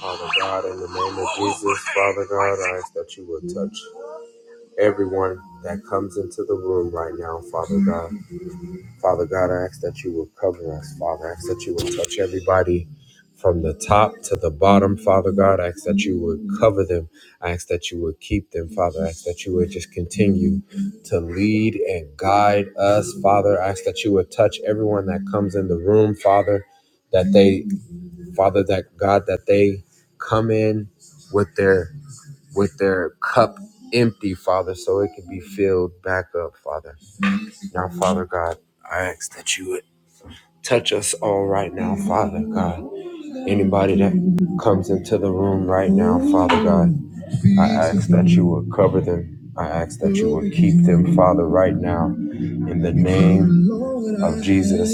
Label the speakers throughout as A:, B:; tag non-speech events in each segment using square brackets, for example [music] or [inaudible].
A: Father God, in the name of Jesus, Father God, I ask that you would touch everyone that comes into the room right now, Father God. Father God, I ask that you would cover us, Father. I ask that you would touch everybody from the top to the bottom, Father God. I ask that you would cover them. I ask that you would keep them, Father. I ask that you would just continue to lead and guide us, Father. I ask that you would touch everyone that comes in the room, Father that they Father that God that they come in with their with their cup empty, Father, so it can be filled back up, Father. Now, Father God, I ask that you would touch us all right now, Father God. Anybody that comes into the room right now, Father God, I ask that you would cover them. I ask that you would keep them, Father, right now. In the name of Jesus.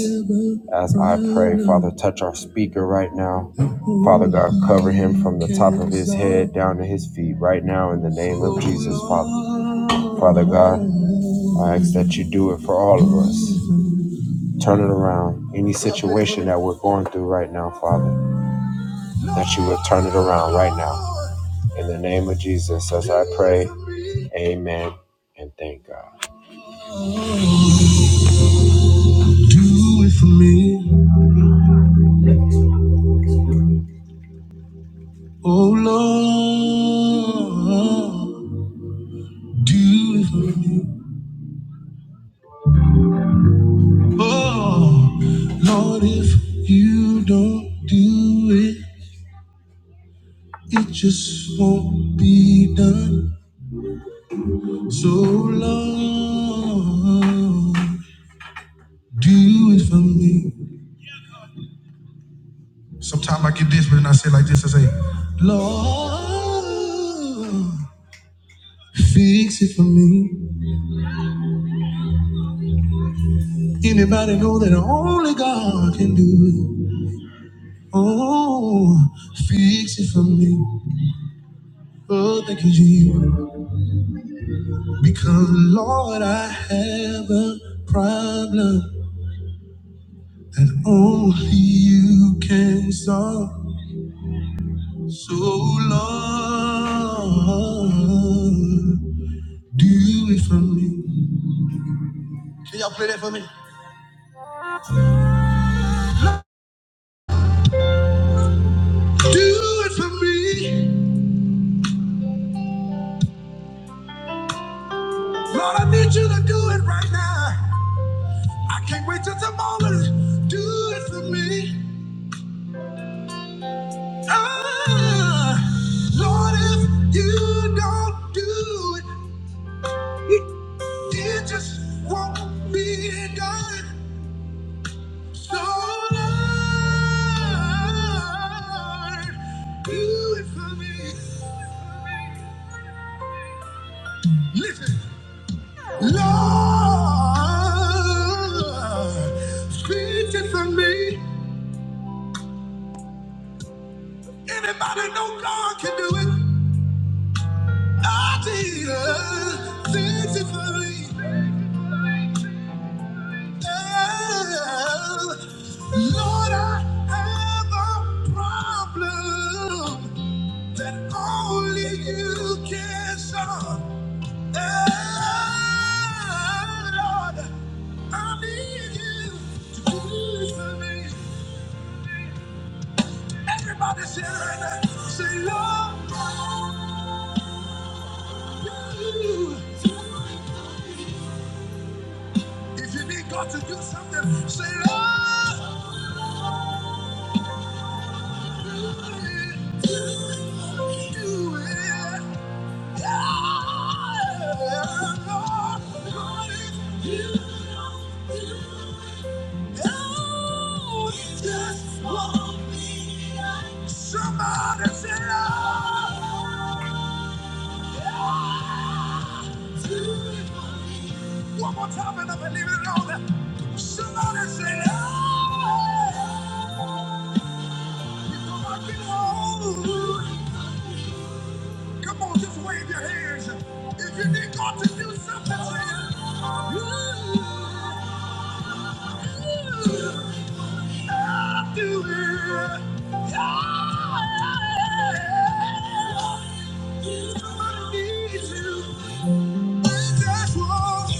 A: As I pray, Father, touch our speaker right now. Father God, cover him from the top of his head down to his feet right now in the name of Jesus, Father. Father God, I ask that you do it for all of us. Turn it around. Any situation that we're going through right now, Father, that you would turn it around right now. In the name of Jesus, as I pray, amen and thank God. Do it for me. Oh Lord, do it for me. Oh Lord, if you don't do it, it just won't be done. So Lord, do it for me. Sometimes I get desperate and I say like this, I say, Lord, fix it for me. Anybody know that only God can do it? Oh, fix it for me. Oh, thank you, Jesus. Because, Lord, I have a problem that only you can solve. So, Lord, do it for me. Can y'all play that for me? Do it for me. Lord, I need you to do it right now. I can't wait till tomorrow. Do it for me. Ah, Lord, if you don't do it, it just won't be done. So, Lord, do it for me. Listen, Lord, speak it for me. Anybody know God can do it? I did. Fix it for me. Oh, Lord, I have a problem that only you can solve. Oh, Lord, I need you to do it for me. Everybody say it right now. Say, Lord, you. If you need God to do something, say, Lord. Somebody say, ah, do it for me. One more time and I believe it all that. Somebody say, ah, you know I can hold. Come on, just wave your hands. If you need God to do something to you, ooh, ooh, I'll do it. Yeah. Somebody needs you. That's what.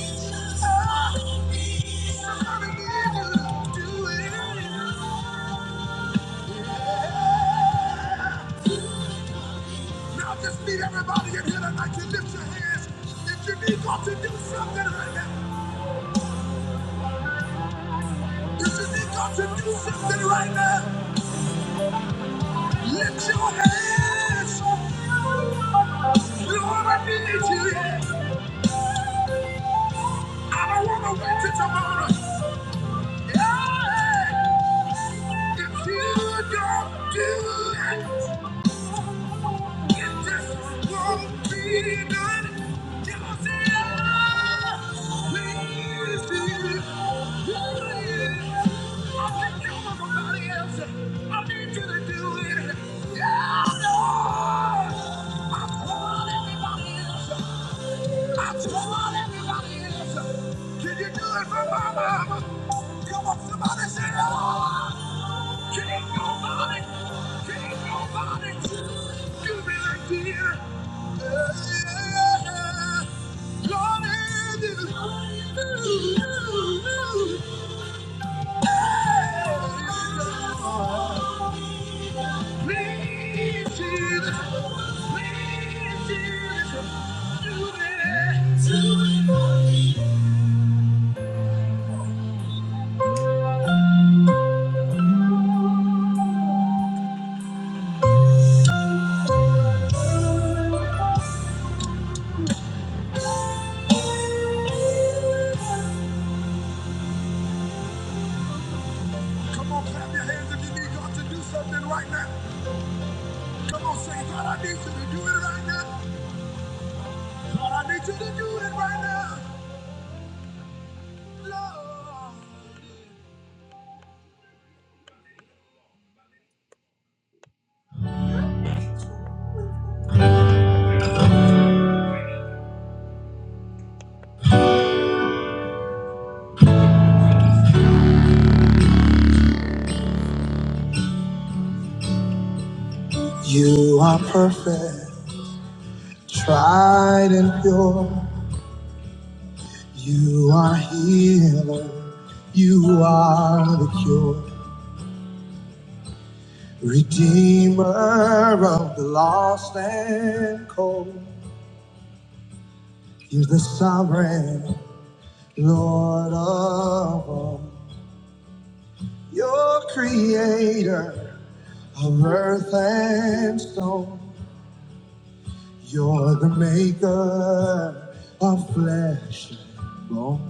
A: Somebody needs you. Do it. Yeah. Now I just need everybody in here tonight to lift your hands. If you need God to do something right now, if you need God to do something right now, lift your hands. Lord, I need you. I don't want to wait till tomorrow. If you don't do it, it just won't be done. Joseph, please do. it. Do it. I think you're somebody else. I need you to do it. Yeah, Lord. I want everybody else. I just want everybody is. Can you do it for my mama? Come on, somebody say, oh, can't nobody, can't nobody do me like you. Yeah, yeah, dear. Lord, I do. Come on, clap your hands if you need God to do something right now. Come on, say, God, I need you to do it right now. God, I need you to do it right now. Lord. You are perfect, tried and pure. You are healer, you are the cure, redeemer of the lost and cold. You're the sovereign Lord of all, you're creator of earth and stone. You're the maker of flesh and bone.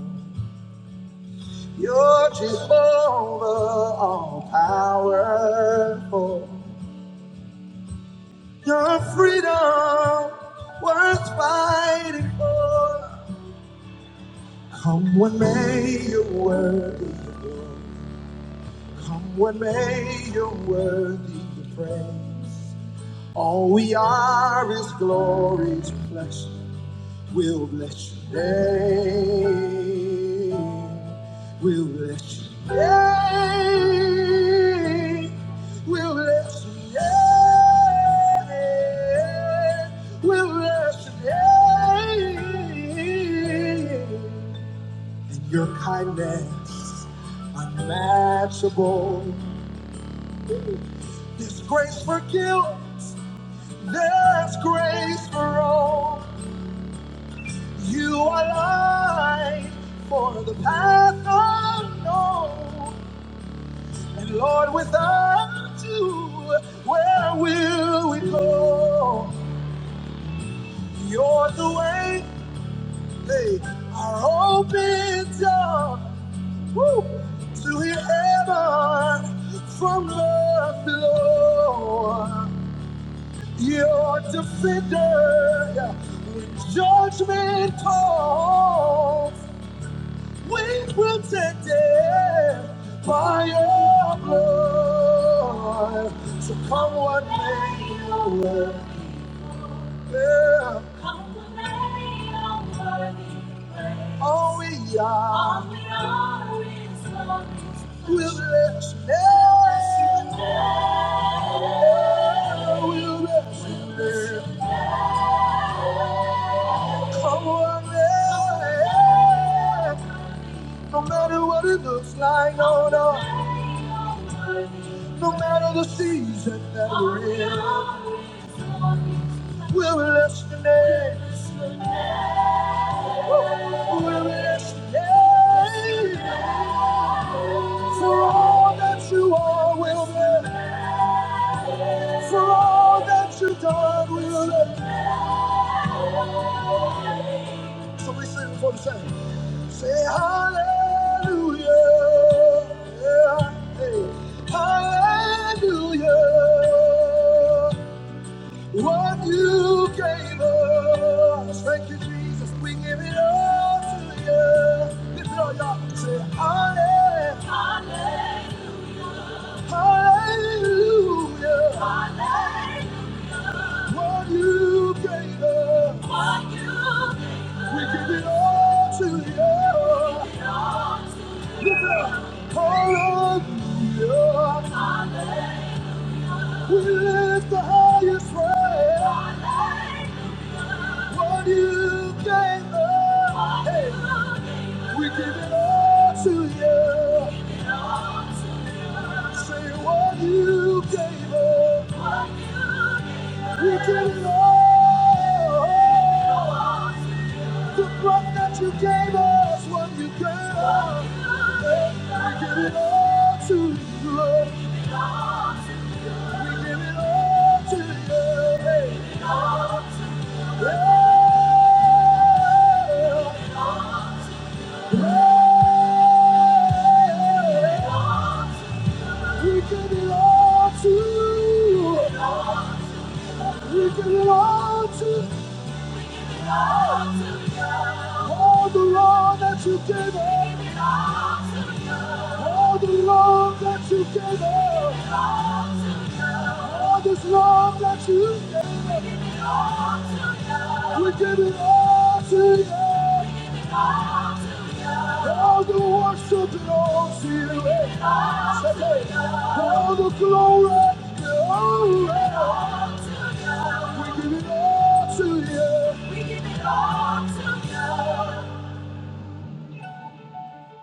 A: You're Jehovah, all powerful. Your freedom worth fighting for. Come what may, you're worthy of glory. Come what may, you're worthy of praise. All we are is glory's reflection. We'll bless your name. We'll bless your name. We'll bless your name. We'll bless your name. And your kindness unmatchable. There's grace for guilt. There's grace for all. You are light for the path unknown. And Lord, without you, where will we go? You're the way, they are open up woo, to hear heaven from love below. Your defender, when judgment calls. We will take it by your blood. So come what may you will. Yeah. All we are will bless you. Yeah. We'll bless you. Yeah. Come what may. No matter what it looks like, no, no. No matter the season, we will bless your name. For all that you are, we'll live. For all that you've done, we'll live. So we sing for the same. Say hallelujah. Yeah, hey. Hallelujah. What you gave us. Thank you, Jesus. We give it all to you. Lift it all, y'all. Say hallelujah. Hallelujah. What you gave us, we give it all to you. Lift it up. Hallelujah. We lift the highest praise. What you gave us, hey, we give it all to you. Say what you gave us, we give it all. The love that you gave us when you gave us. We give it all to you, Lord. We give it all to you. Yeah. We give it all to you. We give it all to you. All the love that you gave us. All the love that you gave us. All this love that you We give it all to you. All the worship belongs to you. All the glory belongs you. We give it all to you.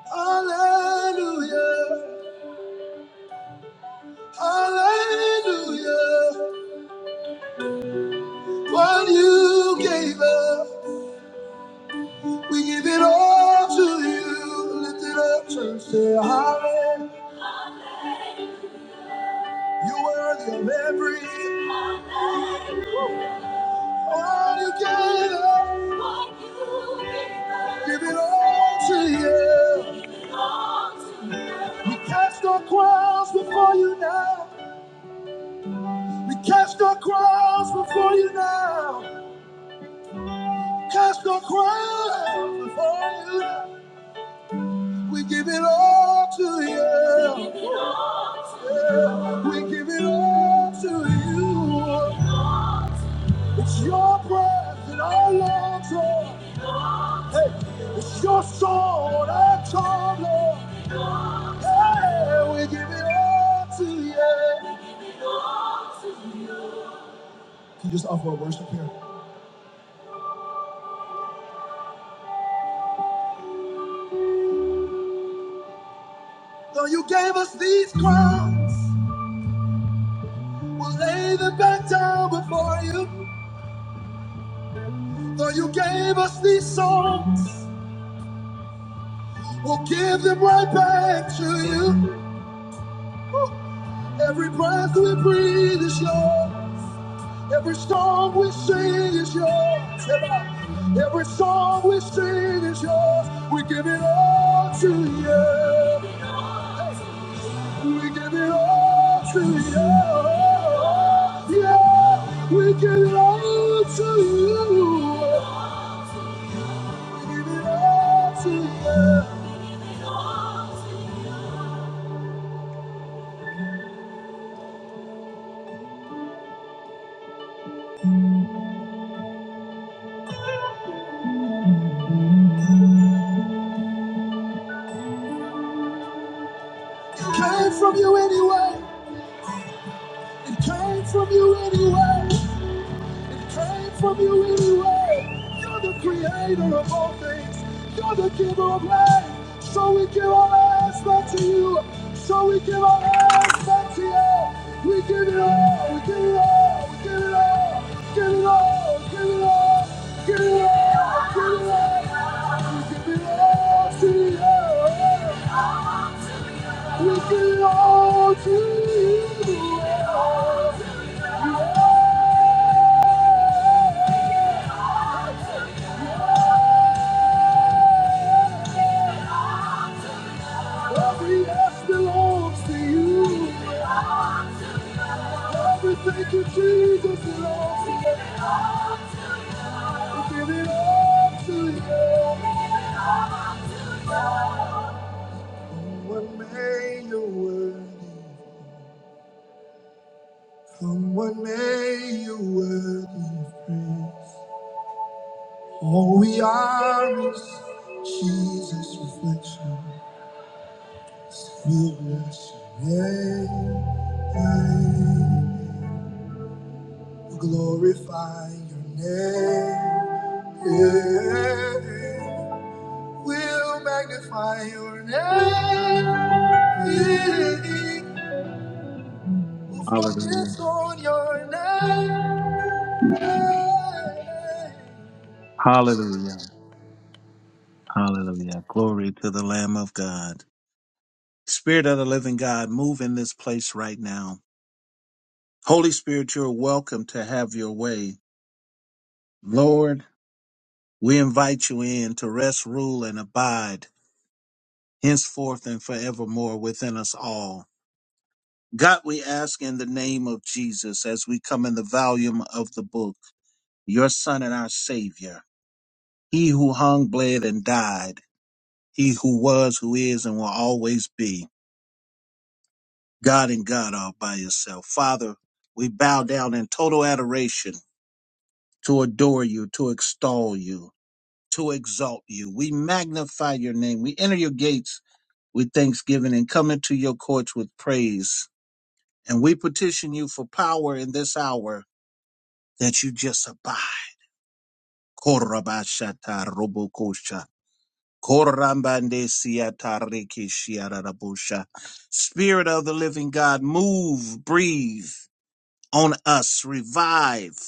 A: Hallelujah. Hallelujah. What you gave us, we give it all to you. Lift it up, church. Say, Hallelujah. You worthy of every all you gave us. Give it all to you. We cast our crowns before you now. We cast our crowns before you now. Cast our crowns before you now. We give it all to you. Yeah. We give it all to you. It's your breath in our lungs, Lord. Hey, it's your soul in our tongue, Lord. Hey, we give it all to you. Can you just offer a worship here? Though you gave us these crowns. We'll lay them back down before you. Though you gave us these songs, we'll give them right back to you. Every breath we breathe is yours. Every song we sing is yours. Every song we sing is yours. We give it all to you. Hey. We give it all to you. Yeah, we give it all to you. it came from you anyway. It came from you anyway. It came from you anyway. You're the creator of all things. You're the giver of life. So we give our lives back to you. So we give our lives back to you. We give it all. We give it all. We give it all. Give it all. Give it all. Give it all. Give it all. We give it all to you. We belong to you. and all. Every yes belongs to you. Every thank you, Jesus, belongs to you. We give it all to you. Come what may, you're worthy. Come what may, you're worthy of praise. All we are is Jesus' reflection. We bless your name. Glorify your name. Yeah. We'll magnify your name. Yeah. We'll
B: Hallelujah.
A: focus on your name. Yeah.
B: Hallelujah. Hallelujah. Glory to the Lamb of God. Spirit of the living God, move in this place right now. Holy Spirit, you're welcome to have your way. Lord, we invite you in to rest, rule, and abide henceforth and forevermore within us all. God, we ask in the name of Jesus as we come in the volume of the book, your Son and our Savior, he who hung, bled, and died, he who was, who is, and will always be. God and God all by yourself. Father, we bow down in total adoration to adore you, to extol you, to exalt you. We magnify your name. We enter your gates with thanksgiving and come into your courts with praise. And we petition you for power in this hour that you just abide. Korabashata robokosha. Korambande siata reke shiarabosha. Spirit of the living God, move, breathe on us. Revive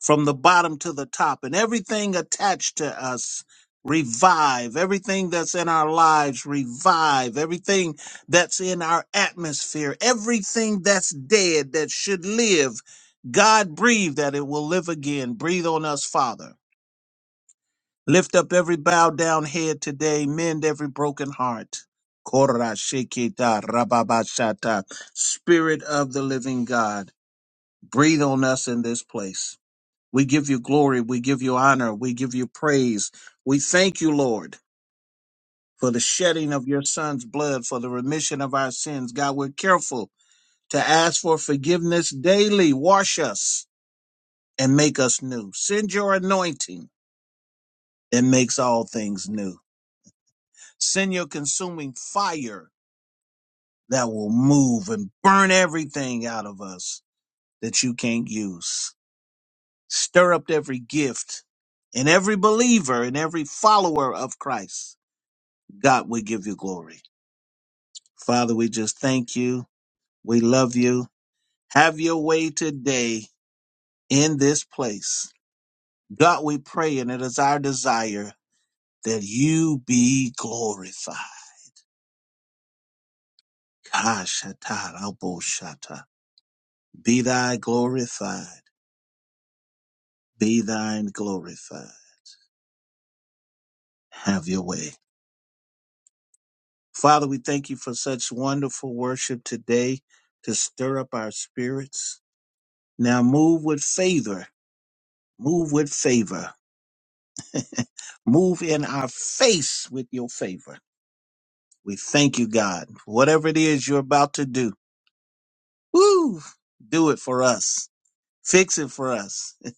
B: from the bottom to the top and everything attached to us. Revive everything that's in our lives. Revive everything that's in our atmosphere. Everything that's dead that should live. God breathe that it will live again. Breathe on us, Father. Lift up every bowed down head today. Mend every broken heart. Korashikita rababashata. Spirit of the living God. Breathe on us in this place. We give you glory. We give you honor. We give you praise. We thank you, Lord, for the shedding of your son's blood, for the remission of our sins. God, we're careful to ask for forgiveness daily. Wash us and make us new. Send your anointing that makes all things new. Send your consuming fire that will move and burn everything out of us that you can't use. Stir up every gift in every believer and every follower of Christ. God, we give you glory. Father, we just thank you. We love you. Have your way today in this place. God, we pray, and it is our desire that you be glorified. Kashataraboshata. Be thy glorified. Be thine glorified. Have your way. Father, we thank you for such wonderful worship today to stir up our spirits. Now move with favor, move with favor, [laughs] move in our face with your favor. We thank you, God. Whatever it is you're about to do, woo, do it for us. Fix it for us. [laughs]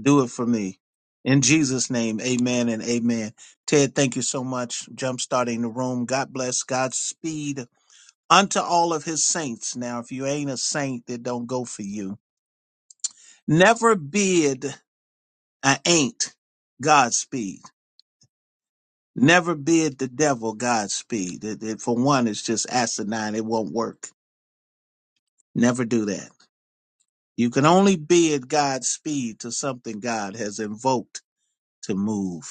B: do it for me. In Jesus' name, amen and amen. Ted, thank you so much. Jump starting the room. God bless. Godspeed. unto all of his saints. Now, if you ain't a saint, it don't go for you. Never bid an ain't Godspeed. Never bid the devil Godspeed. It, it- for one, it's just asinine. It won't work. Never do that. You can only bid Godspeed to something God has invoked to move.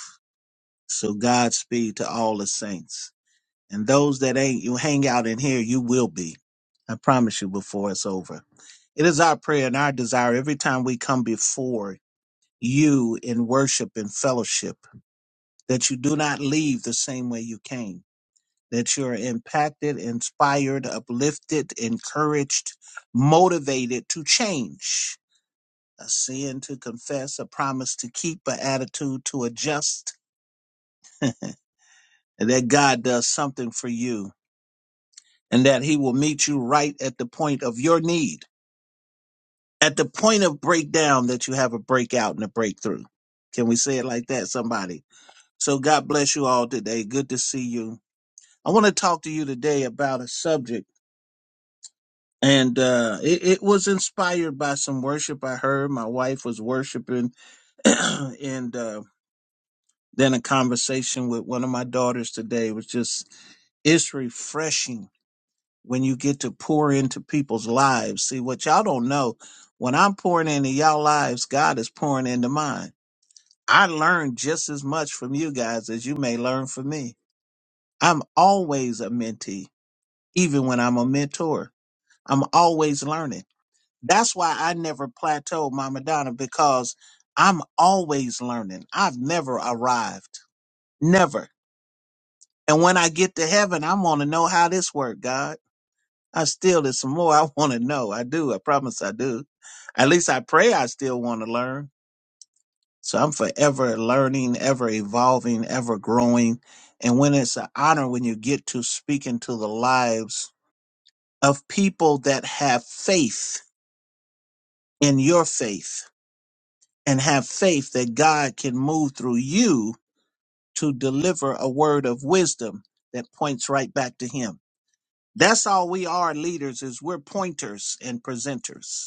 B: So Godspeed to all the saints. And those that ain't, you hang out in here, you will be. I promise you before it's over. It is our prayer and our desire every time we come before you in worship and fellowship that you do not leave the same way you came, that you're impacted, inspired, uplifted, encouraged, motivated to change, a sin to confess, a promise to keep, an attitude to adjust, [laughs] and that God does something for you and that he will meet you right at the point of your need, at the point of breakdown that you have a breakout and a breakthrough. Can we say it like that, somebody? So God bless you all today. Good to see you. I want to talk to you today about a subject, and uh, it, it was inspired by some worship I heard. My wife was worshiping, [clears throat] and uh, then a conversation with one of my daughters today was just it's refreshing when you get to pour into people's lives. See, what y'all don't know, when I'm pouring into y'all lives, God is pouring into mine. I learn just as much from you guys as you may learn from me. I'm always a mentee, even when I'm a mentor. I'm always learning. That's why I never plateaued, Mama Donna, because I'm always learning. I've never arrived. Never. And when I get to heaven, I want to know how this worked, God. I still, there's some more I [laughs] want to know. I do. I promise I do. At least I pray I still want to learn. So I'm forever learning, ever evolving, ever growing. And when it's an honor when you get to speak into the lives of people that have faith in your faith and have faith that God can move through you to deliver a word of wisdom that points right back to Him. That's all we are leaders is we're pointers and presenters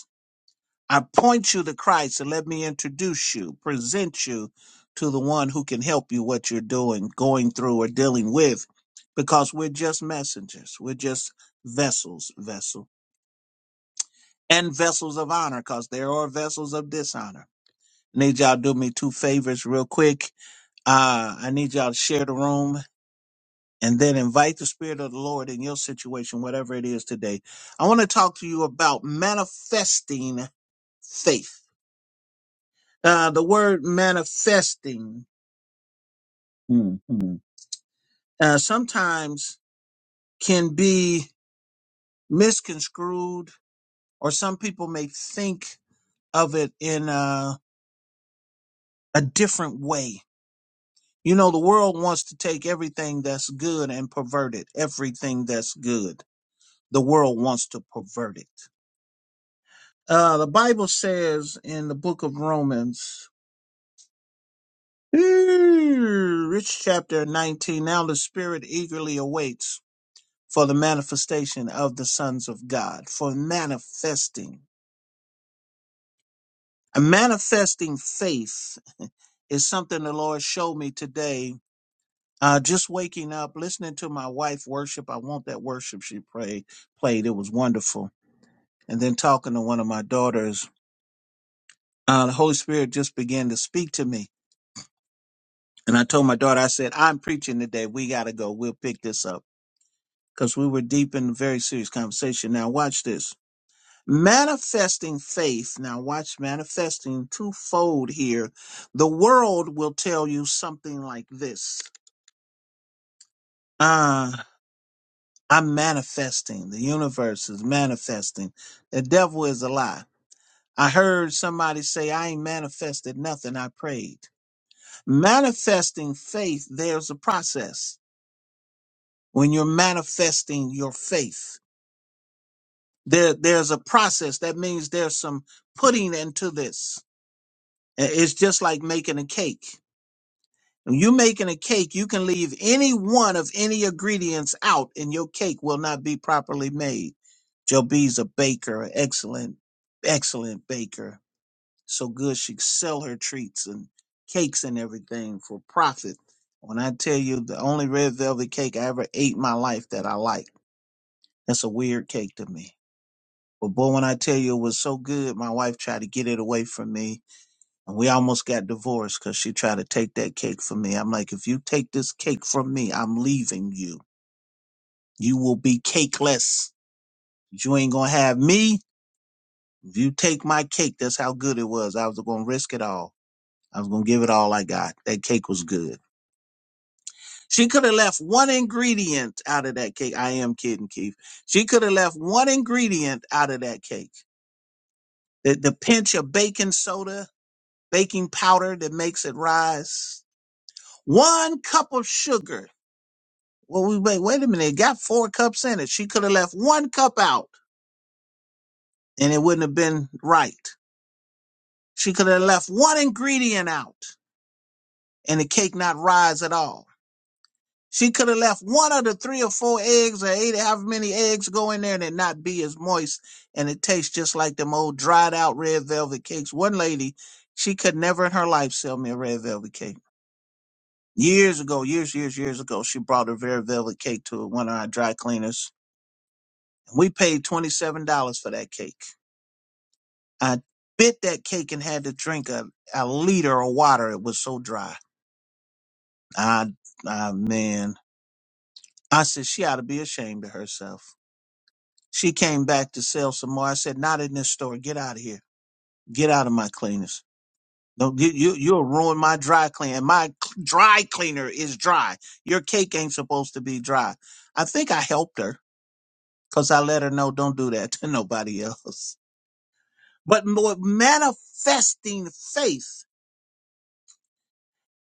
B: I point you to Christ and let me introduce you, present you to the one who can help you what you're doing, going through, or dealing with, because we're just messengers. We're just vessels, vessel, and vessels of honor, because there are vessels of dishonor. Need y'all do me two favors real quick. Uh, I need y'all to share the room and then invite the Spirit of the Lord in your situation, whatever it is today. I want to talk to you about manifesting faith Uh, the word manifesting Mm-hmm. uh, sometimes can be misconstrued, or some people may think of it in uh, a different way. You know, the world wants to take everything that's good and pervert it. Everything that's good, the world wants to pervert it. Uh, the Bible says in the book of Romans, [clicks tongue] rich chapter 19, now the spirit eagerly awaits for the manifestation of the sons of God, for manifesting. A manifesting faith [laughs] is something the Lord showed me today. Uh, just waking up, listening to my wife worship. I want that worship she prayed, played. It was wonderful. And then talking to one of my daughters, uh, the Holy Spirit just began to speak to me. And I told my daughter, I said, I'm preaching today. We got to go. We'll pick this up. Because we were deep in a very serious conversation. Now, watch this. Manifesting faith, now watch manifesting twofold here. The world will tell you something like this. Uh, I'm manifesting. The universe is manifesting. The devil is a lie. I heard somebody say, I ain't manifested nothing. I prayed. Manifesting faith, there's a process. When you're manifesting your faith, there, there's a process. That means there's some putting into this. I- It's just like making a cake. When you're making a cake, you can leave any one of any ingredients out and your cake will not be properly made. Joe B's a baker, excellent, excellent baker. So good she sell her treats and cakes and everything for profit. When I tell you the only red velvet cake I ever ate in my life that I like, that's a weird cake to me. But boy, when I tell you it was so good, my wife tried to get it away from me and we almost got divorced because she tried to take that cake from me. I'm like, if you take this cake from me, I'm leaving you. You will be cakeless. You ain't gonna have me. If you take my cake, that's how good it was. I was gonna risk it all. I was gonna give it all I got. That cake was good. She could have left one ingredient out of that cake. I am kidding, Keith. She could have left one ingredient out of that cake. The, the pinch of baking soda, baking powder that makes it rise. One cup of sugar Well, we wait. Wait a minute. It got four cups in it. She could have left one cup out, and it wouldn't have been right. She could have left one ingredient out, and the cake not rise at all. She could have left one of the three or four eggs or eight, however many eggs go in there, and it not be as moist, and it tastes just like them old dried out red velvet cakes. One lady, she could never in her life sell me a red velvet cake. Years ago, years, years, years ago, she brought a red velvet cake to one of our dry cleaners. We paid twenty seven dollars for that cake I bit that cake and had to drink a, a liter of water. It was so dry. I, I, man, I said she ought to be ashamed of herself. She came back to sell some more. I said, not in this store. Get out of here. Get out of my cleaners. Don't get you. You'll ruin my dry cleaner. My cl- dry cleaner is dry. Your cake ain't supposed to be dry. I think I helped her because I let her know don't do that [laughs] to nobody else. But more manifesting faith,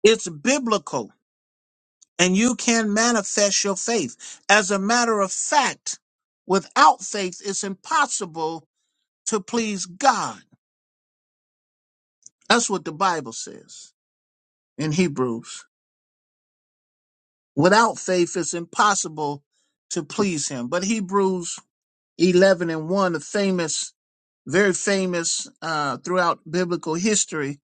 B: it's biblical and you can manifest your faith. As a matter of fact, without faith, it's impossible to please God. That's what the Bible says in Hebrews. Without faith, it's impossible to please Him. But Hebrews 11 and 1, a famous, very famous uh, throughout biblical history,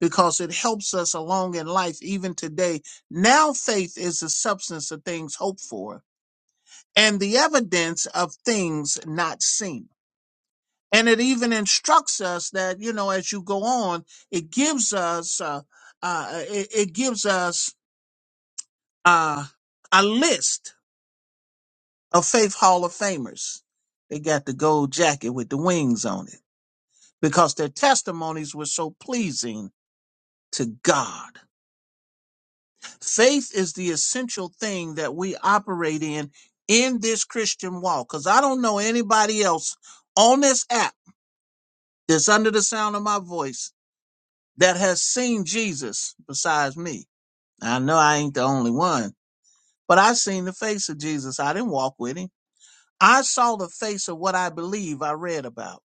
B: because it helps us along in life even today. Now faith is the substance of things hoped for and the evidence of things not seen. And it even instructs us that, you know, as you go on, it gives us, uh, uh, it, it gives us uh, a list of Faith Hall of Famers. They got the gold jacket with the wings on it because their testimonies were so pleasing to God. Faith is the essential thing that we operate in in this Christian walk because I don't know anybody else on this app that's under the sound of my voice that has seen Jesus besides me. I know I ain't the only one, but I seen the face of Jesus. I didn't walk with him. I saw the face of what I believe I read about.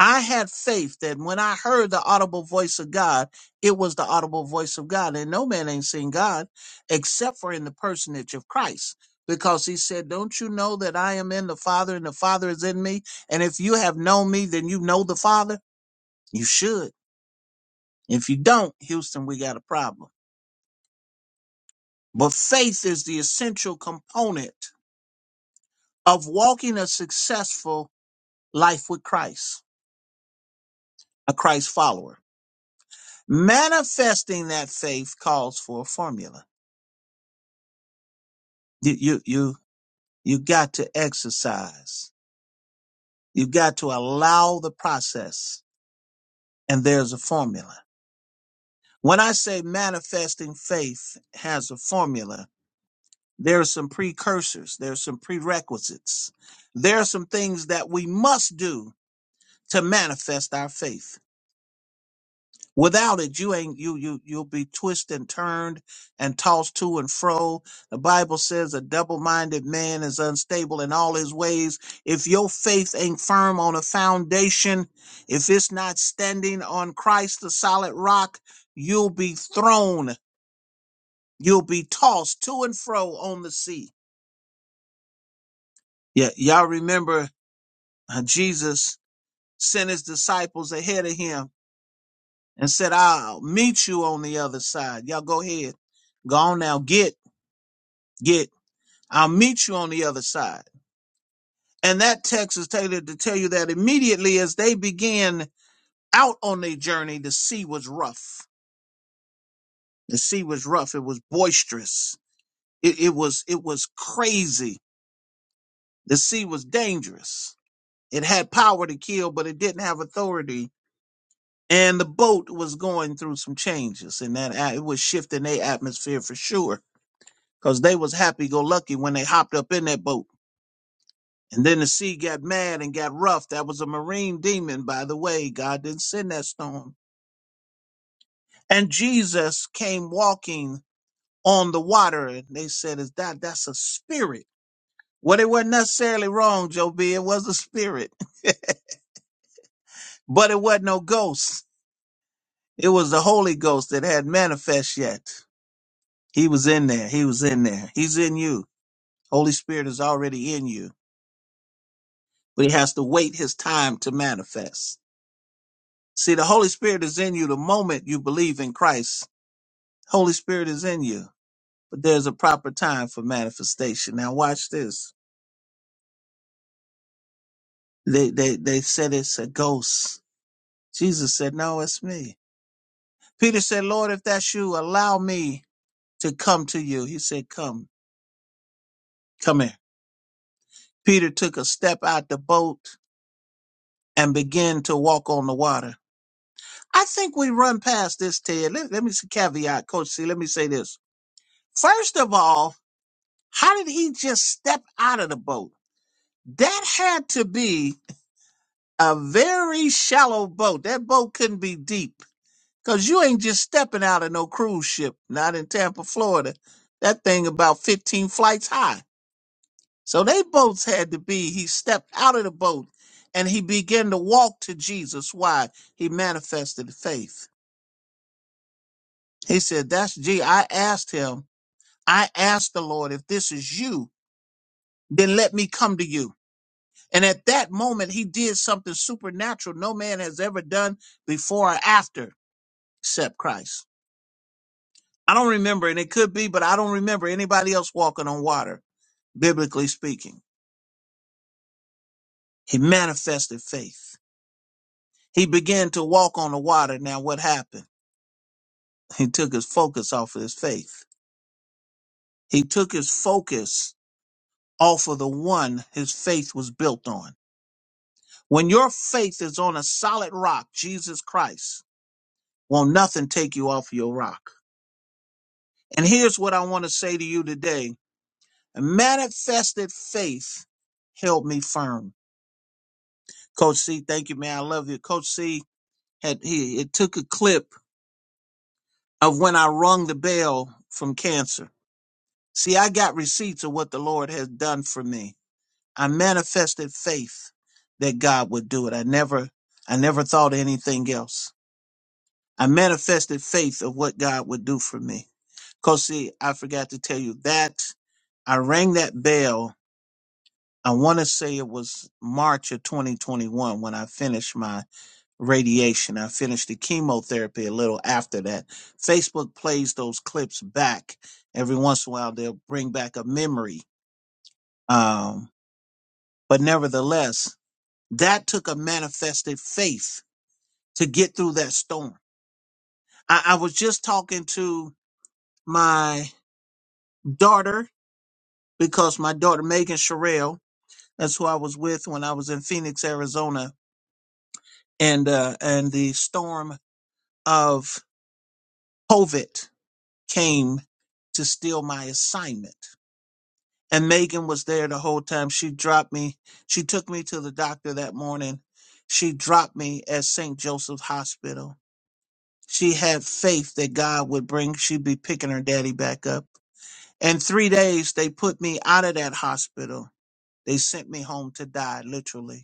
B: I had faith that when I heard the audible voice of God, it was the audible voice of God. And no man ain't seen God except for in the personage of Christ. Because he said, Don't you know that I am in the Father and the Father is in me? And if you have known me, then you know the Father. You should. If you don't, Houston, we got a problem. But faith is the essential component of walking a successful life with Christ, a Christ follower. Manifesting that faith calls for a formula. You, you, you, you got to exercise. You got to allow the process and there's a formula. When I say manifesting faith has a formula, there are some precursors. There are some prerequisites. There are some things that we must do to manifest our faith. Without it, you ain't you you you'll be twisted and turned and tossed to and fro. The Bible says a double-minded man is unstable in all his ways. If your faith ain't firm on a foundation, if it's not standing on Christ the solid rock, you'll be thrown, you'll be tossed to and fro on the sea. Yeah, y'all remember uh, Jesus sent his disciples ahead of him and said, I'll meet you on the other side. Y'all go ahead. Go on now. Get, get. I'll meet you on the other side. And that text is tailored to tell you that immediately as they began out on their journey, the sea was rough. The sea was rough. It was boisterous. It, it was, it was crazy. The sea was dangerous. It had power to kill, but it didn't have authority. And the boat was going through some changes and that a- it was shifting their atmosphere for sure because they was happy go lucky when they hopped up in that boat. And then the sea got mad and got rough. That was a marine demon, by the way. God didn't send that storm. And Jesus came walking on the water, and they said, "Is that that's a spirit?" Well, it wasn't necessarily wrong, Joe B. It was a spirit, [laughs] but it wasn't no ghost. It was the Holy Ghost that had manifest yet. He was in there. He was in there. He's in you. Holy Spirit is already in you, but he has to wait his time to manifest. See, the Holy Spirit is in you the moment you believe in Christ. Holy Spirit is in you, but there's a proper time for manifestation. Now watch this. They they they said it's a ghost. Jesus said, "No, it's me." Peter said, "Lord, if that's you, allow me to come to you." He said, "Come, come here." Peter took a step out the boat and began to walk on the water. I think we run past this, Ted. Let, let me s- caveat, Coach C. Let me say this. First of all, how did he just step out of the boat? that had to be a very shallow boat. That boat couldn't be deep because you ain't just stepping out of no cruise ship, not in Tampa, Florida. That thing about 15 flights high. So they boats had to be, he stepped out of the boat and he began to walk to Jesus. Why? He manifested faith. He said, that's G. I asked him, I asked the Lord, if this is you, then let me come to you. And at that moment, he did something supernatural no man has ever done before or after except Christ. I don't remember, and it could be, but I don't remember anybody else walking on water, biblically speaking. He manifested faith. He began to walk on the water. Now, what happened? He took his focus off of his faith. He took his focus off of the one his faith was built on. When your faith is on a solid rock, Jesus Christ, won't nothing take you off your rock. And here's what I want to say to you today. Manifested faith held me firm. Coach C, thank you, man. I love you. Coach C had he it took a clip of when I rung the bell from cancer. See, I got receipts of what the Lord has done for me. I manifested faith that God would do it. I never I never thought anything else. I manifested faith of what God would do for me. Coach C, I forgot to tell you that I rang that bell I want to say it was March of 2021 when I finished my radiation. I finished the chemotherapy a little after that. Facebook plays those clips back every once in a while. They'll bring back a memory. Um, but nevertheless, that took a manifested faith to get through that storm. I, I was just talking to my daughter because my daughter, Megan Sherrill, that's who I was with when I was in Phoenix, Arizona, and, uh, and the storm of COVID came to steal my assignment. And Megan was there the whole time. She dropped me. She took me to the doctor that morning. She dropped me at St. Joseph's Hospital. She had faith that God would bring, she'd be picking her daddy back up. In three days, they put me out of that hospital. They sent me home to die, literally.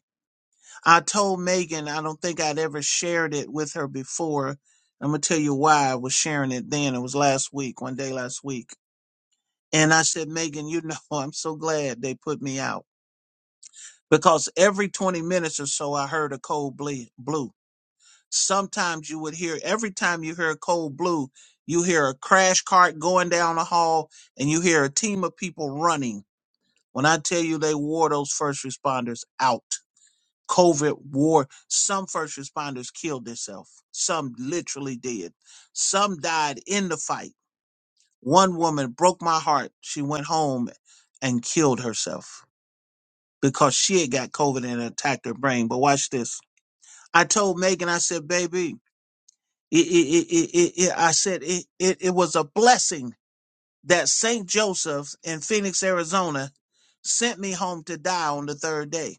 B: I told Megan I don't think I'd ever shared it with her before. I'm gonna tell you why I was sharing it then. It was last week, one day last week. And I said, Megan, you know, [laughs] I'm so glad they put me out because every 20 minutes or so, I heard a cold ble- blue. Sometimes you would hear, every time you hear a cold blue, you hear a crash cart going down the hall and you hear a team of people running. When I tell you they wore those first responders out COVID war. Some first responders killed themselves. Some literally did. Some died in the fight. One woman broke my heart. She went home and killed herself because she had got COVID and it attacked her brain. But watch this. I told Megan, I said, baby, it, it, it, it, it, I said, it, it, it was a blessing that St. Joseph's in Phoenix, Arizona sent me home to die on the third day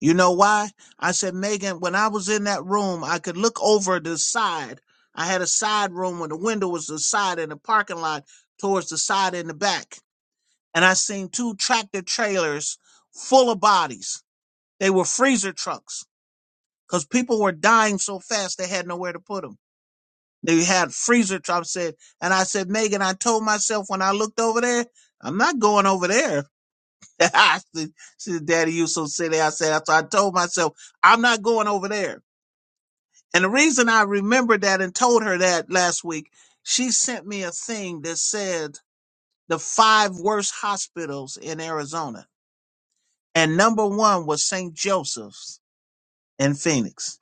B: You know why? I said, Megan, when I was in that room, I could look over the side. I had a side room when the window was the side in the parking lot towards the side in the back. And I seen two tractor trailers full of bodies. They were freezer trucks because people were dying so fast they had nowhere to put them. They had freezer trucks. Said, and I said, Megan, I told myself when I looked over there, I'm not going over there. [laughs] I said, she said, Daddy, you so silly. I said, so I told myself, I'm not going over there. And the reason I remembered that and told her that last week, she sent me a thing that said the five worst hospitals in Arizona. And number one was St. Joseph's in Phoenix.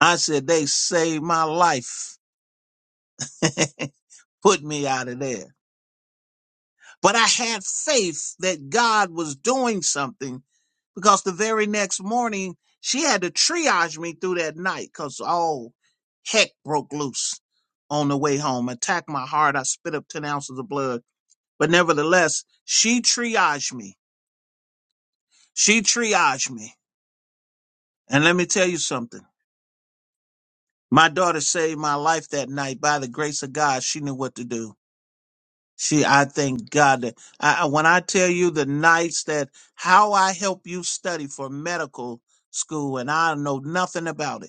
B: I said, they saved my life, [laughs] put me out of there. But I had faith that God was doing something because the very next morning she had to triage me through that night because all heck broke loose on the way home. Attacked my heart. I spit up 10 ounces of blood. But nevertheless, she triaged me. She triaged me. And let me tell you something. My daughter saved my life that night. By the grace of God, she knew what to do. She, I thank God that I, I- when I tell you the nights that how I help you study for medical school and I know nothing about it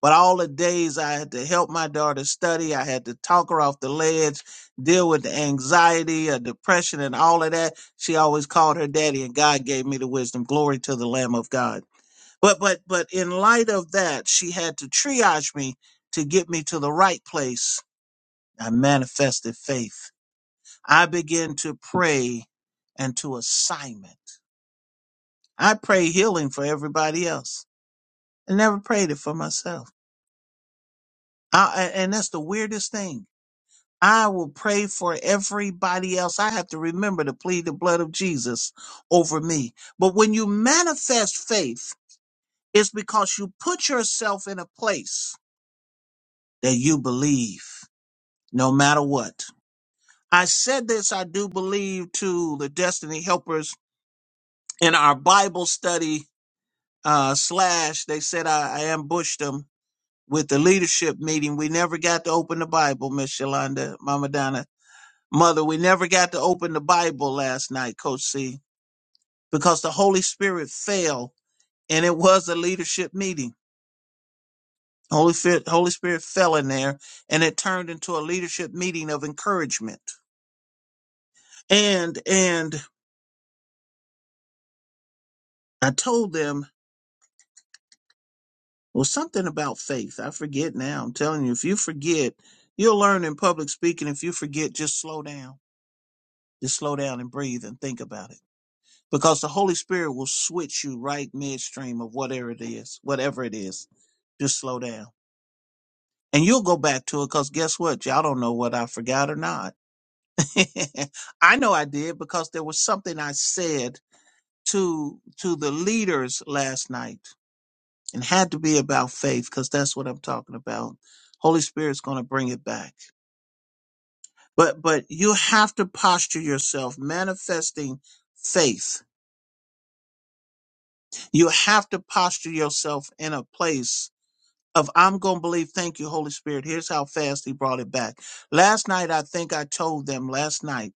B: But all the days I had to help my daughter study, I had to talk her off the ledge, deal with the anxiety, uh, depression, and all of that. She always called her daddy, and God gave me the wisdom. Glory to the Lamb of God. But but but in light of that, she had to triage me to get me to the right place. I manifested faith. I began to pray and to assignment. I pray healing for everybody else. I never prayed it for myself. I, and that's the weirdest thing I will pray for everybody else. I have to remember to plead the blood of Jesus over me. But when you manifest faith, it's because you put yourself in a place that you believe no matter what. I said this, I do believe to the destiny helpers in our Bible study, uh, slash, they said I, I ambushed them with the leadership meeting. We never got to open the Bible, Miss Yolanda, Mama Donna. Mother, we never got to open the Bible last night, Coach C, because the Holy Spirit fell and it was a leadership meeting. Holy Spirit, Holy Spirit fell in there and it turned into a leadership meeting of encouragement. And, and I told them, well, something about faith. I forget now. I'm telling you, if you forget, you'll learn in public speaking. If you forget, just slow down, just slow down and breathe and think about it. because the Holy Spirit will switch you right midstream of whatever it is, whatever it is. Just slow down. And you'll go back to it because guess what? Y'all don't know what I forgot or not. [laughs] I know I did because there was something I said to to the leaders last night and had to be about faith because that's what I'm talking about. Holy Spirit's going to bring it back. But but you have to posture yourself manifesting faith. You have to posture yourself in a place of I'm going to believe. Thank you, Holy Spirit. Here's how fast he brought it back. Last night, I think I told them last night.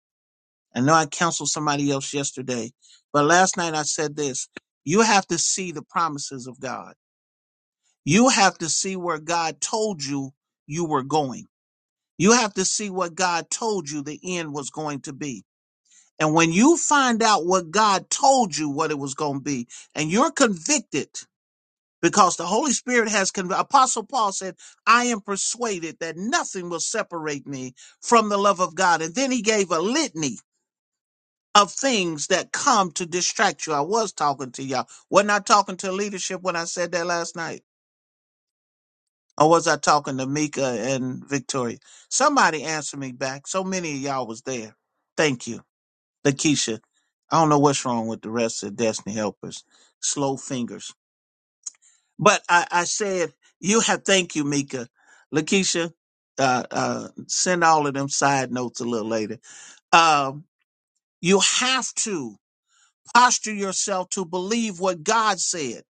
B: I know I counseled somebody else yesterday, but last night I said this you have to see the promises of God. You have to see where God told you you were going. You have to see what God told you the end was going to be. And when you find out what God told you what it was going to be, and you're convicted because the Holy Spirit has convicted. Apostle Paul said, I am persuaded that nothing will separate me from the love of God. And then he gave a litany of things that come to distract you. I was talking to y'all. Wasn't I talking to leadership when I said that last night? Or was I talking to Mika and Victoria? Somebody answer me back. So many of y'all was there. Thank you. Lakeisha. I don't know what's wrong with the rest of Destiny Helpers. Slow fingers. But I, I said, you have, thank you, Mika. Lakeisha, uh, uh, send all of them side notes a little later. Um, you have to posture yourself to believe what God said.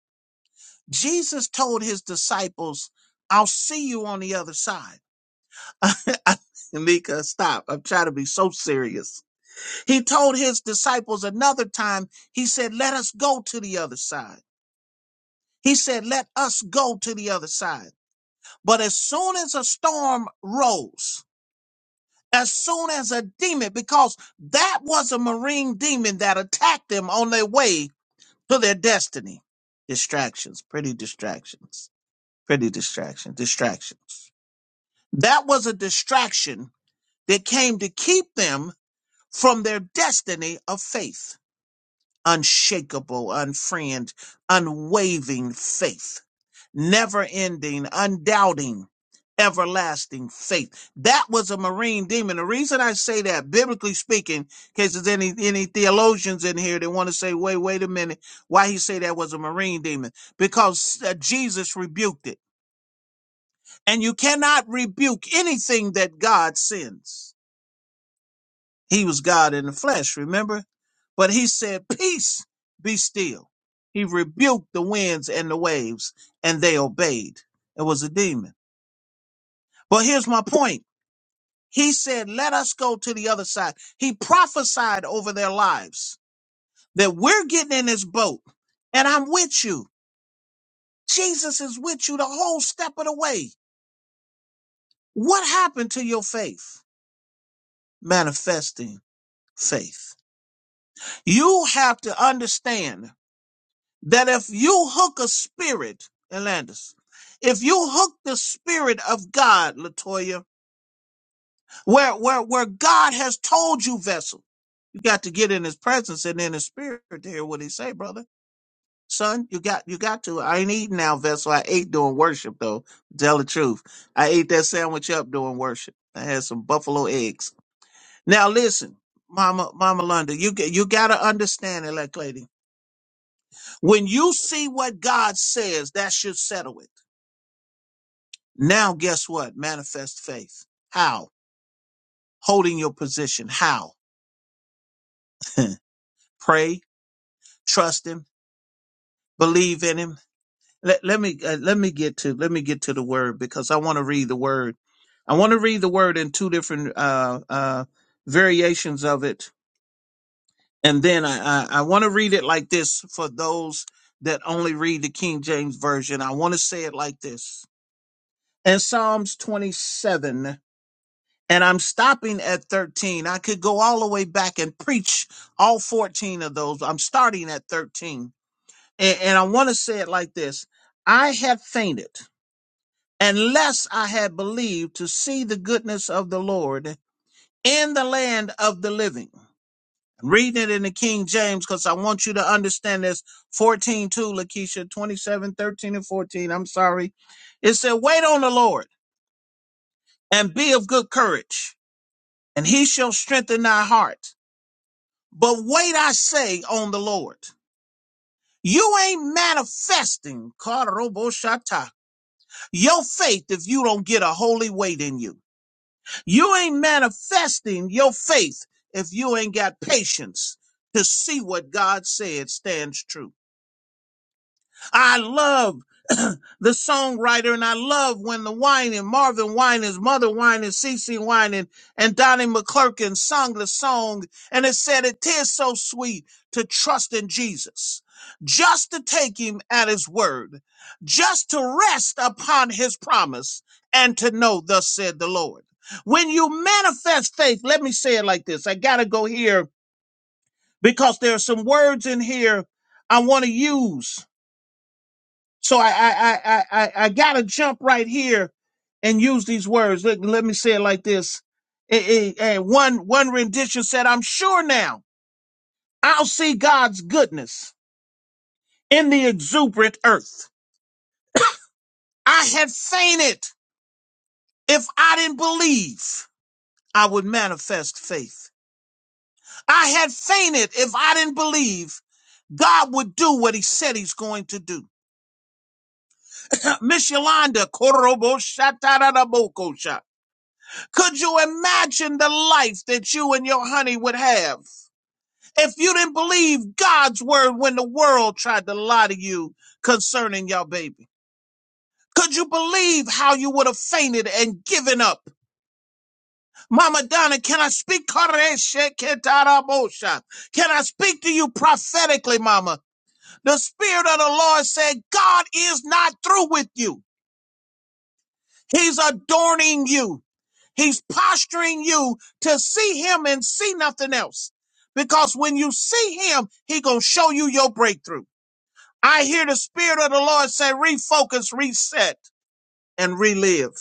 B: Jesus told his disciples, I'll see you on the other side. [laughs] Mika, stop. I'm trying to be so serious. He told his disciples another time, he said, Let us go to the other side. He said, Let us go to the other side. But as soon as a storm rose, as soon as a demon, because that was a marine demon that attacked them on their way to their destiny. Distractions, pretty distractions, pretty distractions, distractions. That was a distraction that came to keep them from their destiny of faith. Unshakable, unfriend, unwavering faith never ending, undoubting, everlasting faith. That was a marine demon. The reason I say that, biblically speaking, in case there's any, any theologians in here that want to say, wait, wait a minute, why he say that was a marine demon? Because uh, Jesus rebuked it. And you cannot rebuke anything that God sends. He was God in the flesh, remember? But he said, peace, be still. He rebuked the winds and the waves, and they obeyed. It was a demon. Well, here's my point. He said, let us go to the other side. He prophesied over their lives that we're getting in this boat and I'm with you. Jesus is with you the whole step of the way. What happened to your faith? Manifesting faith. You have to understand that if you hook a spirit, Elandis, if you hook the spirit of God, Latoya, Where where where God has told you, vessel. You got to get in his presence and in his spirit to hear what he say, brother. Son, you got you got to. I ain't eating now, vessel. I ate during worship though. Tell the truth. I ate that sandwich up during worship. I had some buffalo eggs. Now listen, Mama Mama London, you get you gotta understand it, like lady. When you see what God says, that should settle it. Now guess what? Manifest faith. How? Holding your position. How? [laughs] Pray, Trust Him believe in him. Let, let me uh, let me get to let me get to the word because I want to read the word. I want to read the word in two different uh, uh, variations of it, and then I I, I want to read it like this for those that only read the King James version. I want to say it like this in Psalms 27. And I'm stopping at 13. I could go all the way back and preach all 14 of those. I'm starting at 13. And, and I want to say it like this I have fainted unless I had believed to see the goodness of the Lord in the land of the living. I'm reading it in the King James because I want you to understand this 14 2, Lakeisha 27 13 and 14. I'm sorry. It said, Wait on the Lord and be of good courage, and he shall strengthen thy heart. But wait, I say, on the Lord. You ain't manifesting, Karoboshatta, your faith if you don't get a holy weight in you. You ain't manifesting your faith if you ain't got patience to see what God said stands true. I love [clears throat] the songwriter, and I love when the wine Marvin Wine Mother Wine and Cece Wine and, and Donnie McClurkin sung the song, and it said, "It is so sweet to trust in Jesus, just to take Him at His word, just to rest upon His promise, and to know, thus said the Lord." When you manifest faith, let me say it like this: I gotta go here because there are some words in here I want to use so I I I I, I gotta jump right here and use these words. Let, let me say it like this. Eh, eh, eh, one one rendition said, "I'm sure now I'll see God's goodness in the exuberant earth. I had fainted if I didn't believe I would manifest faith. I had fainted if I didn't believe God would do what He said He's going to do." [coughs] [clears throat] Miss Yolanda, Korobo Could you imagine the life that you and your honey would have if you didn't believe God's word when the world tried to lie to you concerning your baby? Could you believe how you would have fainted and given up? Mama Donna, can I speak? Can I speak to you prophetically, Mama? The Spirit of the Lord said, God is not through with you. He's adorning you. He's posturing you to see him and see nothing else. Because when you see him, he gonna show you your breakthrough. I hear the spirit of the Lord say, refocus, reset, and relive.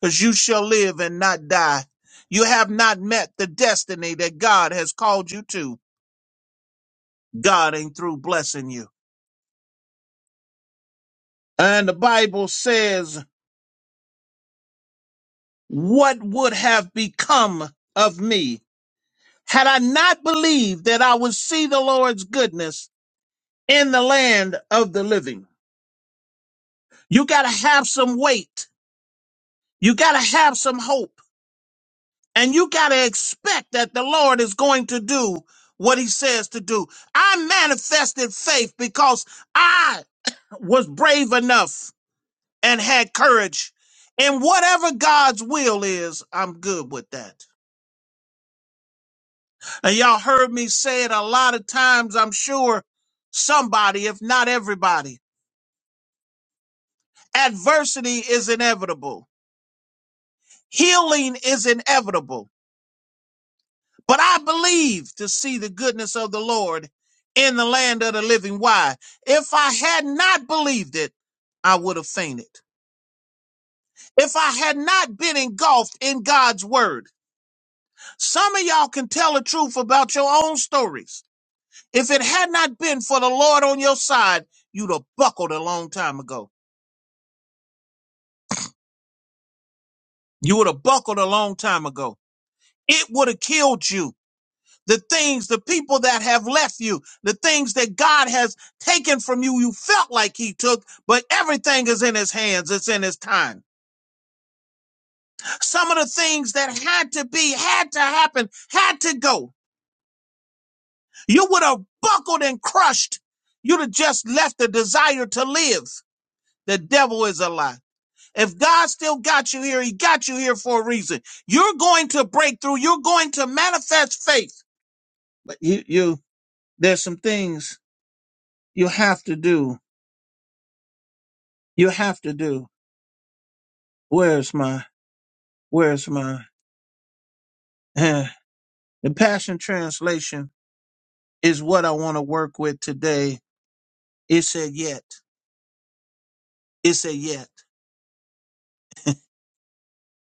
B: Because you shall live and not die. You have not met the destiny that God has called you to. God ain't through blessing you. And the Bible says, what would have become of me had I not believed that I would see the Lord's goodness in the land of the living. You got to have some weight. You got to have some hope. And you got to expect that the Lord is going to do what he says to do. I manifested faith because I [coughs] was brave enough and had courage. And whatever God's will is, I'm good with that. And y'all heard me say it a lot of times, I'm sure somebody, if not everybody, adversity is inevitable Healing is inevitable, but I believe to see the goodness of the Lord in the land of the living. Why? If I had not believed it, I would have fainted. If I had not been engulfed in God's word, some of y'all can tell the truth about your own stories. If it had not been for the Lord on your side, you'd have buckled a long time ago. You would have buckled a long time ago. It would have killed you. the things, the people that have left you, the things that God has taken from you, you felt like He took, but everything is in His hands, it's in His time. Some of the things that had to be, had to happen, had to go. You would have buckled and crushed. You'd have just left the desire to live. The devil is a lie. If God still got you here, He got you here for a reason. You're going to break through, you're going to manifest faith. But you, you, there's some things you have to do You have to do. Where's my, where's my, eh. the Passion Translation is what I want to work with today. It said, yet. It said, yet.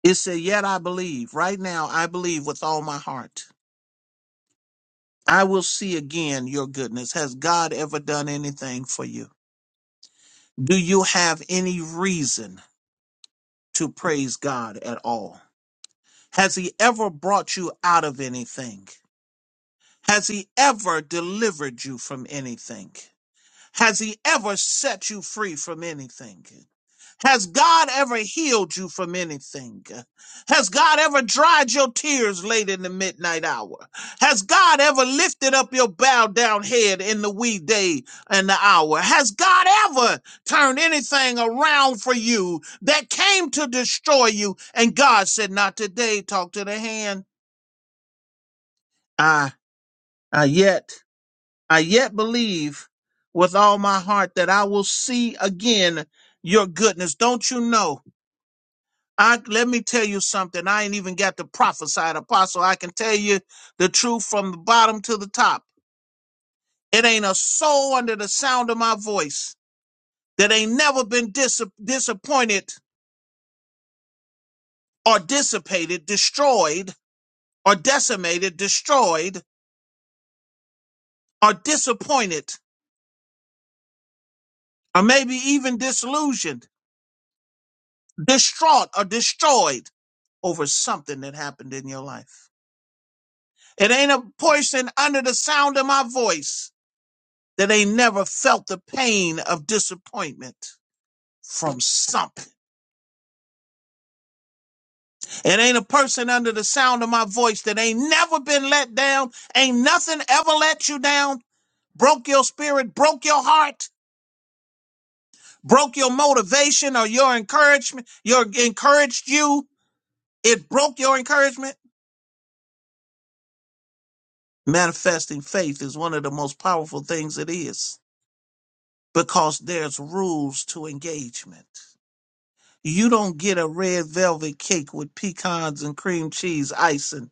B: It said, yet I believe. Right now, I believe with all my heart. I will see again your goodness. Has God ever done anything for you? Do you have any reason to praise God at all? Has He ever brought you out of anything? Has He ever delivered you from anything? Has he ever set you free from anything? Has God ever healed you from anything? Has God ever dried your tears late in the midnight hour? Has God ever lifted up your bowed down head in the wee day and the hour? Has God ever turned anything around for you that came to destroy you? And God said, Not today, talk to the hand. Ah, ah, yet. I yet believe with all my heart that I will see again your goodness. Don't you know? I let me tell you something. I ain't even got to prophesy it, apostle. I can tell you the truth from the bottom to the top. It ain't a soul under the sound of my voice that ain't never been dis- disappointed or dissipated, destroyed or decimated, destroyed or disappointed or maybe even disillusioned distraught or destroyed over something that happened in your life. It ain't a person under the sound of my voice that ain't never felt the pain of disappointment from something. It ain't a person under the sound of my voice that ain't never been let down, ain't nothing ever let you down, broke your spirit, broke your heart, broke your motivation or your encouragement, your encouraged you. It broke your encouragement Manifesting faith is one of the most powerful things it is because there's rules to engagement. You don't get a red velvet cake with pecans and cream cheese icing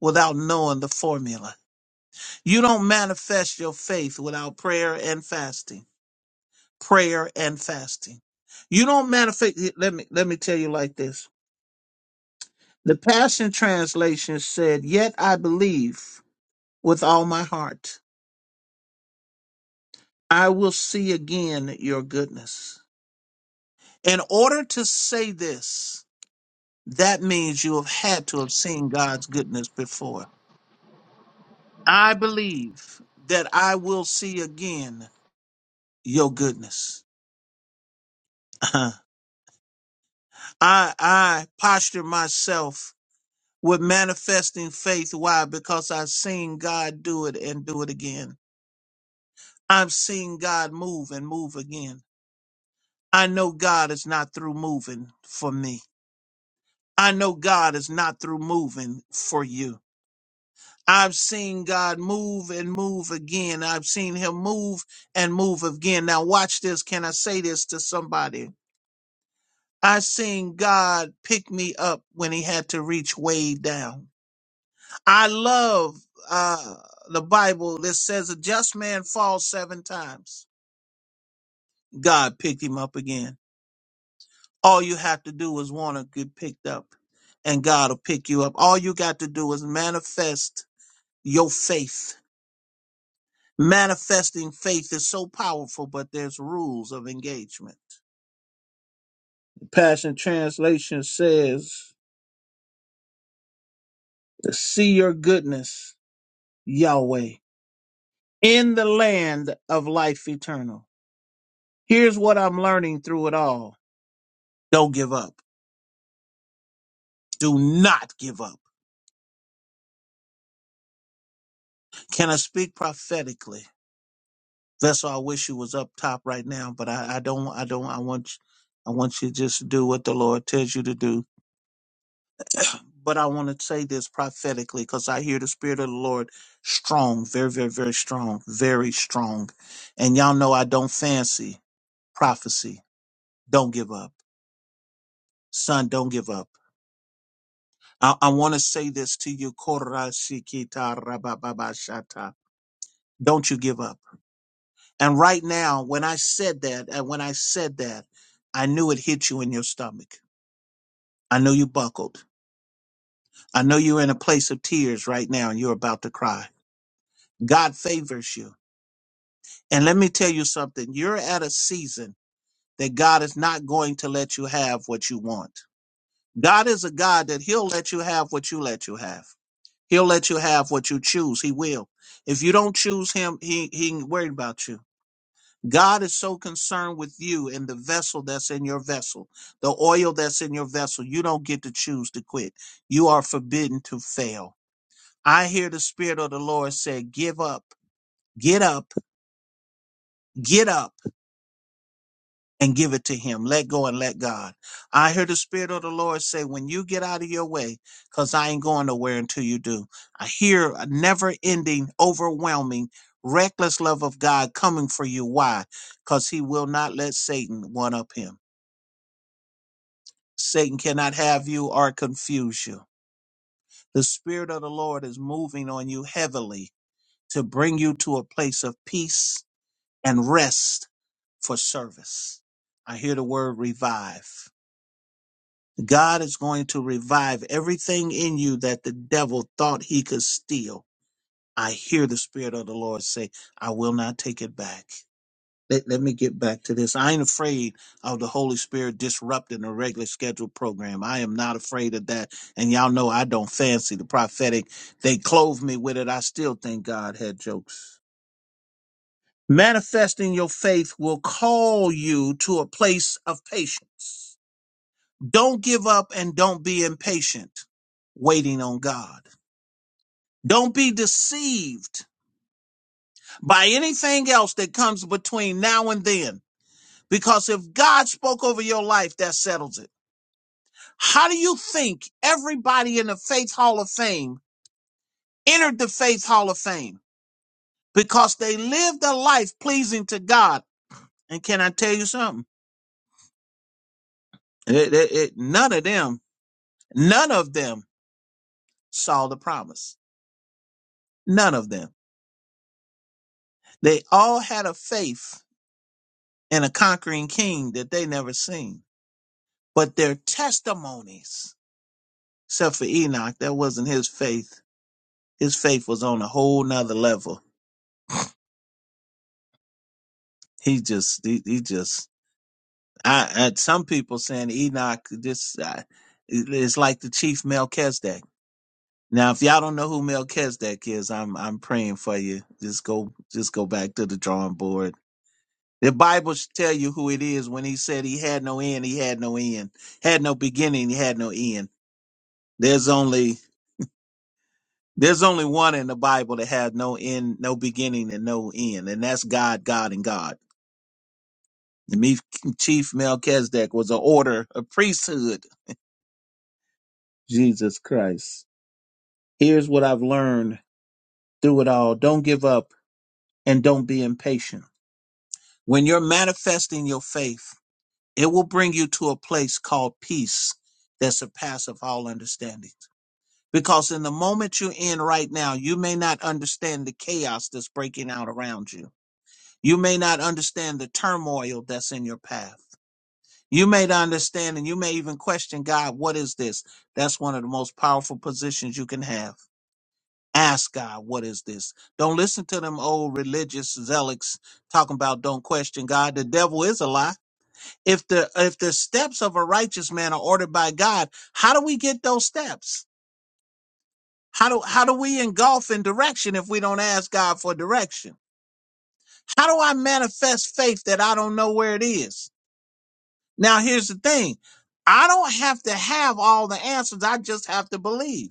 B: without knowing the formula. You don't manifest your faith without prayer and fasting. Prayer and fasting. You don't manifest let me let me tell you like this. The Passion Translation said, "Yet I believe with all my heart. I will see again your goodness." In order to say this, that means you have had to have seen God's goodness before. I believe that I will see again your goodness. [laughs] I I posture myself with manifesting faith. Why? Because I've seen God do it and do it again. I've seen God move and move again. I know God is not through moving for me. I know God is not through moving for you. I've seen God move and move again. I've seen him move and move again. Now watch this. Can I say this to somebody? I seen God pick me up when he had to reach way down. I love uh the Bible that says a just man falls seven times. God picked him up again. All you have to do is want to get picked up and God will pick you up. All you got to do is manifest your faith Manifesting faith is so powerful, but there's rules of engagement. The Passion Translation says, to see your goodness, Yahweh, in the land of life eternal. Here's what I'm learning through it all. Don't give up. Do not give up. Can I speak prophetically? Vessel, I wish you was up top right now, but I, I don't I don't I want I want you to just do what the Lord tells you to do but I want to say this prophetically because I hear the Spirit of the Lord strong, very, very, very strong, very strong. And y'all know I don't fancy prophecy. Don't give up. Son, don't give up. I, I want to say this to you. Korashikita rabababashata. Don't you give up. And right now, when I said that, and when I said that, I knew it hit you in your stomach. I know you buckled. I know you're in a place of tears right now and you're about to cry. God favors you. And let me tell you something. You're at a season that God is not going to let you have what you want. God is a God that he'll let you have what you let you have. He'll let you have what you choose. He will. If you don't choose him, he, he ain't worried about you. God is so concerned with you and the vessel that's in your vessel, the oil that's in your vessel. You don't get to choose to quit. You are forbidden to fail. I hear the spirit of the Lord say, give up, get up, get up. and give it to him. Let go and let God. I hear the Spirit of the Lord say, when you get out of your way, because I ain't going nowhere until you do. I hear a never ending, overwhelming, reckless love of God coming for you. Why? Because he will not let Satan one up him. Satan cannot have you or confuse you. The Spirit of the Lord is moving on you heavily to bring you to a place of peace and rest for service. I hear the word revive. God is going to revive everything in you that the devil thought he could steal. I hear the Spirit of the Lord say, I will not take it back. Let, let me get back to this. I ain't afraid of the Holy Spirit disrupting a regular scheduled program. I am not afraid of that. And y'all know I don't fancy the prophetic. They clothe me with it. I still think God had jokes. Manifesting your faith will call you to a place of patience. Don't give up and don't be impatient waiting on God. Don't be deceived by anything else that comes between now and then. Because if God spoke over your life, that settles it. How do you think everybody in the Faith Hall of Fame entered the Faith Hall of Fame? Because they lived a life pleasing to God. And can I tell you something? It- it- it- none of them, none of them saw the promise. None of them. They all had a faith and a conquering king that they never seen. But their testimonies, except for Enoch, that wasn't his faith. His faith was on a whole nother level. He just, he, he just, I, I, some people saying Enoch, this, I, it's like the chief Melchizedek. Now, if y'all don't know who Melchizedek is, I'm, I'm praying for you. Just go, just go back to the drawing board. The Bible should tell you who it is when he said he had no end, he had no end, had no beginning, he had no end. There's only There's only one in the Bible that has no end, no beginning, and no end, and that's God, God, and God. The me- chief Melchizedek was an order, a priesthood. Jesus Christ. Here's what I've learned through it all. Don't give up and don't be impatient. When you're manifesting your faith, it will bring you to a place called peace that surpasses all understanding. Because in the moment you're in right now, you may not understand the chaos that's breaking out around you You may not understand the turmoil that's in your path. You may not understand, and you may even question God, what is this? That's one of the most powerful positions you can have. Ask God, what is this? Don't listen to them old religious zealots talking about don't question God. The devil is a lie. If the if the steps of a righteous man are ordered by God, how do we get those steps? How do how do we engulf in direction if we don't ask God for direction? How do I manifest faith that I don't know where it is? Now, here's the thing I don't have to have all the answers, I just have to believe.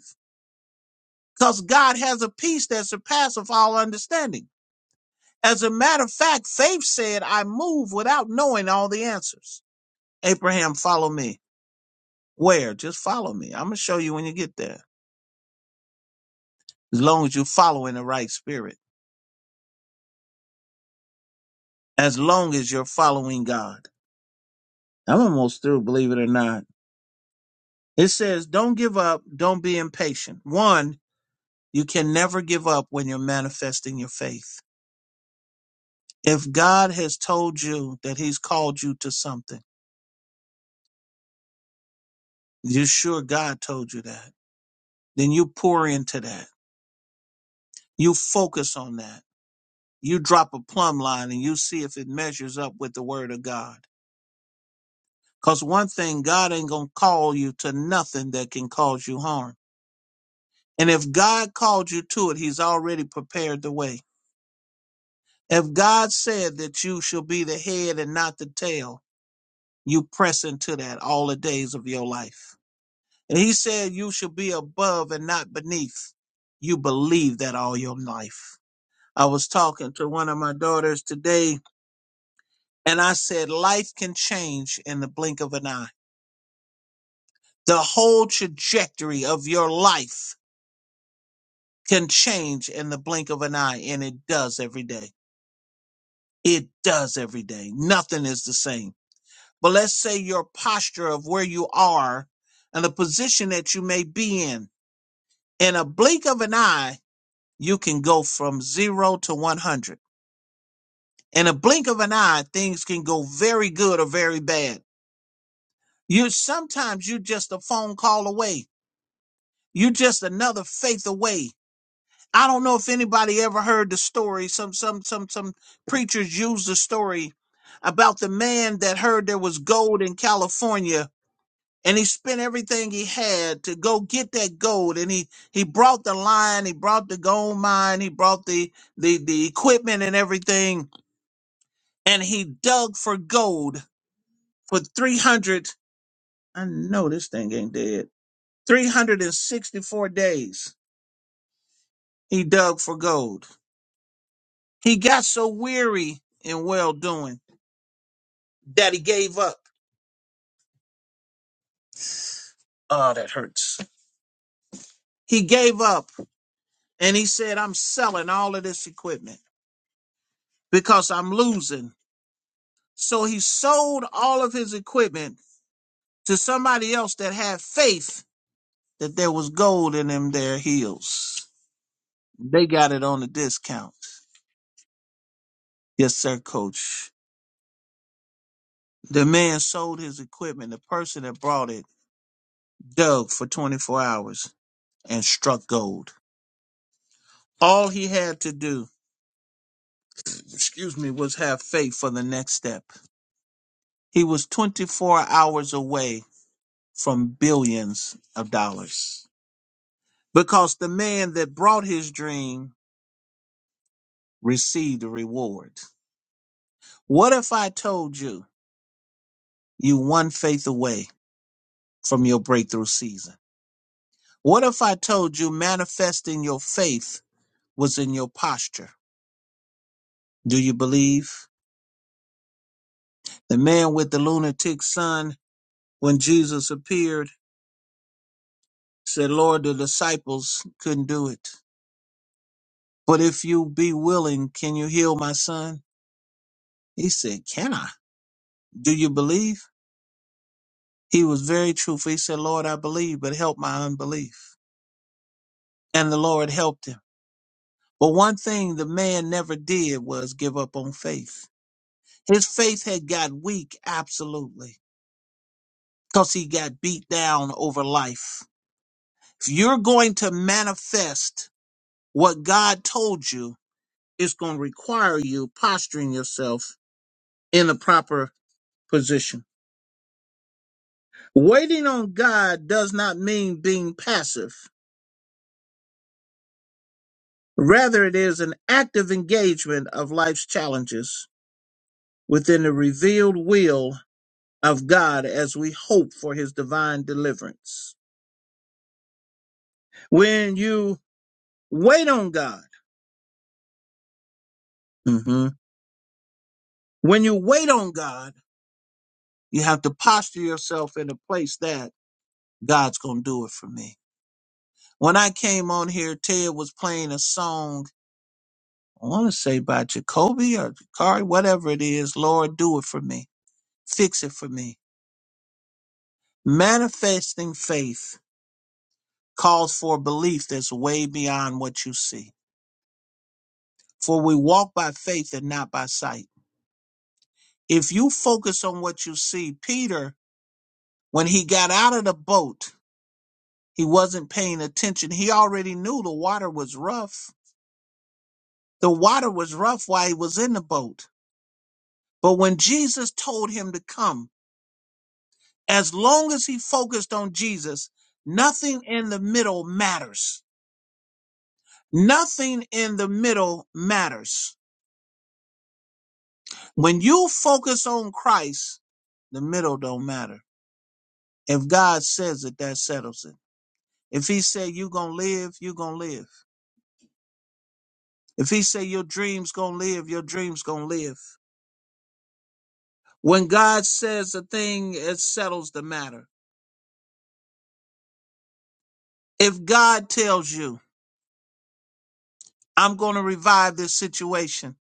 B: Because God has a peace that surpasses all understanding. As a matter of fact, faith said, I move without knowing all the answers. Abraham, follow me. Where? Just follow me. I'm going to show you when you get there. As long as you're following the right spirit, as long as you're following God. I'm almost through, believe it or not. It says, don't give up, don't be impatient. One, you can never give up when you're manifesting your faith. If God has told you that He's called you to something, you're sure God told you that, then you pour into that. You focus on that. You drop a plumb line and you see if it measures up with the Word of God. Because one thing, God ain't going to call you to nothing that can cause you harm. And if God called you to it, He's already prepared the way. If God said that you shall be the head and not the tail, you press into that all the days of your life. And he said, You should be above and not beneath. You believe that all your life. I was talking to one of my daughters today, and I said, Life can change in the blink of an eye. The whole trajectory of your life can change in the blink of an eye, and it does every day. It does every day. Nothing is the same. But let's say your posture of where you are and the position that you may be in, in a blink of an eye, you can go from zero to 100. In a blink of an eye, things can go very good or very bad. You sometimes you just a phone call away. You just another faith away. I don't know if anybody ever heard the story. Some some some some preachers use the story about the man that heard there was gold in California and he spent everything he had to go get that gold and he he brought the line, he brought the gold mine, he brought the the the equipment and everything and he dug for gold for 300. I know this thing ain't dead. 364 days he dug for gold. He got so weary in well doing that he gave up. Oh, that hurts. He gave up and he said, I'm selling all of this equipment because I'm losing. So he sold all of his equipment to somebody else that had faith that there was gold in them there heels. They got it on a discount. Yes, sir, coach. The man sold his equipment, the person that brought it, dug for 24 hours and struck gold. All he had to do, excuse me, was have faith for the next step. He was 24 hours away from billions of dollars because the man that brought his dream received a reward. What if I told you you one faith away from your breakthrough season? What if I told you manifesting your faith was in your posture. Do you believe? The man with the lunatic son, when Jesus appeared, said, Lord, the disciples couldn't do it. But if you be willing, can you heal my son? He said, Can I? Do you believe? He was very truthful. He said, Lord, I believe, but help my unbelief. And the Lord helped him. But one thing the man never did was give up on faith. His faith had got weak, absolutely, because he got beat down over life If you're going to manifest what God told you, it's going to require you posturing yourself in a proper position. Waiting on God does not mean being passive. Rather, it is an active engagement of life's challenges within the revealed will of God as we hope for his divine deliverance. When you wait on God, mhm, when you wait on God, you have to posture yourself in a place that God's gonna do it for me. When I came on here, Ted was playing a song, I wanna say by Jacoby or Jakari, whatever it is, Lord, do it for me. Fix it for me. Manifesting faith calls for belief that's way beyond what you see. For we walk by faith and not by sight. If you focus on what you see, Peter, when he got out of the boat, he wasn't paying attention. He already knew the water was rough. The water was rough while he was in the boat But when Jesus told him to come, as long as he focused on Jesus, nothing in the middle matters. Nothing in the middle matters. When you focus on Christ, the middle don't matter. If God says it, that settles it. If he said you gonna live, you gonna live. If he say your dreams gonna live, your dreams gonna live. When God says a thing, it settles the matter. If God tells you, I'm gonna revive this situation,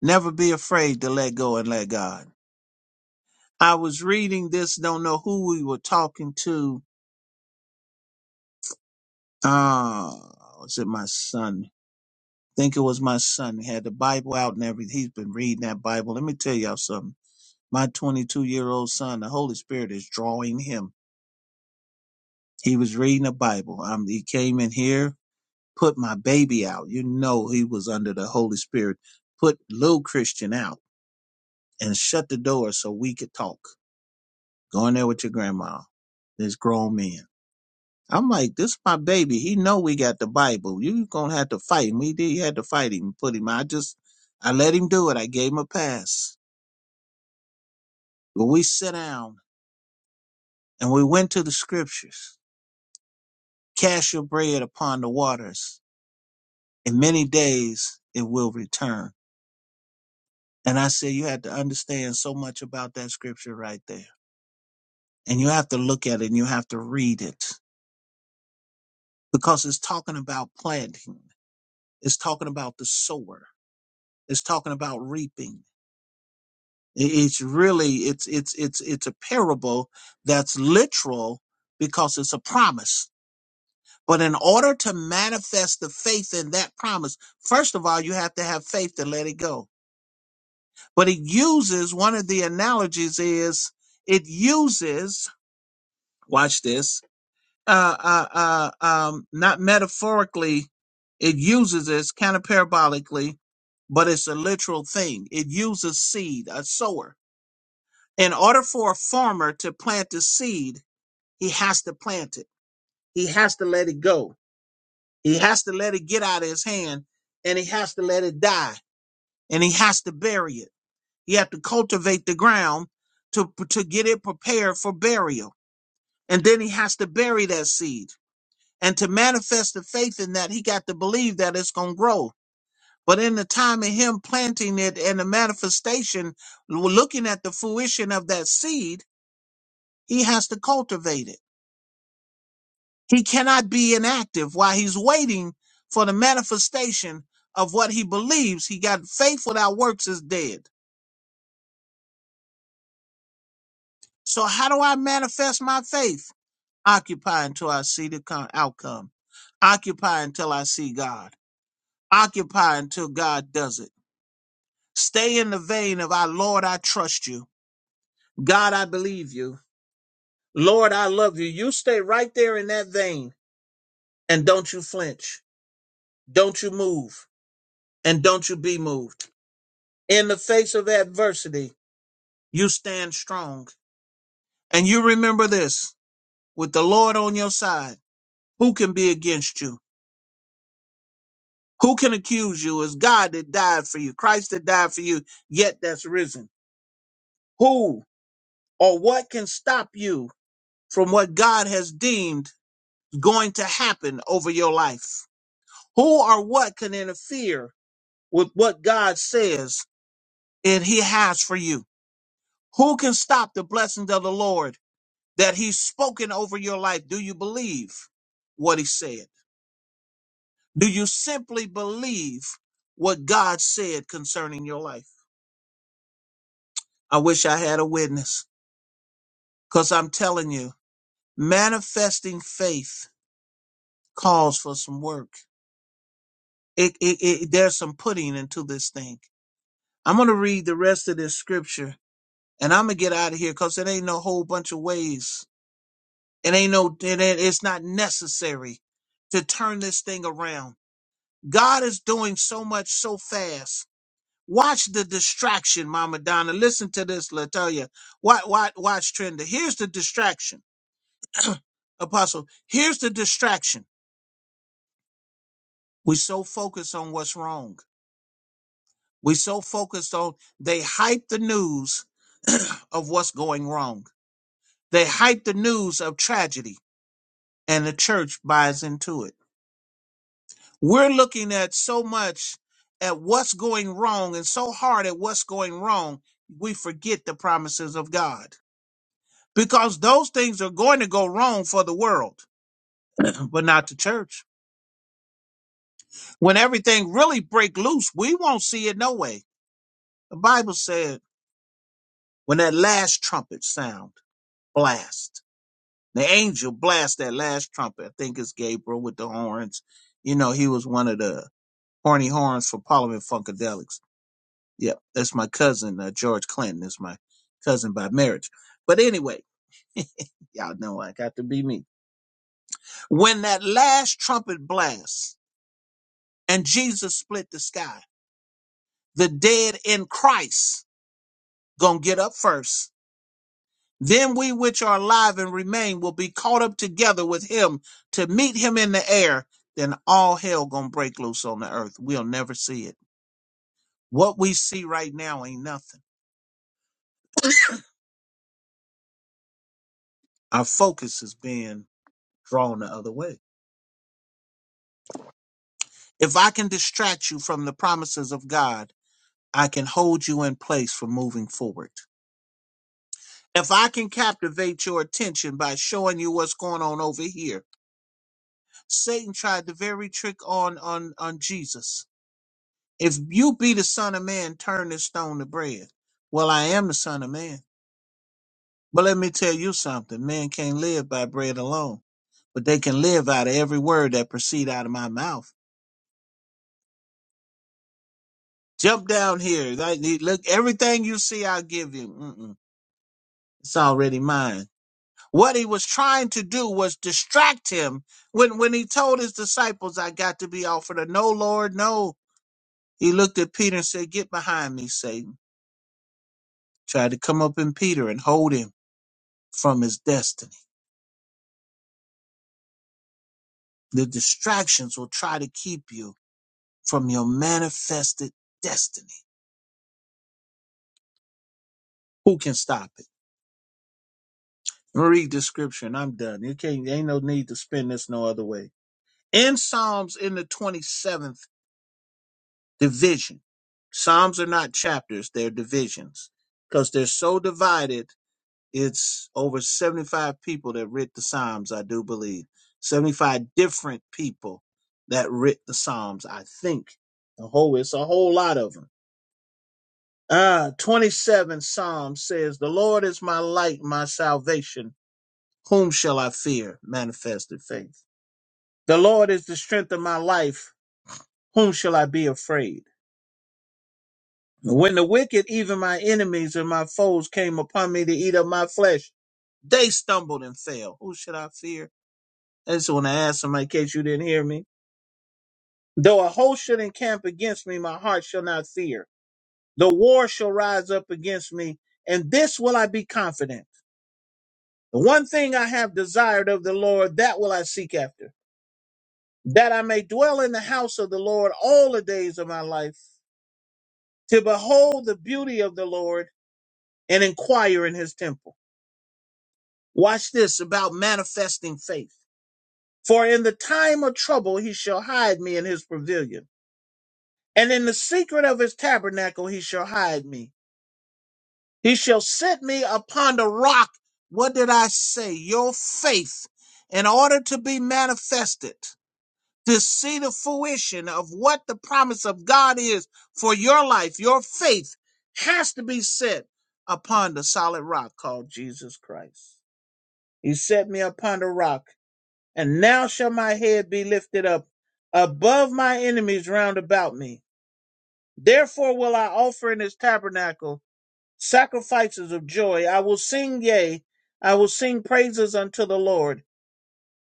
B: Never be afraid to let go and let God. I was reading this, don't know who we were talking to. Uh, was it my son? I think it was my son. He had the Bible out and everything. He's been reading that Bible. Let me tell y'all something. My 22 year old son, the Holy Spirit is drawing him. He was reading the Bible. Um, he came in here, put my baby out. You know, he was under the Holy Spirit. Put little Christian out and shut the door so we could talk. Go in there with your grandma. There's grown men. I'm like, this is my baby. He know we got the Bible. You gonna have to fight him. He did. He had to fight him, put him. I just, I let him do it. I gave him a pass. But we sit down and we went to the scriptures. Cast your bread upon the waters. In many days it will return. And I said, you have to understand so much about that scripture right there. And you have to look at it and you have to read it because it's talking about planting. It's talking about the sower. It's talking about reaping It's really it's it's it's it's a parable that's literal because it's a promise. But in order to manifest the faith in that promise, first of all, you have to have faith to let it go. But it uses one of the analogies is it uses watch this uh uh uh um not metaphorically it uses this kind of parabolically but it's a literal thing it uses seed a sower in order for a farmer to plant the seed, he has to plant it. He has to let it go. He has to let it get out of his hand and he has to let it die and he has to bury it. He has to cultivate the ground to, to get it prepared for burial. And then he has to bury that seed. And to manifest the faith in that, he got to believe that it's going to grow. But in the time of him planting it and the manifestation, looking at the fruition of that seed, he has to cultivate it. He cannot be inactive while he's waiting for the manifestation of what he believes. He got faith without works is dead. So how do I manifest my faith? Occupy until I see the con- outcome. Occupy until I see God. Occupy until God does it. Stay in the vein of our Lord, I trust you. God, I believe you. Lord, I love you. You stay right there in that vein and don't you flinch. Don't you move and don't you be moved. in the face of adversity, you stand strong. And you remember this with the Lord on your side, who can be against you? Who can accuse you? It's God that died for you, Christ that died for you, yet that's risen. Who or what can stop you from what God has deemed going to happen over your life? Who or what can interfere with what God says and He has for you? Who can stop the blessings of the Lord? that he's spoken over your life. Do you believe what he said? Do you simply believe what God said concerning your life? I wish I had a witness because I'm telling you, manifesting faith calls for some work. It, it, it, there's some putting into this thing. I'm going to read the rest of this scripture and I'm going to get out of here because it ain't no whole bunch of ways. It ain't no, it, ain't- it's not necessary to turn this thing around. God is doing so much so fast. Watch the distraction, Mama Donna. Listen to this, Latoya. Watch, watch, watch Trenda. Here's the distraction, Apostle. Here's the distraction. We so focused on what's wrong. We so focused on they hype the news [clears throat] of what's going wrong. They hype the news of tragedy, and the church buys into it. We're looking at so much at what's going wrong and so hard at what's going wrong, we forget the promises of God. Because those things are going to go wrong for the world, but not the church. When everything really break loose, we won't see it no way. The Bible said, when that last trumpet sound, blast. The angel blast that last trumpet. I think it's Gabriel with the horns. You know, he was one of the horny horns for Parliament Funkadelics Yep, that's my cousin, uh, George Clinton is my cousin by marriage. But anyway, y'all know I got to be me. When that last trumpet blasts and Jesus split the sky, the dead in Christ gonna get up first. Then we which are alive and remain will be caught up together with him to meet him in the air. Then all hell gonna break loose on the earth. We'll never see it. What we see right now ain't nothing. Our focus is being drawn the other way If I can distract you from the promises of God, I can hold you in place for moving forward. If I can captivate your attention by showing you what's going on over here, Satan tried the very trick on on on Jesus. If you be the Son of Man, turn this stone to bread. Well, I am the Son of Man. But let me tell you something: man can't live by bread alone, but they can live out of every word that proceed out of my mouth. Jump down here. Like, Look, everything you see, I'll give you. Mm-mm. It's already mine. What he was trying to do was distract him. When when he told his disciples, I got to be offered a no, Lord, no. He looked at Peter and said, Get behind me, Satan. Tried to come up in Peter and hold him from his destiny. The distractions will try to keep you from your manifested destiny. Who can stop it? Read the scripture and I'm done. You can't ain't no need to spin this no other way. In Psalms in the 27th Division. Psalms are not chapters, they're divisions. Because they're so divided, it's over 75 people that writ the Psalms, I do believe. 75 different people that writ the Psalms, I think. The whole, it's a whole lot of them. Uh, 27 Psalm says, The Lord is my light, my salvation. Whom shall I fear? Manifested faith. The Lord is the strength of my life. Whom shall I be afraid? When the wicked, even my enemies and my foes, came upon me to eat up my flesh, they stumbled and fell. Who should I fear? I just want to ask somebody in case you didn't hear me. Though a host should encamp against me, my heart shall not fear. The war shall rise up against me, and this will I be confident. The one thing I have desired of the Lord, that will I seek after, that I may dwell in the house of the Lord all the days of my life, to behold the beauty of the Lord and inquire in his temple. Watch this about manifesting faith. For in the time of trouble he shall hide me in his pavilion, and in the secret of his tabernacle he shall hide me. He shall set me upon the rock. What did I say? Your faith, in order to be manifested, to see the fruition of what the promise of God is for your life, your faith has to be set upon the solid rock called Jesus Christ. He set me upon the rock and now shall my head be lifted up above my enemies round about me. Therefore will I offer in this tabernacle sacrifices of joy. I will sing, yea, I will sing praises unto the Lord.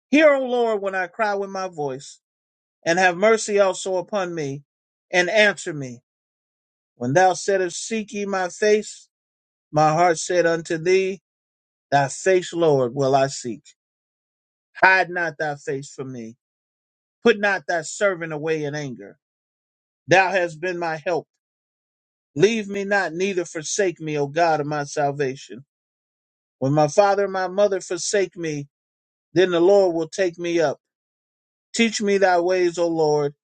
B: Hear, O Lord, when I cry with my voice, and have mercy also upon me, and answer me. When thou saidst, Seek ye my face, my heart said unto thee, Thy face, Lord, will I seek. Hide not thy face from me. Put not thy servant away in anger Thou hast been my help. Leave me not, neither forsake me, O God of my salvation. When my father and my mother forsake me, then the Lord will take me up. Teach me thy ways, O Lord.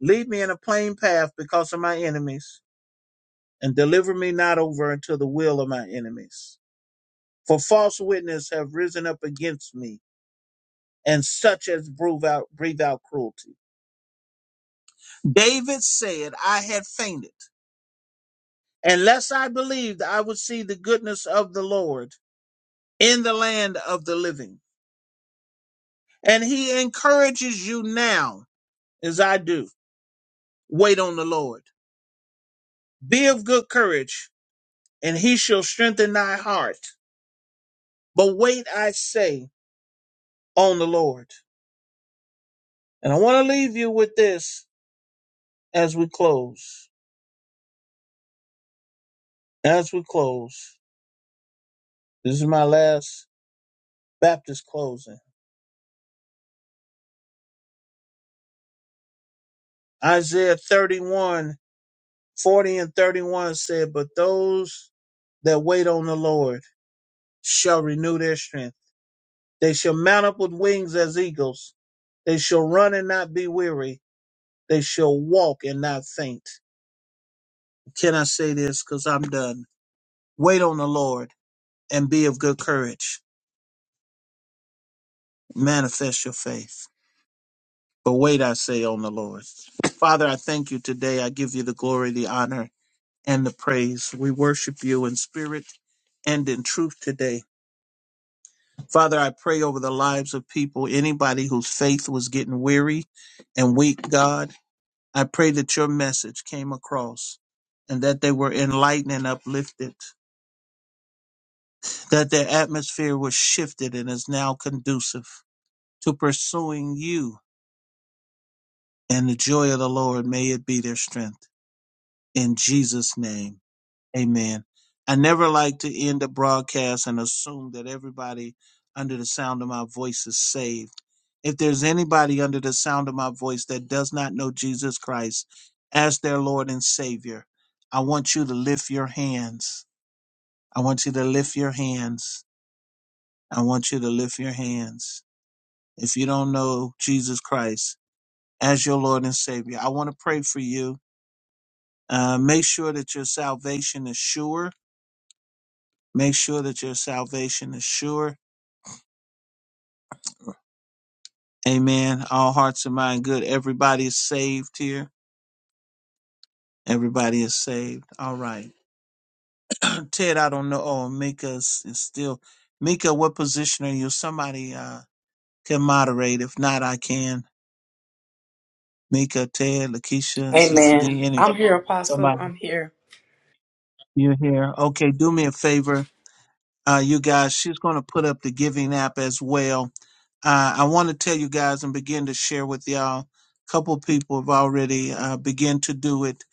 B: Lead me in a plain path because of my enemies, and deliver me not over unto the will of my enemies. For false witness have risen up against me, and such as breathe out, breathe out cruelty. David said, I had fainted. Unless I believed I would see the goodness of the Lord in the land of the living. And he encourages you now, as I do, wait on the Lord. Be of good courage, and he shall strengthen thy heart. But wait, I say, on the Lord. And I want to leave you with this as we close. As we close, this is my last Baptist closing. Isaiah 31:40 and 31 said, But those that wait on the Lord shall renew their strength. They shall mount up with wings as eagles. They shall run and not be weary. They shall walk and not faint. Can I say this? Because I'm done. Wait on the Lord and be of good courage. Manifest your faith. But wait, I say, on the Lord. Father, I thank you today. I give you the glory, the honor, and the praise. We worship you in spirit and in truth today. Father, I pray over the lives of people, anybody whose faith was getting weary and weak, God. I pray that your message came across and that they were enlightened and uplifted, that their atmosphere was shifted and is now conducive to pursuing you. And the joy of the Lord may it be their strength. In Jesus' name. Amen. I never like to end a broadcast and assume that everybody under the sound of my voice is saved. If there's anybody under the sound of my voice that does not know Jesus Christ as their Lord and Savior, I want you to lift your hands. I want you to lift your hands. I want you to lift your hands. If you don't know Jesus Christ as your Lord and Savior, I want to pray for you. Uh, make sure that your salvation is sure Make sure that your salvation is sure. Amen. All hearts and mind good. Everybody is saved here. Everybody is saved. All right. [clears throat] Ted, I don't know. Oh, Mika's is still. Mika, what position are you? Somebody uh, can moderate. If not, I can. Mika, Ted, Lakeisha, Sister D,
C: Amen.
B: any
C: I'm here, Apostle.
B: somebody
C: I'm here.
B: you're here. Okay, do me a favor. Uh, you guys, she's going to put up the giving app as well Uh, I want to tell you guys and begin to share with y'all. A couple people have already uh, begun to do it.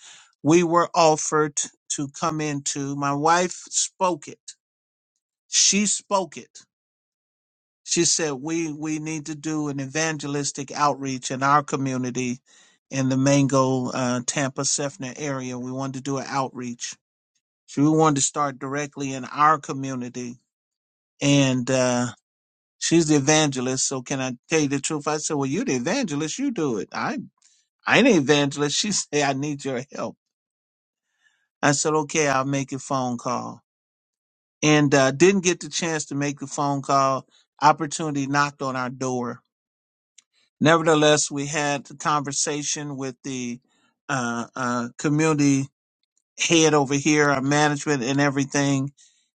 B: We were offered to come into. My wife spoke it. She spoke it. She said we we need to do an evangelistic outreach in our community, in the Mango, uh, Tampa, Sefner area. We wanted to do an outreach. So we wanted to start directly in our community and. Uh, She's the evangelist, so can I tell you the truth? I said, Well, you the evangelist, you do it. I I ain't an evangelist. She [laughs] said, I need your help. I said, Okay, I'll make a phone call. And uh didn't get the chance to make the phone call. Opportunity knocked on our door. Nevertheless, we had the conversation with the uh, uh, community head over here, our management and everything,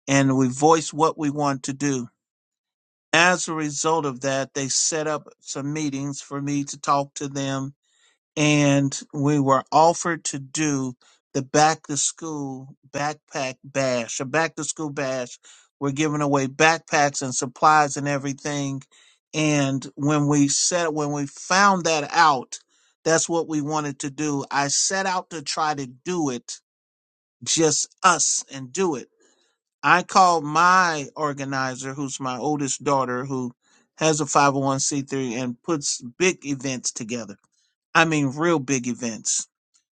B: and we voiced what we want to do. As a result of that, they set up some meetings for me to talk to them and we were offered to do the back to school backpack bash. A back to school bash, we're giving away backpacks and supplies and everything. And when we set when we found that out, that's what we wanted to do. I set out to try to do it, just us and do it. I called my organizer, who's my oldest daughter, who has a 501c3 and puts big events together. I mean, real big events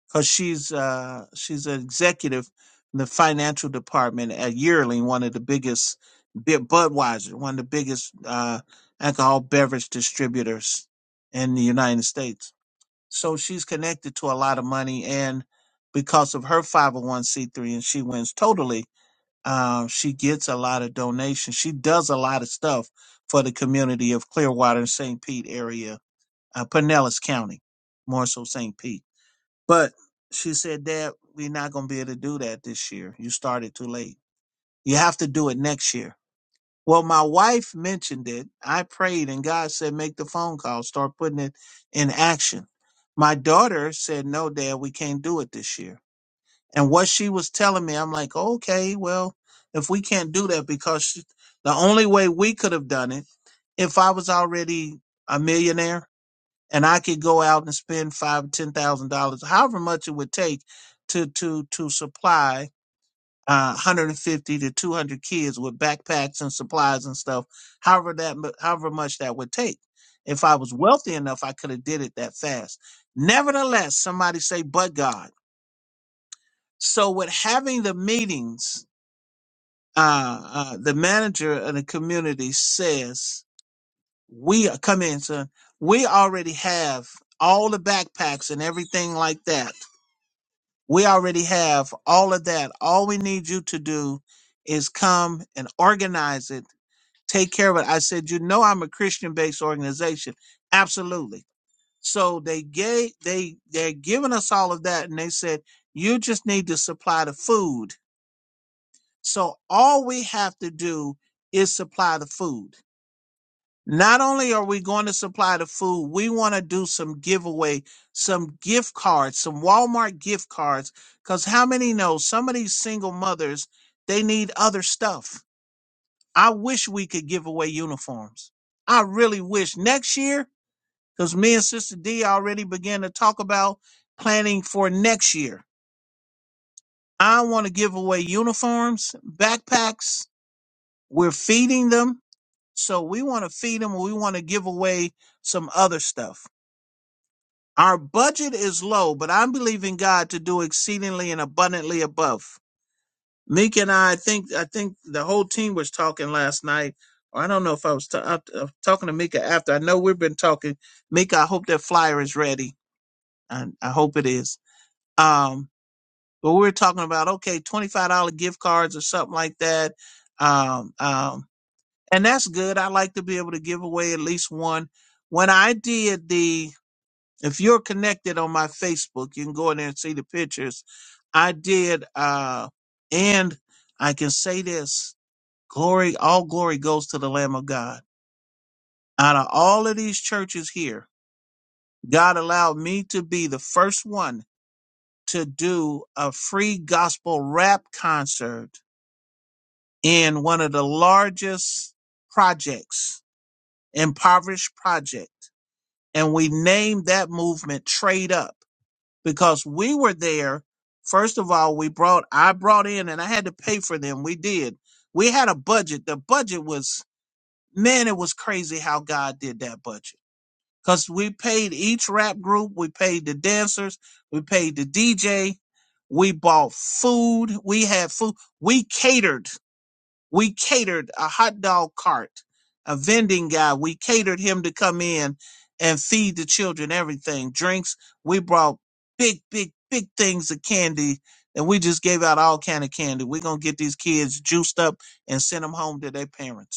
B: because she's uh, she's an executive in the financial department at Yearling, one of the biggest Bud- Budweiser, one of the biggest uh, alcohol beverage distributors in the United States. So she's connected to a lot of money, and because of her 501c3, and she wins totally, uh, she gets a lot of donations. She does a lot of stuff for the community of Clearwater and St. Pete area, uh, Pinellas County, more so St. Pete. But she said, Dad, we're not going to be able to do that this year. You started too late. You have to do it next year. Well, my wife mentioned it. I prayed and God said, make the phone call, start putting it in action. My daughter said, no, Dad, we can't do it this year. And what she was telling me, I'm like, okay, well, if we can't do that because she, the only way we could have done it, if I was already a millionaire, and I could go out and spend five, ten thousand dollars, however much it would take to to to supply uh, 150 to 200 kids with backpacks and supplies and stuff, however that mu- however much that would take. If I was wealthy enough, I could have did it that fast. Nevertheless, somebody say, "But God." So with having the meetings, uh, uh, the manager of the community says, "We come in, son. We already have all the backpacks and everything like that." We already have all of that. All we need you to do is come and organize it, take care of it. I said, you know, I'm a Christian based organization. Absolutely. So they gave, they, they're giving us all of that. And they said, you just need to supply the food. So all we have to do is supply the food. Not only are we going to supply the food, we want to do some giveaway, some gift cards, some Walmart gift cards. Because how many know some of these single mothers, they need other stuff. I wish we could give away uniforms. I really wish next year, because me and Sister D already began to talk about planning for next year. I want to give away uniforms, backpacks. We're feeding them. So we want to feed them. We want to give away some other stuff. Our budget is low, but I'm believing God to do exceedingly and abundantly above. Meek and I, I think I think the whole team was talking last night. Or I don't know if I was ta- uh, uh, talking to Mika after. I know we've been talking. Mika, I hope that flyer is ready. I, I hope it is. Um, but we were talking about okay, twenty five dollar gift cards or something like that. Um, um, and that's good. I like to be able to give away at least one. When I did the if you're connected on my Facebook, you can go in there and see the pictures. I did, uh, and I can say this glory, all glory goes to the Lamb of God. Out of all of these churches here, God allowed me to be the first one to do a free gospel rap concert in one of the largest projects, impoverished project. And we named that movement Trade Up because we were there. First of all, we brought I brought in and I had to pay for them. We did. We had a budget. The budget was man, it was crazy how God did that budget. Cause we paid each rap group, we paid the dancers, we paid the DJ, we bought food, we had food, we catered we catered a hot dog cart, a vending guy. We catered him to come in and feed the children everything, drinks. We brought big, big, big things of candy, and we just gave out all kind of candy. We're gonna get these kids juiced up and send them home to their parents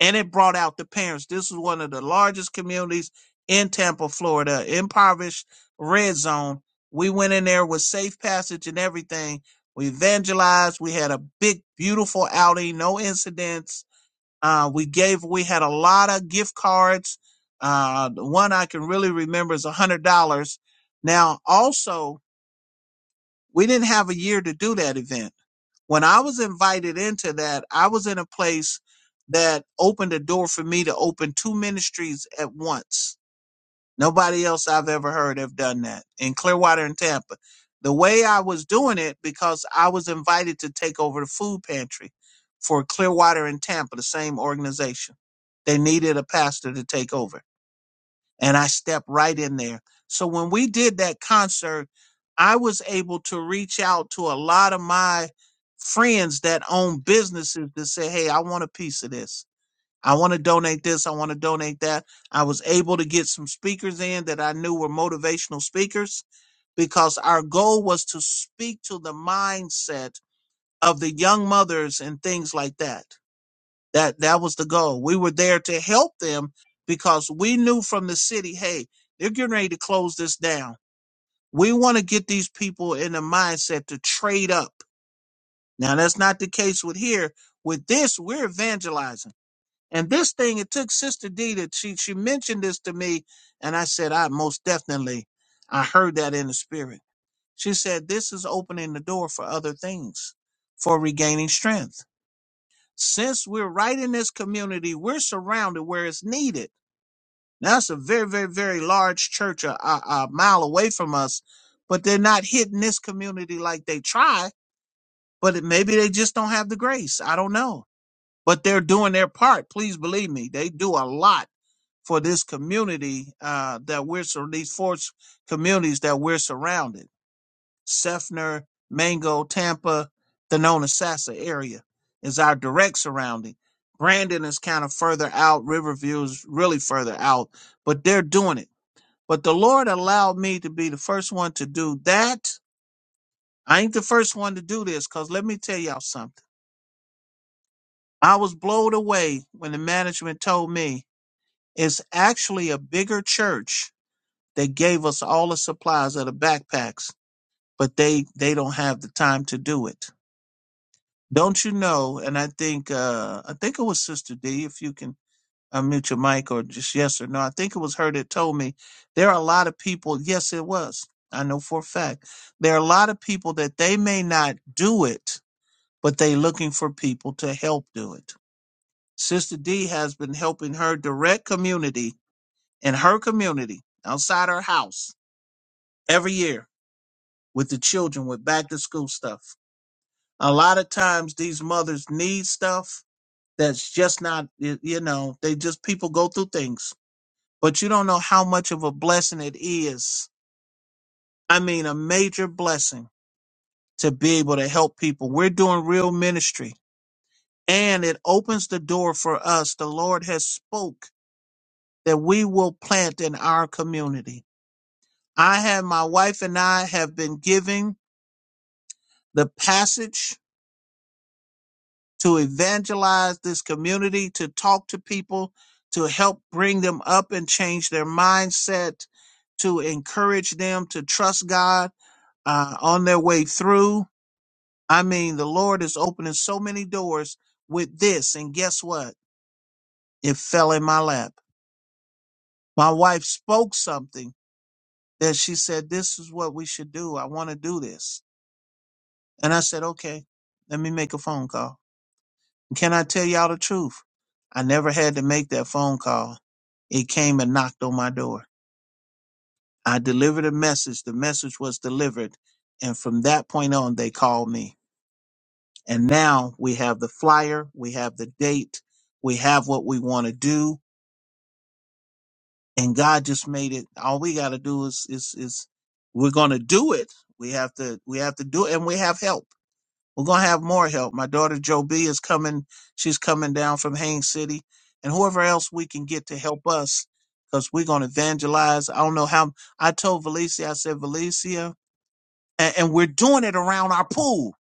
B: and it brought out the parents. This is one of the largest communities in Tampa, Florida, impoverished red zone. We went in there with safe passage and everything. We evangelized. We had a big, beautiful outing, no incidents. Uh, we gave, we had a lot of gift cards. Uh, the one I can really remember is a hundred dollars. Now, also, we didn't have a year to do that event. When I was invited into that, I was in a place that opened a door for me to open two ministries at once. Nobody else I've ever heard have done that in Clearwater and Tampa. The way I was doing it, because I was invited to take over the food pantry for Clearwater and Tampa, the same organization. They needed a pastor to take over and I stepped right in there. So when we did that concert, I was able to reach out to a lot of my friends that own businesses to say, Hey, I want a piece of this. I want to donate this. I want to donate that. I was able to get some speakers in that I knew were motivational speakers because our goal was to speak to the mindset of the young mothers and things like that that that was the goal. We were there to help them because we knew from the city, hey, they're getting ready to close this down. We want to get these people in the mindset to trade up. Now that's not the case with here. With this, we're evangelizing. And this thing, it took Sister D that she she mentioned this to me, and I said, I most definitely I heard that in the spirit. She said, This is opening the door for other things, for regaining strength since we're right in this community, we're surrounded where it's needed. Now, that's a very, very, very large church a, a, a mile away from us, but they're not hitting this community like they try. But it, maybe they just don't have the grace. I don't know. But they're doing their part. Please believe me, they do a lot for this community uh, that we're sur- these four s- communities that we're surrounded. Sefner, Mango, Tampa, the Nona Sasa area is our direct surrounding. Brandon is kind of further out. Riverview is really further out, but they're doing it. But the Lord allowed me to be the first one to do that. I ain't the first one to do this because let me tell y'all something. I was blown away when the management told me it's actually a bigger church that gave us all the supplies of the backpacks, but they, they don't have the time to do it Don't you know? And I think uh I think it was Sister D. If you can unmute your mic or just yes or no, I think it was her that told me there are a lot of people. Yes, it was. I know for a fact there are a lot of people that they may not do it, but they looking for people to help do it. Sister D has been helping her direct community in her community outside her house every year with the children with back to school stuff. A lot of times these mothers need stuff that's just not y- you know they just people go through things but you don't know how much of a blessing it is i mean a major blessing to be able to help people we're doing real ministry and it opens the door for us the lord has spoke that we will plant in our community i have my wife and i have been giving the passage to evangelize this community, to talk to people, to help bring them up and change their mindset, to encourage them to trust God uh, on their way through. I mean, the Lord is opening so many doors with this. And guess what? It fell in my lap. My wife spoke something that she said, This is what we should do. I want to do this. And I said, Okay, let me make a phone call. Can I tell y'all the truth? I never had to make that phone call. It came and knocked on my door. I delivered a message. The message was delivered. And from that point on, they called me. And now we have the flyer. We have the date. We have what we want to do. And God just made it. All we got to do is, is, is we're going to do it. We have to, we have to do it and we have help. We're gonna have more help. My daughter Joe B is coming. She's coming down from Haines City, and whoever else we can get to help us, because we're gonna evangelize. I don't know how. I told Valencia. I said Valencia, and, and we're doing it around our pool.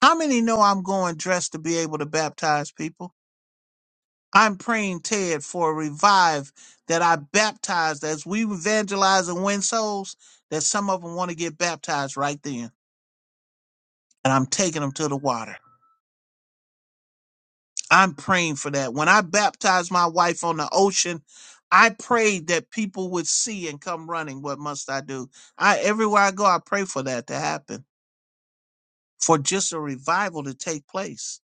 B: How many know I'm going dressed to be able to baptize people? I'm praying Ted for a revive that I baptized as we evangelize and win souls. That some of them want to get baptized right then, and I'm taking them to the water. I'm praying for that. When I baptized my wife on the ocean, I prayed that people would see and come running. What must I do? I everywhere I go, I pray for that to happen, for just a revival to take place.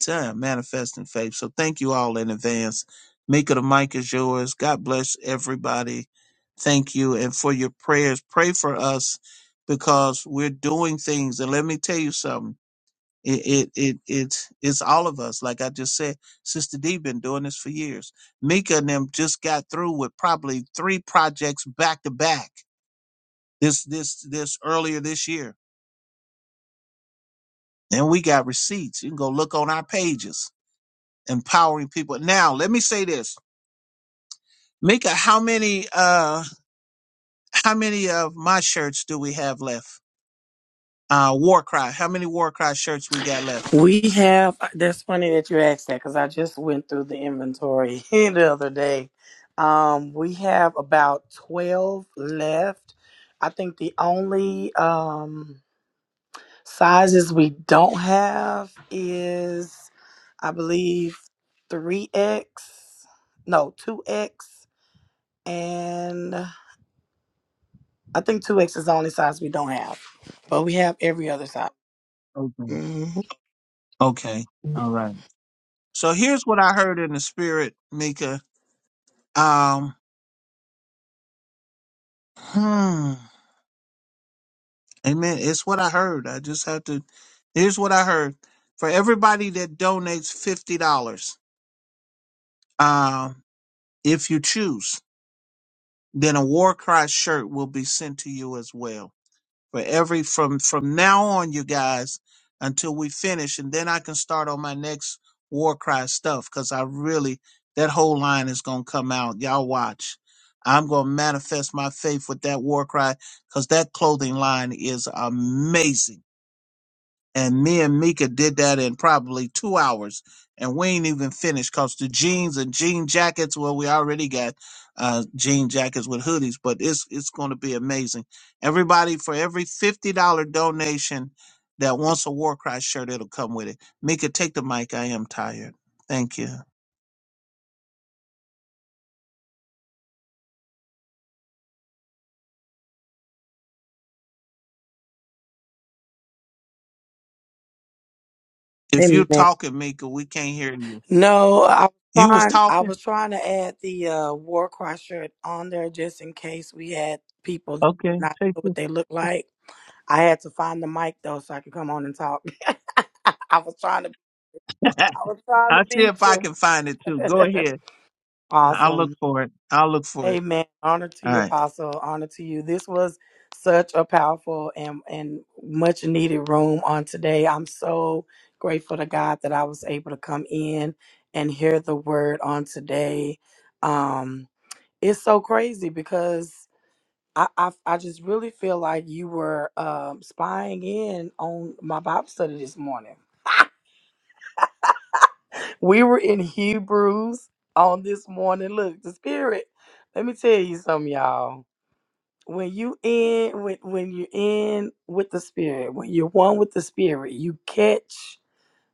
B: Time manifesting faith. So thank you all in advance. Mika, the mic is yours. God bless everybody. Thank you, and for your prayers. Pray for us because we're doing things. And let me tell you something. It it it it's it's all of us. Like I just said, Sister D been doing this for years. Mika and them just got through with probably three projects back to back this this this earlier this year. And we got receipts. You can go look on our pages, empowering people. Now let me say this. Mika, how many uh how many of my shirts do we have left? Uh War Cry. How many War Cry shirts we got left?
C: We have, that's funny that you asked that because I just went through the inventory [laughs] the other day. Um, we have about 12 left. I think the only um, sizes we don't have is, I believe, 3X, no, 2X, and I think 2X is the only size we don't have, but we have every other size.
B: Okay.
C: hmm
B: Okay. All right. So here's what I heard in the spirit, Mika Um, hmm. Amen. It's what I heard. I just have to. Here's what I heard. For everybody that donates fifty dollars, um, if you choose, then a War Cry shirt will be sent to you as well. for every from from now on you guys until we finish and then i can start on my next war cry stuff because i really that whole line is gonna come out y'all watch i'm gonna manifest my faith with that war cry because that clothing line is amazing and me and Mika did that in probably two hours, and we ain't even finished because the jeans and jean jackets. Well, we already got uh, jean jackets with hoodies, but it's it's going to be amazing. Everybody, for every fifty dollar donation that wants a War Cry shirt, it'll come with it. Mika, take the mic. I am tired. Thank you. If you're
C: Amen.
B: talking, Mika, we can't hear you.
C: No, I was
B: You was
C: trying. I
B: talking.
C: was trying to add the uh, war cry shirt on there just in case we had people
B: Okay,
C: not
B: take
C: know what
B: it.
C: they look like. I had to find the mic though, so I could come on and talk. [laughs] I was trying to.
B: [laughs]
C: I was trying to
B: I'll see
C: beat
B: if I can find it too. Go
C: you.
B: ahead.
C: [laughs]
B: I'll
C: awesome.
B: look for it. I'll look for it.
C: Amen. Honor to
B: All
C: you,
B: right.
C: Apostle. Honor to you. This was such a powerful and, and much needed room on today. I'm so grateful to God that I was able to come in and hear the word on today. Um, it's so crazy because I, I, I just really feel like you were um, spying in on my Bible study this morning. [laughs] we were in Hebrews on this morning. Look, the Spirit. Let me tell you something, y'all when you in when when you're in with the spirit when you're one with the spirit you catch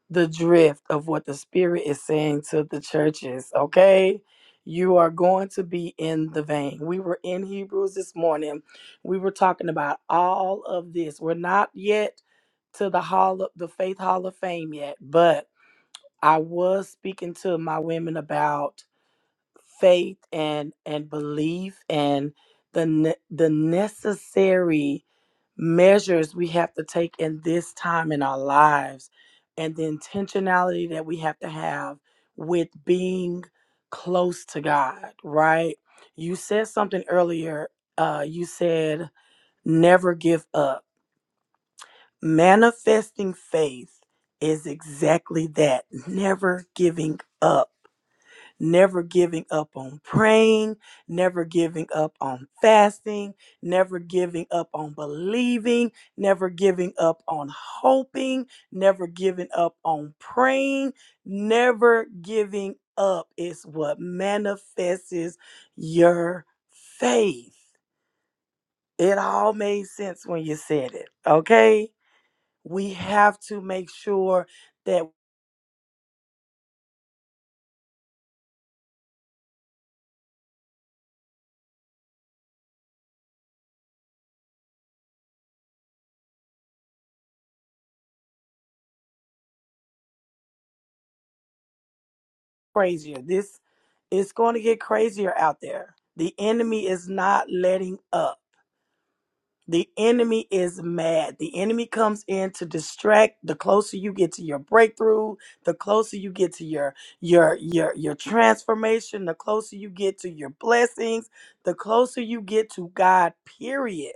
C: the drift of what the spirit is saying to the churches okay you are going to be in the vein we were in hebrews this morning we were talking about all of this we're not yet to the hall of the faith hall of fame yet but i was speaking to my women about faith and and belief and the ne- the necessary measures we have to take in this time in our lives and the intentionality that we have to have with being close to God, right? You said something earlier. Uh you said never give up. Manifesting faith is exactly that, never giving up never giving up on praying, never giving up on fasting, never giving up on believing, never giving up on hoping, never giving up on praying, never giving up is what manifests your faith. It all made sense when you said it, okay? We have to make sure that. crazier. This it's going to get crazier out there. The enemy is not letting up. The enemy is mad. The enemy comes in to distract. The closer you get to your breakthrough, the closer you get to your your your your transformation, the closer you get to your blessings, the closer you get to God, period.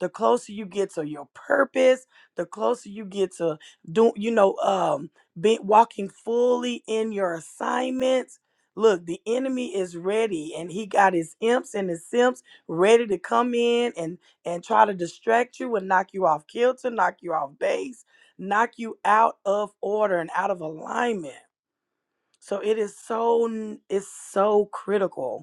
C: The closer you get to your purpose, the closer you get to do you know um be, walking fully in your assignments. Look, the enemy is ready and he got his imps and his simps ready to come in and and try to distract you and knock you off kilter, knock you off base, knock you out of order and out of alignment. So it is so it's so critical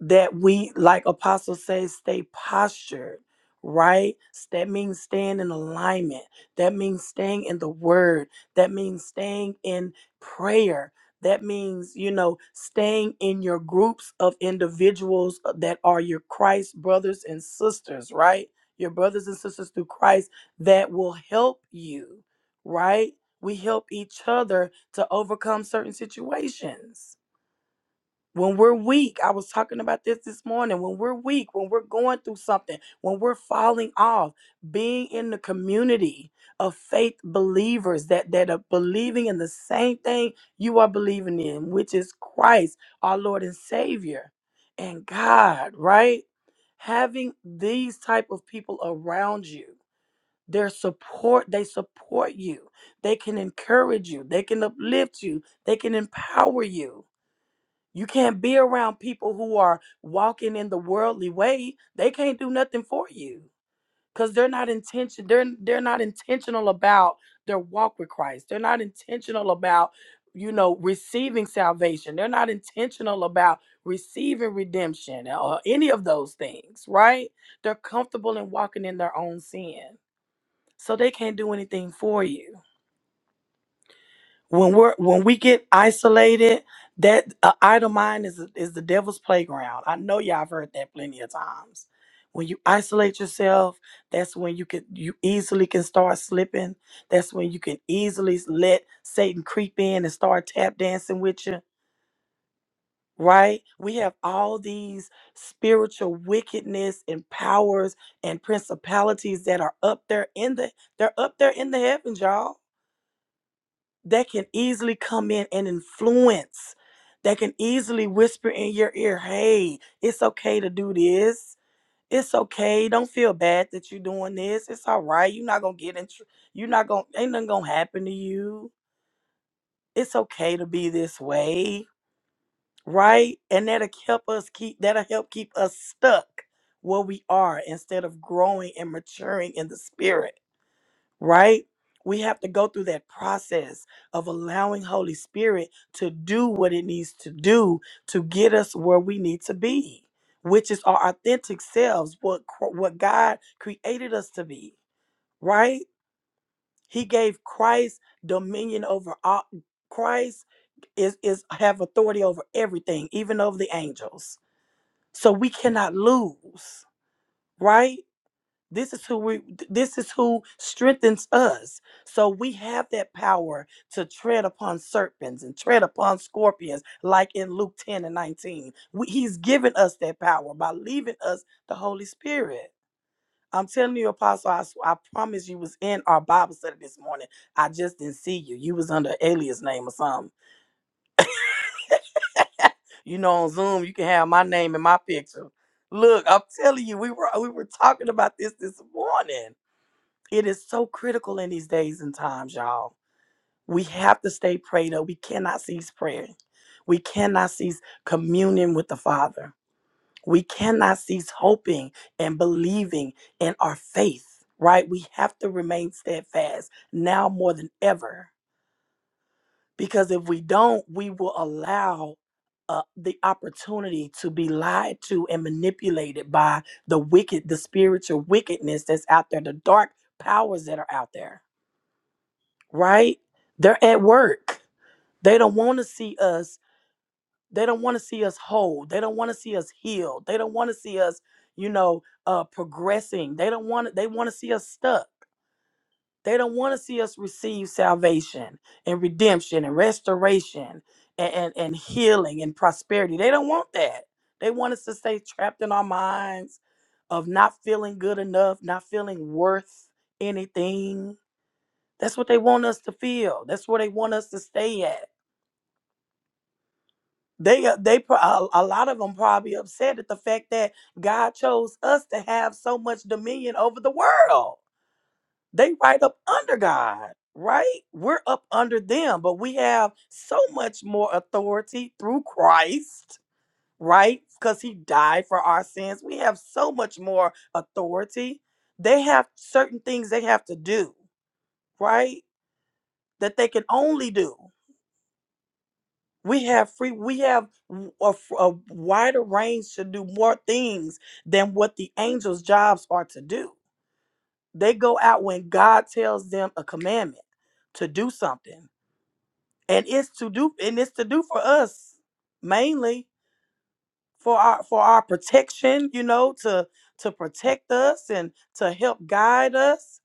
C: that we, like Apostle says, stay postured, right? That means staying in alignment. That means staying in the word. That means staying in prayer. That means, you know, staying in your groups of individuals uh, that are your Christ brothers and sisters, right? Your brothers and sisters through Christ that will help you, right? We help each other to overcome certain situations when we're weak, I was talking about this this morning. When we're weak, when we're going through something, when we're falling off, being in the community of faith believers that that are believing in the same thing you are believing in, which is Christ, our Lord and Savior, and God, right? Having these type of people around you, their support, they support you. They can encourage you. They can uplift you. They can empower you you can't be around people who are walking in the worldly way. They can't do nothing for you because they're not intention. They're they're not intentional about their walk with Christ. They're not intentional about you know receiving salvation. They're not intentional about receiving redemption uh, or any of those things. Right? They're comfortable in walking in their own sin, so they can't do anything for you when we're when we get isolated that uh, idle mind is is the devil's playground i know y'all have heard that plenty of times when you isolate yourself that's when you can you easily can start slipping that's when you can easily let satan creep in and start tap dancing with you right we have all these spiritual wickedness and powers and principalities that are up there in the they're up there in the heavens y'all that can easily come in and influence, that can easily whisper in your ear, hey, it's okay to do this. It's okay. Don't feel bad that you're doing this. It's all right. You're not gonna get in. tr- You're not gonna. Ain't nothing gonna happen to you. It's okay to be this way, right? And that'll help us keep. That'll help keep us stuck where we are instead of growing and maturing in the spirit right? We have to go through that process of allowing Holy Spirit to do what it needs to do to get us where we need to be, which is our authentic selves, what cr- what God created us to be, right? He gave Christ dominion over all Christ is is have authority over everything, even over the angels. So we cannot lose, right? This is who we this is who strengthens us. So we have that power to tread upon serpents and tread upon scorpions like in Luke 10 and 19. We, he's given us that power by leaving us the Holy Spirit. I'm telling you apostle I, s- I promise you was in our Bible study this morning. I just didn't see you. You was under alias name or something. [laughs] you know on Zoom you can have my name and my picture. Look, I'm telling you we were we were talking about this this morning It is so critical in these days and times, y'all. We have to stay prayed up. We cannot cease praying. We cannot cease communion with the Father. We cannot cease hoping and believing in our faith, right? We have to remain steadfast now more than ever because if we don't, we will allow uh, the opportunity to be lied to and manipulated by the wicked, the spiritual wickedness that's out there, the dark powers that are out there right? They're at work. They don't want to see us. They don't want to see us whole. They don't want to see us healed. They don't want to see us, you know, uh, progressing. They don't want. They want to see us stuck. They don't want to see us receive salvation and redemption and restoration and, and and healing and prosperity. They don't want that. They want us to stay trapped in our minds of not feeling good enough, not feeling worth anything that's what they want us to feel. That's where they want us to stay at. They uh, they pro- a, a lot of them probably upset at the fact that God chose us to have so much dominion over the world. They right up under God, right? We're up under them, but we have so much more authority through Christ, right? Cuz he died for our sins. We have so much more authority. They have certain things they have to do, right? That they can only do. We have free. We have a a wider range to do more things than what the angels' jobs are to do. They go out when God tells them a commandment to do something, and it's to do, and it's to do for us mainly for our for our protection. You know, to to protect us and to help guide us.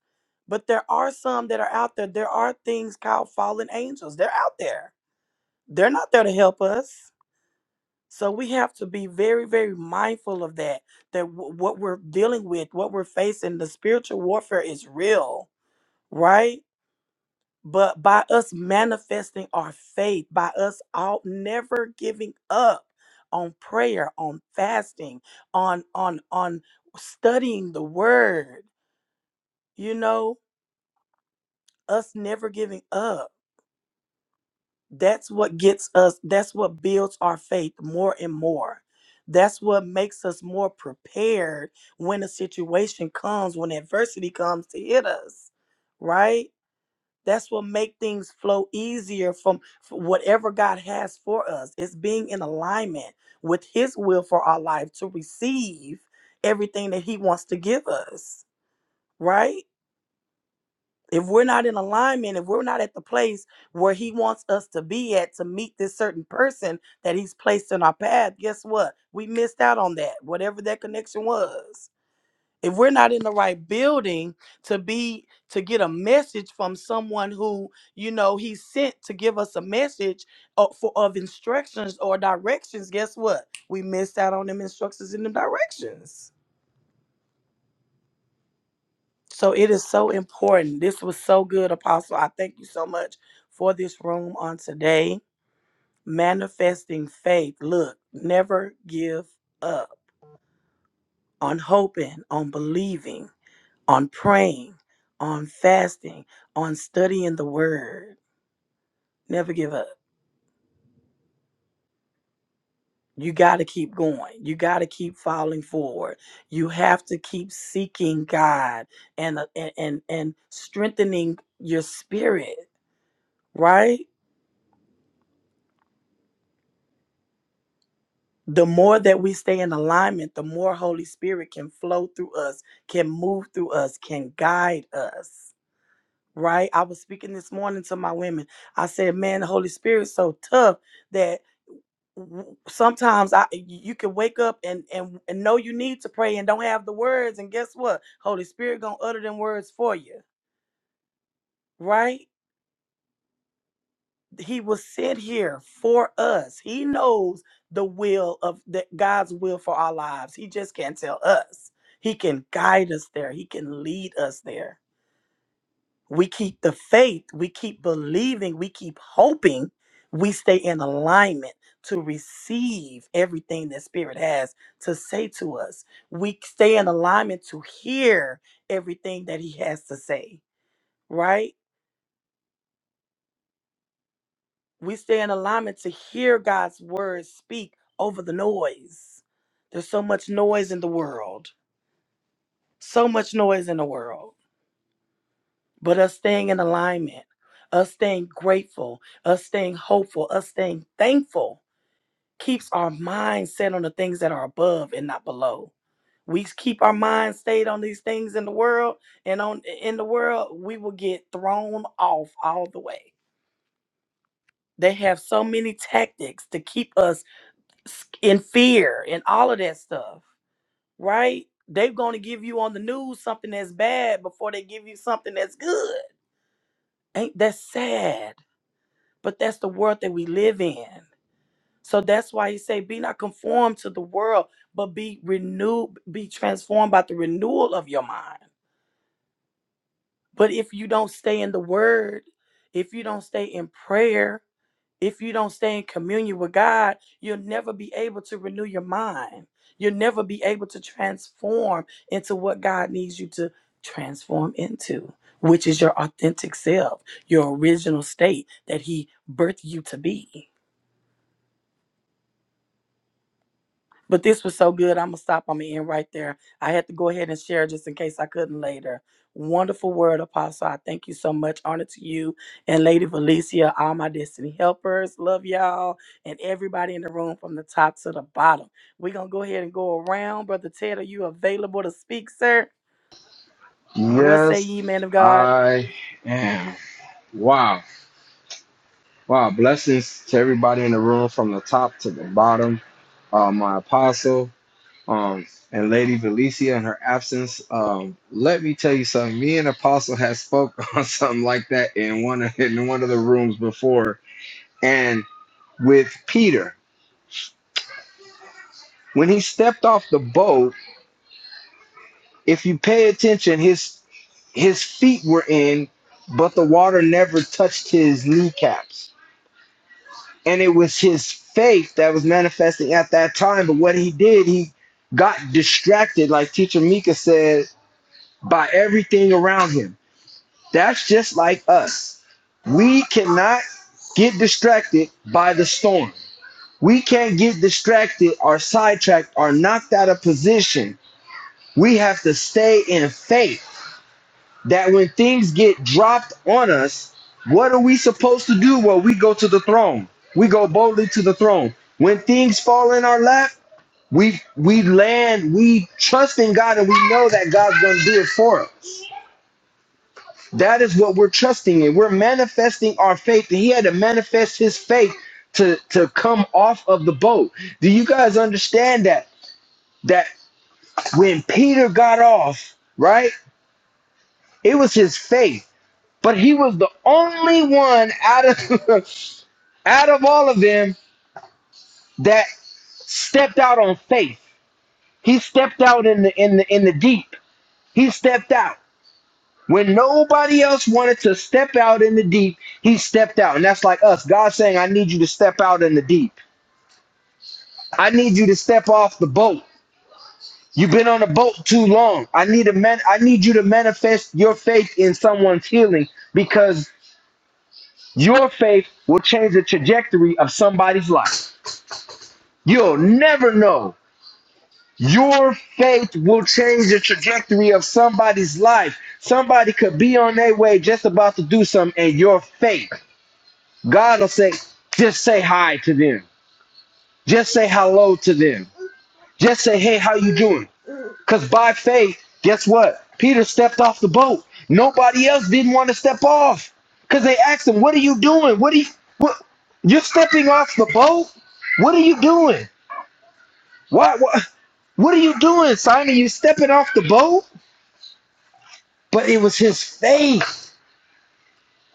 C: But there are some that are out there. There are things called fallen angels. They're out there. They're not there to help us So we have to be very, very mindful of that. That w- what we're dealing with, what we're facing, the spiritual warfare is real, right? But by us manifesting our faith, by us all never giving up on prayer, on fasting, on on on studying the word, you know, us never giving up That's what gets us, that's what builds our faith more and more. That's what makes us more prepared when a situation comes, when adversity comes to hit us, right? That's what make things flow easier from from whatever God has for us. It's being in alignment with his will for our life to receive everything that he wants to give us, right? if we're not in alignment, if we're not at the place where he wants us to be at to meet this certain person that he's placed in our path, guess what? We missed out on that, whatever that connection was. If we're not in the right building to be to get a message from someone who, you know, he sent to give us a message of, for, of instructions or directions, guess what? We missed out on them instructions and them directions. So it is so important. This was so good, Apostle. I thank you so much for this room on today. Manifesting faith. Look, never give up on hoping, on believing, on praying, on fasting, on studying the word. Never give up. You got to keep going. You got to keep falling forward. You have to keep seeking God and uh, and and, and strengthening your spirit, right? the more that we stay in alignment, the more Holy Spirit can flow through us, can move through us, can guide us. Right? I was speaking this morning to my women. I said, "Man, the Holy Spirit's so tough that w- sometimes I you can wake up and and and know you need to pray and don't have the words, and guess what? Holy Spirit gonna utter them words for you, right? he was sent here for us. He knows the will of the, God's will for our lives. He just can't tell us. He can guide us there. He can lead us there. We keep the faith. We keep believing. We keep hoping. We stay in alignment to receive everything that Spirit has to say to us. We stay in alignment to hear everything that He has to say, right? we stay in alignment to hear God's word speak over the noise. There's so much noise in the world, so much noise in the world. But us staying in alignment, us staying grateful, us staying hopeful, us staying thankful keeps our mind set on the things that are above and not below. We keep our mind stayed on these things in the world and on in the world, we will get thrown off all the way. They have so many tactics to keep us in fear and all of that stuff, right? They're going to give you on the news something that's bad before they give you something that's good. Ain't that sad? But that's the world that we live in. So that's why he say, "Be not conformed to the world, but be renewed, be transformed by the renewal of your mind." But if you don't stay in the Word, if you don't stay in prayer, if you don't stay in communion with God, you'll never be able to renew your mind. You'll never be able to transform into what God needs you to transform into, which is your authentic self, your original state that He birthed you to be. But this was so good. I'm going to stop. I'm going to end right there. I had to go ahead and share just in case I couldn't later. Wonderful word, Apostle. I thank you so much. Honor to you and Lady Valencia, all my destiny helpers. Love y'all and everybody in the room from the top to the bottom. We're going to go ahead and go around. Brother Ted, are you available to speak, sir? What say ye, man of God?
A: Wow. Wow. Blessings to everybody in the room from the top to the bottom. Uh, my apostle. um, and Lady Valencia in her absence. Um, let me tell you something. Me and Apostle has spoke [laughs] on something like that in one of, in one of the rooms before, and with Peter when he stepped off the boat. If you pay attention, his his feet were in, but the water never touched his kneecaps, and it was his faith that was manifesting at that time. But what he did, he got distracted, like Teacher Mika said, by everything around him That's just like us. We cannot get distracted by the storm. We can't get distracted or sidetracked or knocked out of position. We have to stay in faith that when things get dropped on us, what are we supposed to do? Well, we go to the throne. We go boldly to the throne. When things fall in our lap, we we land, we trust in God and we know that God's gonna do it for us. That is what we're trusting in. We're manifesting our faith. And he had to manifest his faith to, to come off of the boat. Do you guys understand that? That when Peter got off, right? It was his faith. But he was the only one out of [laughs] out of all of them that stepped out on faith. He stepped out in the in the in the deep. He stepped out. When nobody else wanted to step out in the deep, he stepped out. And that's like us. God saying, I need you to step out in the deep. I need you to step off the boat. You've been on the boat too long. I need a man I need you to manifest your faith in someone's healing because your faith will change the trajectory of somebody's life. You'll never know. Your faith will change the trajectory of somebody's life. Somebody could be on their way just about to do something, and your faith God will say, just say hi to them. Just say hello to them. Just say, hey, how you doing? Because by faith, guess what? Peter stepped off the boat. Nobody else didn't want to step off. Because they asked him, what are you doing? What are you, what, you're stepping off the boat? What are you doing? Why, what, what are you doing, Simon? You stepping off the boat? But it was his faith.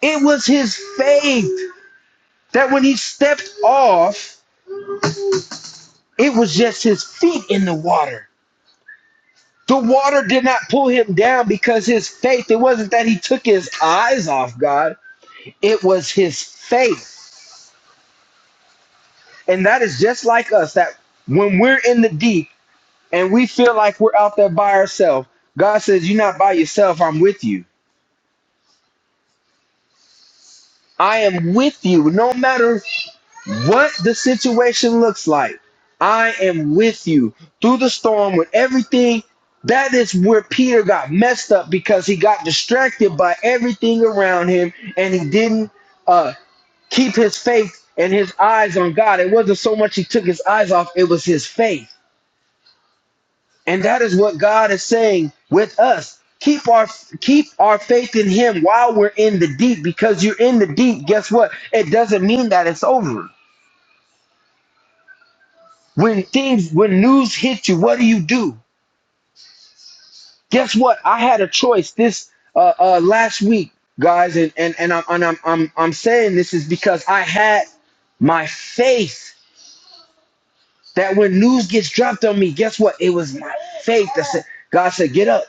A: It was his faith that when he stepped off, it was just his feet in the water. The water did not pull him down because his faith, it wasn't that he took his eyes off God, it was his faith. And that is just like us that when we're in the deep and we feel like we're out there by ourselves, God says, You're not by yourself, I'm with you. I am with you no matter what the situation looks like. I am with you through the storm with everything. That is where Peter got messed up because he got distracted by everything around him and he didn't uh, keep his faith and his eyes on God. It wasn't so much he took his eyes off, it was his faith. And that is what God is saying with us. Keep our keep our faith in him while we're in the deep because you're in the deep. Guess what? It doesn't mean that it's over. when things when news hits you what do you do guess what i had a choice this uh, uh last week guys and and, and, I'm, and I'm i'm i'm saying this is because i had my faith that when news gets dropped on me guess what it was my faith that said god said get up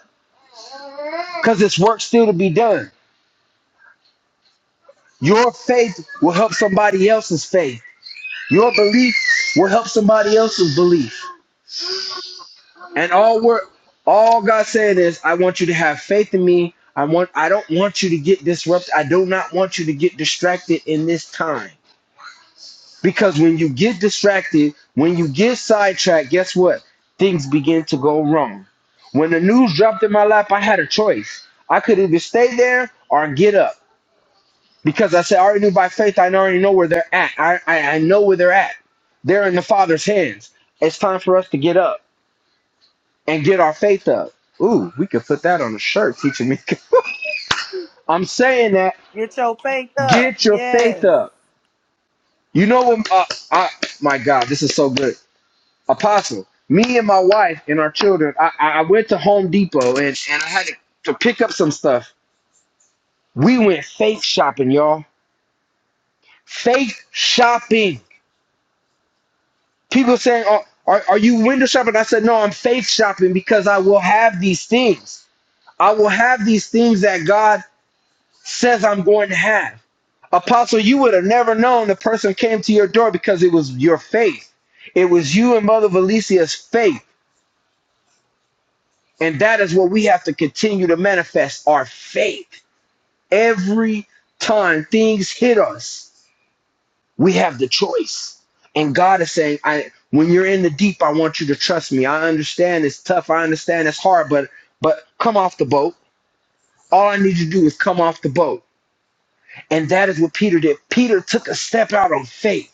A: because it's work still to be done your faith will help somebody else's faith your belief will help somebody else's belief And all we're all God said is, I want you to have faith in me. I want I don't want you to get disrupted. I do not want you to get distracted in this time. Because when you get distracted, when you get sidetracked, guess what? Things begin to go wrong. When the news dropped in my lap, I had a choice. I could either stay there or get up. Because I said I already knew by faith, I already know where they're at. I, I, I know where they're at. They're in the Father's hands. It's time for us to get up and get our faith up. Ooh, we could put that on a shirt, teacher Mika. [laughs] I'm saying that
C: Get your faith up.
A: get your faith
C: Yes.
A: up. You know what? Uh, I, my God, this is so good. Apostle, me and my wife and our children, I, I I went to Home Depot and, and I had to, to pick up some stuff. We went faith shopping, y'all. Faith shopping. People saying, oh, are, are you window shopping? I said, no, I'm faith shopping because I will have these things. I will have these things that God says I'm going to have. Apostle, you would have never known the person came to your door because it was your faith. It was you and Mother Valicia's faith. And that is what we have to continue to manifest our faith. Every time things hit us, we have the choice. And God is saying, I when you're in the deep, I want you to trust me. I understand it's tough. I understand it's hard, but but come off the boat. All I need you to do is come off the boat. And that is what Peter did. Peter took a step out on faith.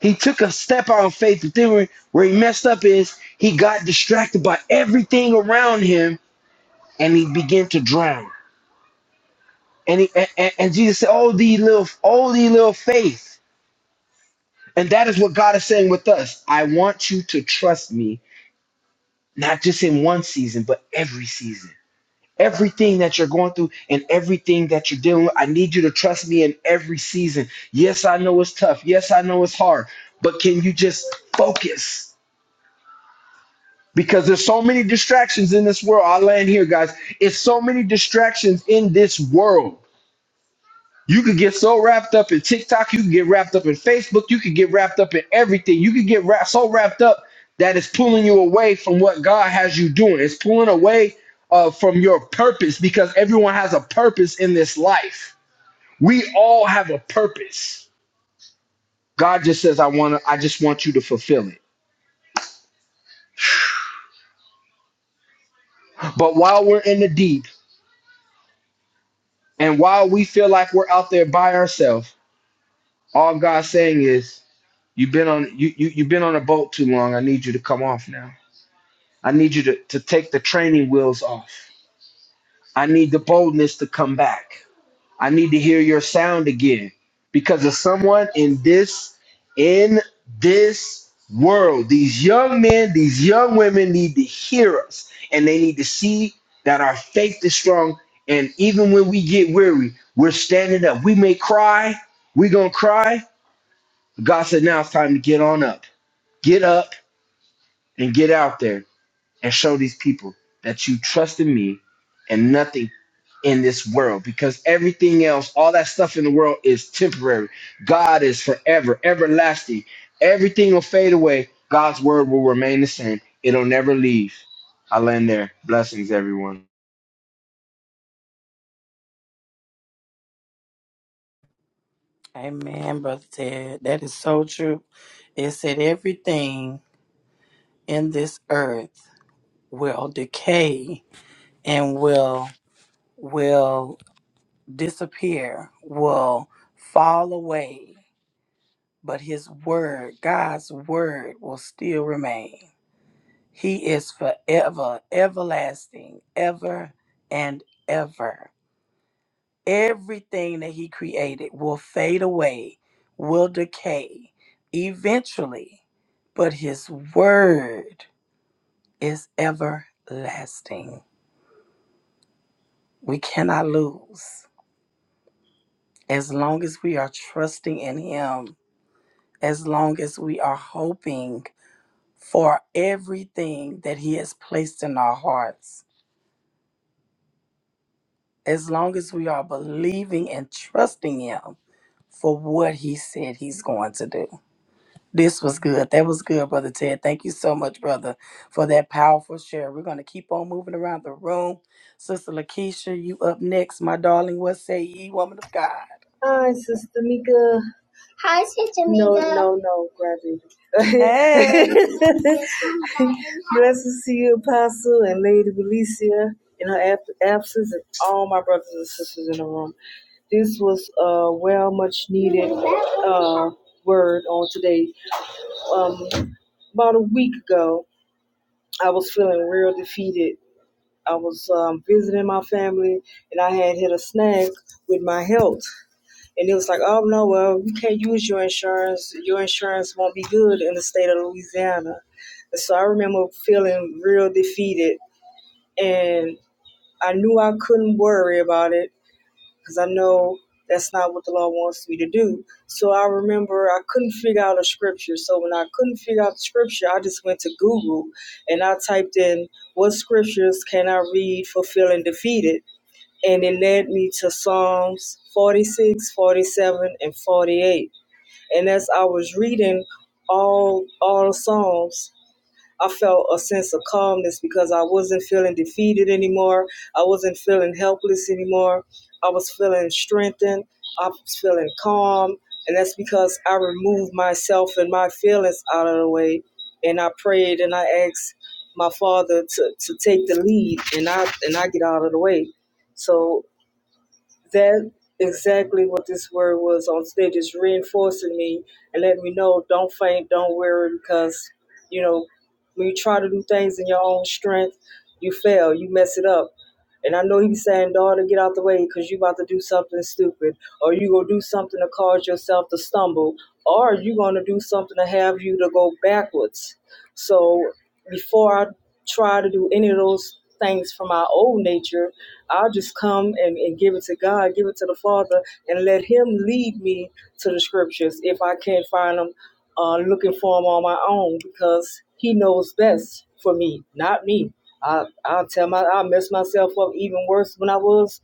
A: He took a step out of faith. The thing where, he messed up is he got distracted by everything around him and he began to drown. And he and- and Jesus said, Oh thee little oh thee little faith. And that is what God is saying with us. I want you to trust me, not just in one season, but every season. Everything that you're going through and everything that you're dealing with, I need you to trust me in every season. Yes, I know it's tough. Yes, I know it's hard. But can you just focus? because there's so many distractions in this world. I land here, guys. It's so many distractions in this world. You could get so wrapped up in TikTok, you could get wrapped up in Facebook, you could get wrapped up in everything. You could get wrapped, so wrapped up that it's pulling you away from what God has you doing. It's pulling away uh, from your purpose because everyone has a purpose in this life. We all have a purpose. God just says, "I want to. I just want you to fulfill it." But while we're in the deep, and while we feel like we're out there by ourselves All God's saying is, you've been on you, you you've been on a boat too long. I need you to come off now. I need you to, to take the training wheels off. I need the boldness to come back. I need to hear your sound again. Because of someone in this in this world, these young men, these young women need to hear us and they need to see that our faith is strong. And even when we get weary, we're standing up. We may cry, we're gonna cry, God said, now it's time to get on up. Get up and get out there and show these people that you trust in me and nothing in this world because everything else, all that stuff in the world is temporary. God is forever, everlasting. Everything will fade away. God's word will remain the same, it'll never leave. I land there. Blessings, everyone.
C: Amen, Brother Ted. That is so true. It said everything in this earth. will decay and will will disappear, will fall away, but his word, God's word will still remain. He is forever, everlasting, ever and ever. Everything that he created will fade away, will decay eventually, but his word is everlasting. We cannot lose. as long as we are trusting in Him, as long as we are hoping for everything that He has placed in our hearts, as long as we are believing and trusting Him for what He said He's going to do. This was good. That was good, Brother Ted. Thank you so much, brother, for that powerful share. We're going to keep on moving around the room. Sister Lakeisha, you up next, my darling. What say ye, woman of God?
D: Hi, Sister Mika. Hi, Sister No, Mika. no, no, graduated.
C: Hey.
D: [laughs] Blessings to see you, Apostle and Lady Felicia, in her ab- absence, and all my brothers and sisters in the room. This was a well much needed uh, word on today. Um, about a week ago, I was feeling real defeated. I was um, visiting my family, and I had hit a snag with my health. And it was like, oh no, well, you can't use your insurance. Your insurance won't be good in the state of Louisiana. And so I remember feeling real defeated. And I knew I couldn't worry about it because I know that's not what the law wants me to do. So I remember I couldn't figure out a scripture. So when I couldn't figure out the scripture, I just went to Google and I typed in, what scriptures can I read for feeling defeated? and it led me to Psalms 46, 47, and 48. And as I was reading all all Psalms, I felt a sense of calmness because I wasn't feeling defeated anymore. I wasn't feeling helpless anymore. I was feeling strengthened. I was feeling calm. And that's because I removed myself and my feelings out of the way. And I prayed and I asked my father to, to take the lead and I and I get out of the way. So that exactly what this word was on stage is reinforcing me and letting me know don't faint don't worry because you know when you try to do things in your own strength you fail you mess it up and i know he's saying daughter get out the way because you about to do something stupid or you gonna do something to cause yourself to stumble or you gonna do something to have you to go backwards so before I try to do any of those things from my old nature, I'll just come and, and give it to God, give it to the Father, and let Him lead me to the scriptures if I can't find them, uh, looking for them on my own because He knows best for me, not me. I, I'll tell my, I mess myself up even worse when I was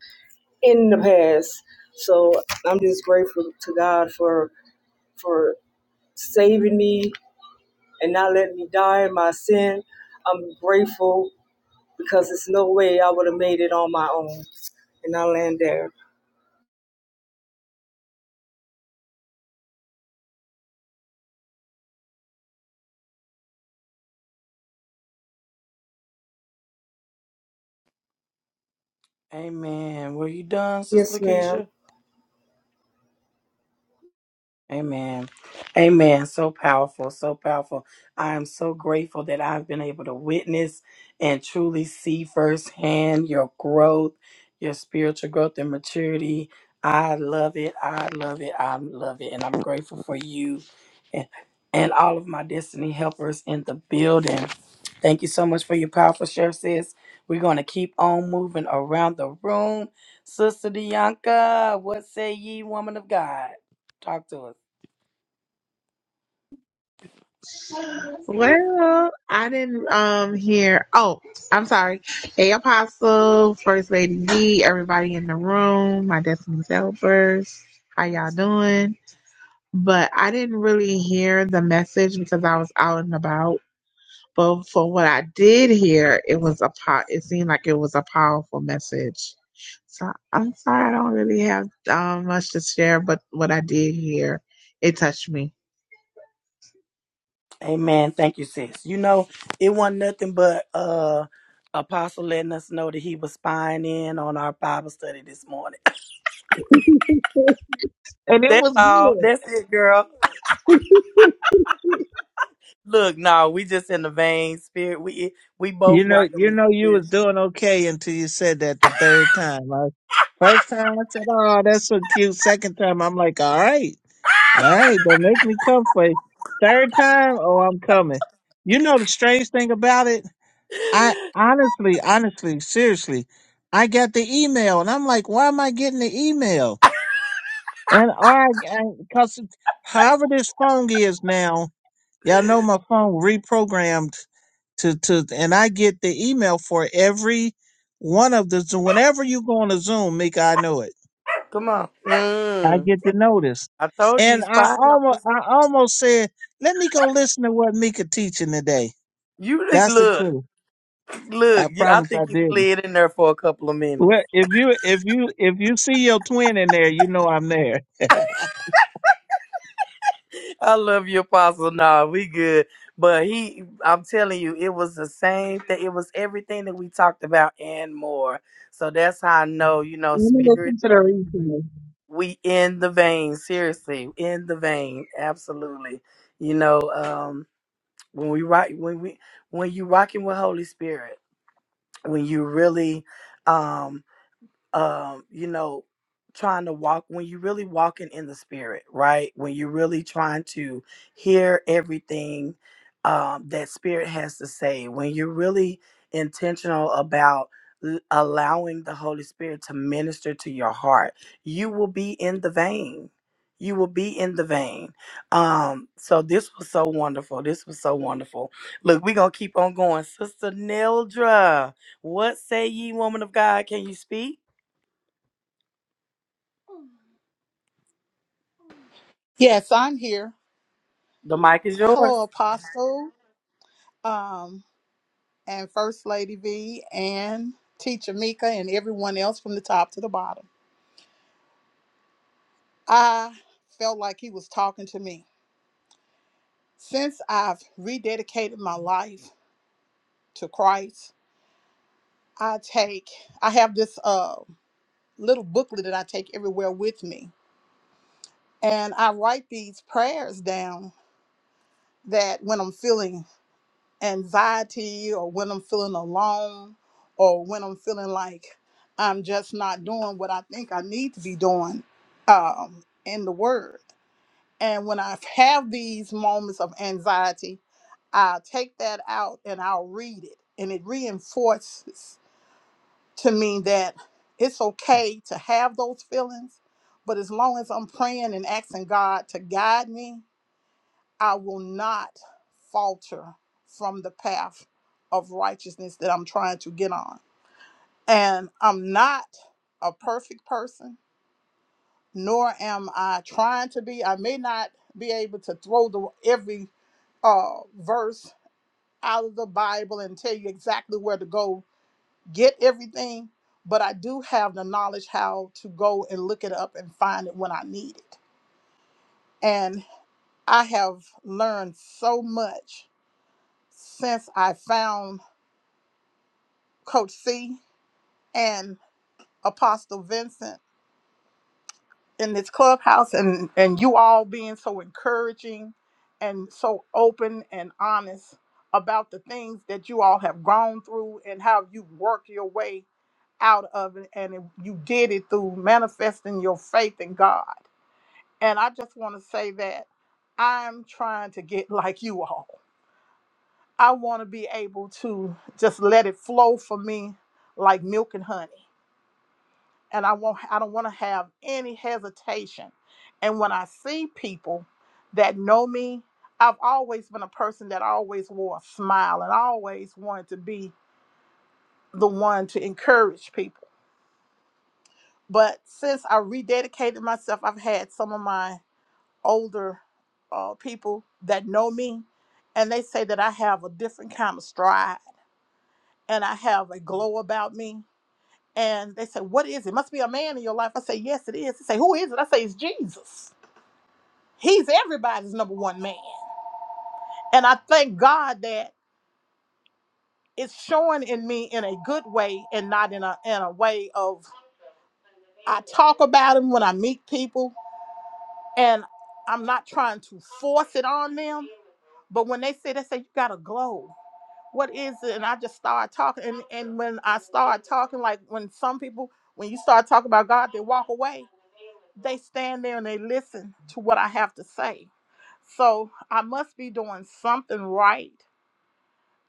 D: in the past. So I'm just grateful to God for, for saving me and not let me die in my sin. I'm grateful because there's no way I would have made it on my own. And I land there.
C: Amen. Were you done, Sister
D: Yes, ma'am.
C: Lakeisha? Amen. Amen. So powerful. So powerful. I am so grateful that I've been able to witness and truly see firsthand your growth, your spiritual growth and maturity. I love it. I love it. I love it. And I'm grateful for you and, and all of my destiny helpers in the building. Thank you so much for your powerful share, sis. We're going to keep on moving around the room. Sister Dianca, what say ye, woman of God? Talk to us.
E: Well, I didn't um hear. Oh, I'm sorry. Hey, Apostle, First Lady D, everybody in the room, my Destiny's Helpers. How y'all doing? But I didn't really hear the message because I was out and about. But for what I did hear, it was a po- It seemed like it was a powerful message. So I'm sorry I don't really have um, much to share, but what I did hear, it touched me,
C: Amen. Thank you, sis. You know, it wasn't nothing but uh apostle letting us know that he was spying in on our Bible study this morning.
E: and
C: [laughs]
E: it
C: That's
E: was
C: all.
E: good.
C: That's it, girl. Look, no, we just in the vein spirit. We we
B: You
C: both
B: know,
C: working
B: you
C: with
B: know, you was
C: spirit.
B: doing okay until you said that the third time. I, first time I said, "Oh, that's so cute." Second time, I'm like, "All right, all right, don't make me come for you." Third time, oh, I'm coming. You know the strange thing about it? I honestly, honestly, seriously, I got the email, and I'm like, "Why am I getting the email?" And all right, because however this phone is now. Y'all know my phone reprogrammed to to and I get the email for every one of the Zoom. Whenever you go on a Zoom, Mika, I know it.
C: [laughs] Come on.
B: I
C: Mm.
B: get the notice.
C: I told you
B: And
C: he's
B: I
C: spying on
B: almost
C: us.
B: I almost said, let me go listen to what Mika teaching today.
C: You look,
B: That's the
C: look.
B: truth. I
C: look, You, I
B: promise I
C: think you
B: didn't.
C: slid in there for a couple of minutes.
B: Well, if you if you if you see your twin in there, you know I'm there. [laughs]
C: [laughs] I love you, Apostle. Nah, we good. But he, I'm telling you, it was the same thing. It was everything that we talked about and more. So that's how I know, you know,
E: Let me
C: spirit,
E: listen to the replay.
C: we in the vein. Seriously, in the vein. Absolutely. You know, um, when we rock, when we, when you rocking with Holy Spirit, when you really, um, um, you know, trying to walk when you're really walking in the spirit, right? When you're really trying to hear everything um, that spirit has to say, when you're really intentional about l- allowing the Holy Spirit to minister to your heart, you will be in the vein. You will be in the vein. Um, so this was so wonderful. This was so wonderful. Look, we're gonna keep on going. Sister Nildra, what say ye, woman of God? Can you speak?
F: Yes, I'm here.
C: The mic is yours.
F: Hello, Apostle, um, and First Lady V, and Teacher Mika, and everyone else from the top to the bottom. I felt like he was talking to me. Since I've rededicated my life to Christ, I take, I have this uh, little booklet that I take everywhere with me, and I write these prayers down that when I'm feeling anxiety or when I'm feeling alone or when I'm feeling like I'm just not doing what I think I need to be doing um, in the Word. And when I have these moments of anxiety, i take that out and I'll read it. And it reinforces to me that it's okay to have those feelings, but as long as I'm praying and asking God to guide me I will not falter from the path of righteousness that I'm trying to get on. And I'm not a perfect person, nor am I trying to be. I may not be able to throw the every uh, verse out of the Bible and tell you exactly where to go get everything, but I do have the knowledge how to go and look it up and find it when I need it. And I have learned so much since I found Coach C and Apostle Vincent in this clubhouse and, and you all being so encouraging and so open and honest about the things that you all have gone through and how you worked your way out of it and it- you did it through manifesting your faith in God. And I just want to say that I'm trying to get [laughs] like you all. I want to be able to just let it flow for me like milk and honey and I won't I don't want to have any hesitation. And when I see people that know me, I've always been a person that always wore a smile and I always wanted to be the one to encourage people. But since I rededicated myself, I've had some of my older uh, people that know me, and they say that I have a different kind of stride and I have a glow about me. And they say, What is it? Must be a man in your life. I say, Yes, it is. They say, Who is it? I say, It's Jesus He's everybody's number one man. And I thank God that it's showing in me in a good way and not in a in a way of I talk about him when I meet people and I'm not trying to force it on them. But when they say they say you got a glow, what is it? And I just start talking and, and when I start talking, like when some people when you start talking about God, they walk away. They stand there and they listen to what I have to say. So I must be doing something right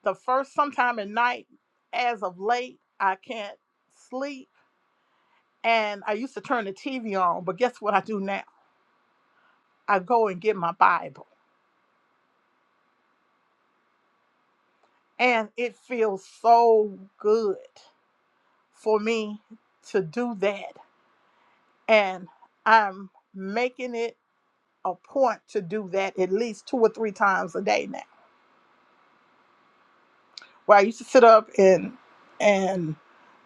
F: the first sometime at night as of late i can't sleep and i used to turn the tv on but guess what i do now i go and get my bible and it feels so good for me to do that and i'm making it a point to do that at least two or three times a day now where i used to sit up and and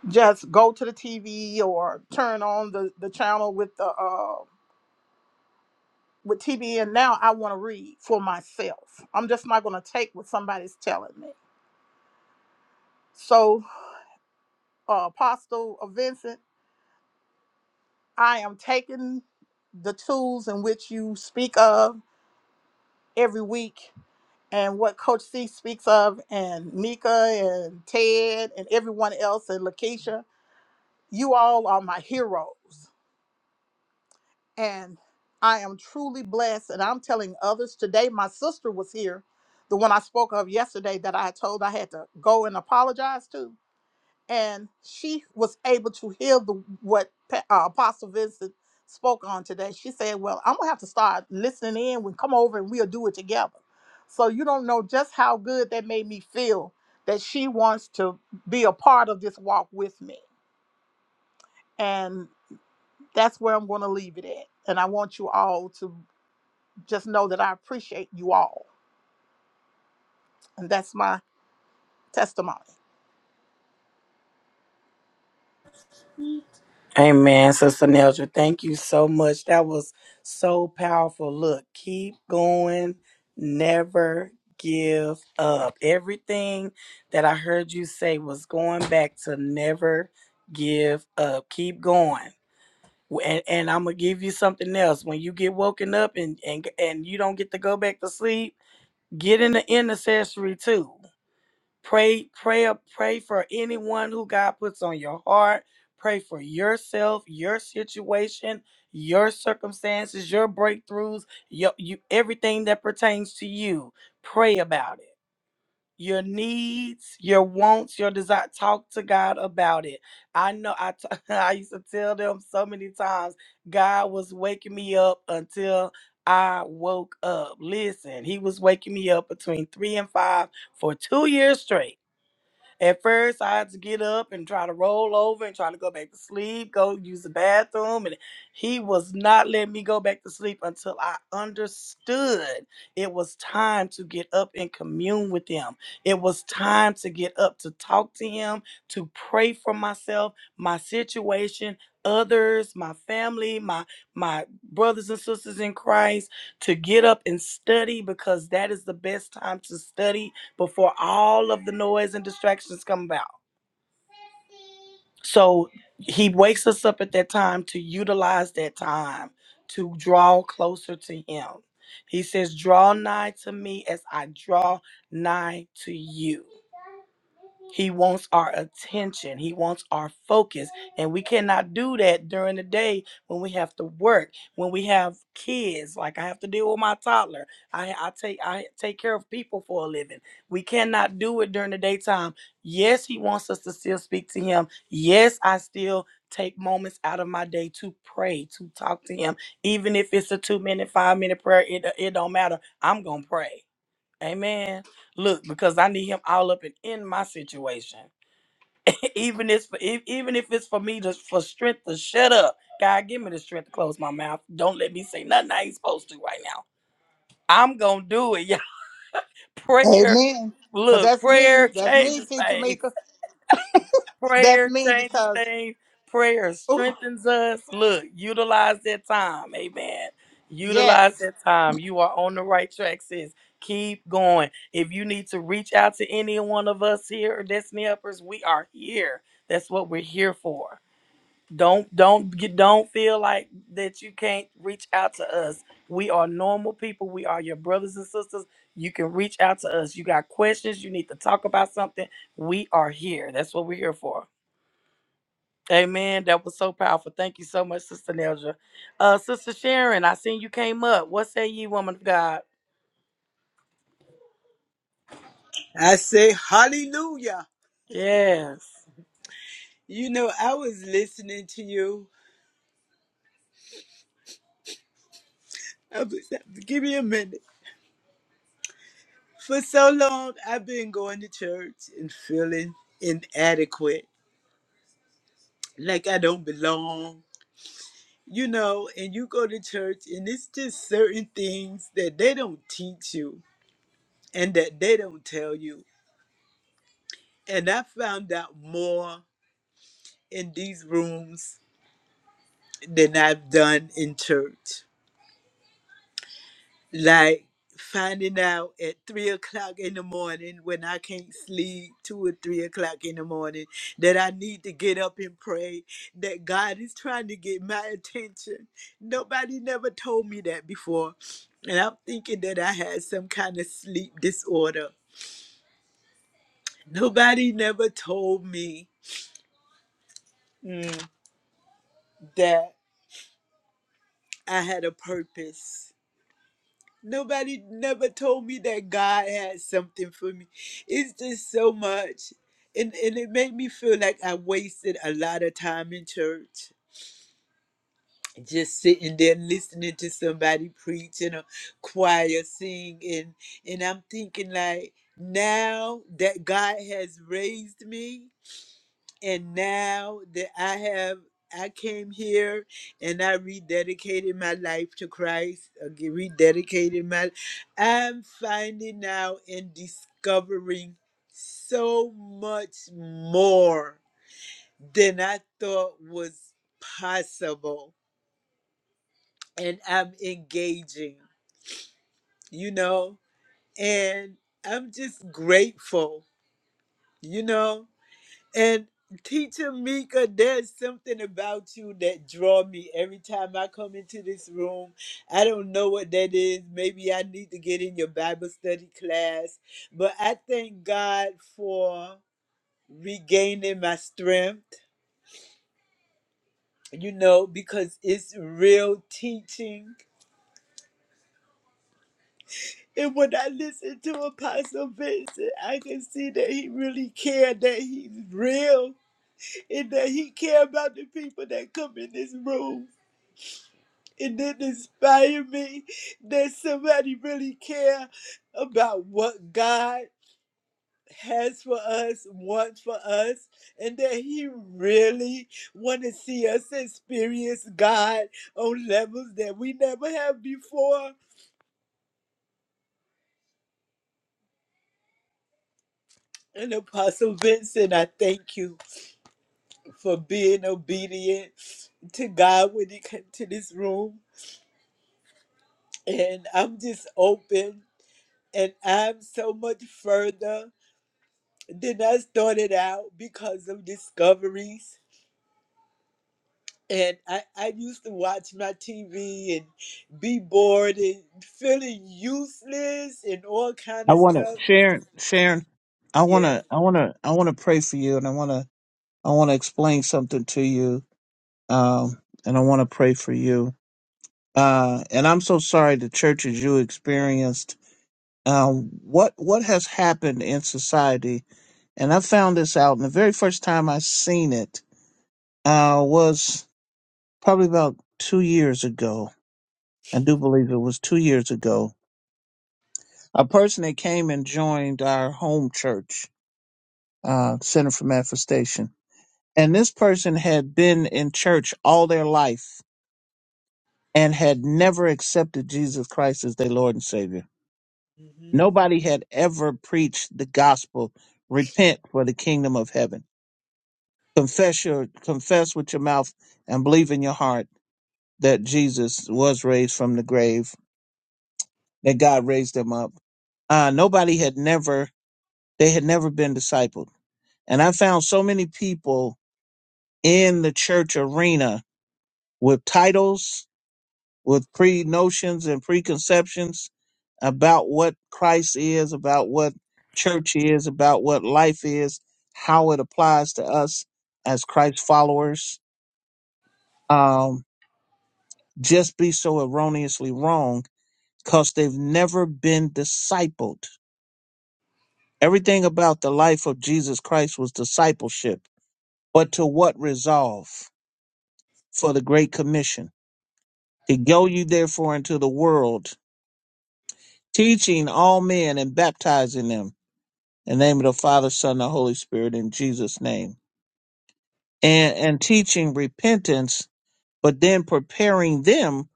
F: just go to the tv or turn on the the channel with the uh, with TBN now, I want to read for myself. I'm just not going to take what somebody's telling me. So, uh, Apostle uh, Vincent, I am taking the tools in which you speak of every week and what Coach C speaks of, and Mika and Ted and everyone else, and Lakeisha. You all are my heroes. and I am truly blessed. And I'm telling others today, my sister was here, the one I spoke of yesterday that I told I had to go and apologize to. And she was able to hear the what Pa- uh, Apostle Vincent spoke on today. She said, Well, I'm gonna have to start listening in when come over and we'll do it together. So you don't know just how good that made me feel that she wants to be a part of this walk with me. And that's where I'm going to leave it at. And I want you all to just know that I appreciate you all. And that's my testimony.
C: Amen, Sister Nelja. Thank you so much. That was so powerful. Look, keep going. Never give up. Everything that I heard you say was going back to never give up. Keep going. And, and I'm gonna give you something else. When you get woken up and, and and you don't get to go back to sleep, get in the intercessory too. pray pray pray for anyone who god puts on your heart pray for yourself your situation your circumstances your breakthroughs your, you everything that pertains to you pray about it your needs your wants your desire talk to god about it i know I t- [laughs] I used to tell them so many times god was waking me up until i woke up listen he was waking me up between three and five for two years straight at first, I had to get up and try to roll over and try to go back to sleep, go use the bathroom. And he was not letting me go back to sleep until I understood it was time to get up and commune with him. It was time to get up to talk to him, to pray for myself, my situation, others, my family, my my brothers and sisters in Christ, to get up and study because that is the best time to study before all of the noise and distractions come about. So he wakes us up at that time to utilize that time to draw closer to him. He says, Draw nigh to me as I draw nigh to you. He wants our attention. He wants our focus. And we cannot do that during the day when we have to work, when we have kids. Like I have to deal with my toddler. I, I take I take care of people for a living. We cannot do it during the daytime. Yes, he wants us to still speak to him. Yes, I still take moments out of my day to pray, to talk to him. Even if it's a two minute, five minute prayer, it, it don't matter. I'm gonna pray. Amen. Look, because I need him all up and in my situation. [laughs] even if if- even if it's for me to for strength to shut up. God, give me the strength to close my mouth. Don't let me say nothing I ain't supposed to right now. I'm gonna do it. [laughs] Yeah. Prayer.
F: Amen. Cause
C: Look,
F: that's
C: prayer [laughs]
F: me. That's me,
C: changes
F: Teacher
C: things.
F: Mika. That's
C: Prayer
F: me
C: changes
F: because
C: things. Prayer
F: ooh,
C: strengthens us. Look, utilize that time. Amen. Utilize
F: yes.
C: that time. You are on the right track, sis. Keep going. If you need to reach out to any one of us here or Destiny Helpers, we are here. That's what we're here for. Don't don't get don't feel like that you can't reach out to us. We are normal people. We are your brothers and sisters. You can reach out to us. You got questions, you need to talk about something. We are here. That's what we're here for. Amen. That was so powerful. Thank you so much, Sister Nelja. Uh, Sister Sharon, I seen you came up. What say ye, woman of God?
G: I say hallelujah.
C: Yes.
G: You know, I was listening to you. I was, give me a minute. For so long, I've been going to church and feeling inadequate, like I don't belong. You know, and you go to church, and it's just certain things that they don't teach you and that they don't tell you. And I found out more in these rooms than I've done in church. like finding out at three o'clock in the morning when I can't sleep, two or three o'clock in the morning, that I need to get up and pray, that God is trying to get my attention. Nobody never told me that before. And I'm thinking that I had some kind of sleep disorder. Nobody never told me mm, that I had a purpose Nobody never told me that God had something for me. It's just so much. And, and it made me feel like I wasted a lot of time in church, just sitting there listening to somebody preach and a choir sing. And, and I'm thinking, like, now that God has raised me, and now that I have I came here and I rededicated my life to Christ, again, rededicated my I'm finding out and discovering so much more than I thought was possible and I'm engaging, you know, and I'm just grateful, you know. And teacher Mika, there's something about you that draw me every time I come into this room. I don't know what that is. Maybe I need to get in your Bible study class. But I thank God for regaining my strength, you know, because it's real teaching. And when I listen to Apostle Vincent, I can see that he really cared, that he's real, and that he cared about the people that come in this room. It did inspire me that somebody really care about what God has for us, wants for us, and that He really want to see us experience God on levels that we never have before. And Apostle Vincent, I thank you for being obedient to God when He came to this room. And I'm just open and I'm so much further. Then I started out because of discoveries. And I, I used to watch my TV and be bored and feeling useless and all kind
B: I
G: of
B: wanna
G: stuff.
B: Sharon Sharon, I
G: Yes.
B: wanna I wanna I wanna pray for you and I wanna I wanna explain something to you um, and I want to pray for you. Uh, and I'm so sorry the churches you experienced. Um, what what has happened in society? And I found this out, and the very first time I seen it uh, was probably about two years ago. I do believe it was two years ago. A person that came and joined our home church, uh, Center for Manifestation, and this person had been in church all their life and had never accepted Jesus Christ as their Lord and Savior
G: hmm
B: Nobody had ever preached the gospel. Repent for the kingdom of heaven. Confess your confess with your mouth and believe in your heart that Jesus was raised from the grave, that God raised him up. Uh, nobody had never they had never been discipled. And I found so many people in the church arena with titles with pre notions and preconceptions about what Christ is, about what church is, about what life is, how it applies to us as Christ followers, um, just be so erroneously wrong because they've never been discipled. Everything about the life of Jesus Christ was discipleship, but to what resolve? For the Great Commission. To go you therefore into the world, teaching all men and baptizing them In the name of the Father, Son, and the Holy Spirit, in Jesus' name. And, and teaching repentance, but then preparing them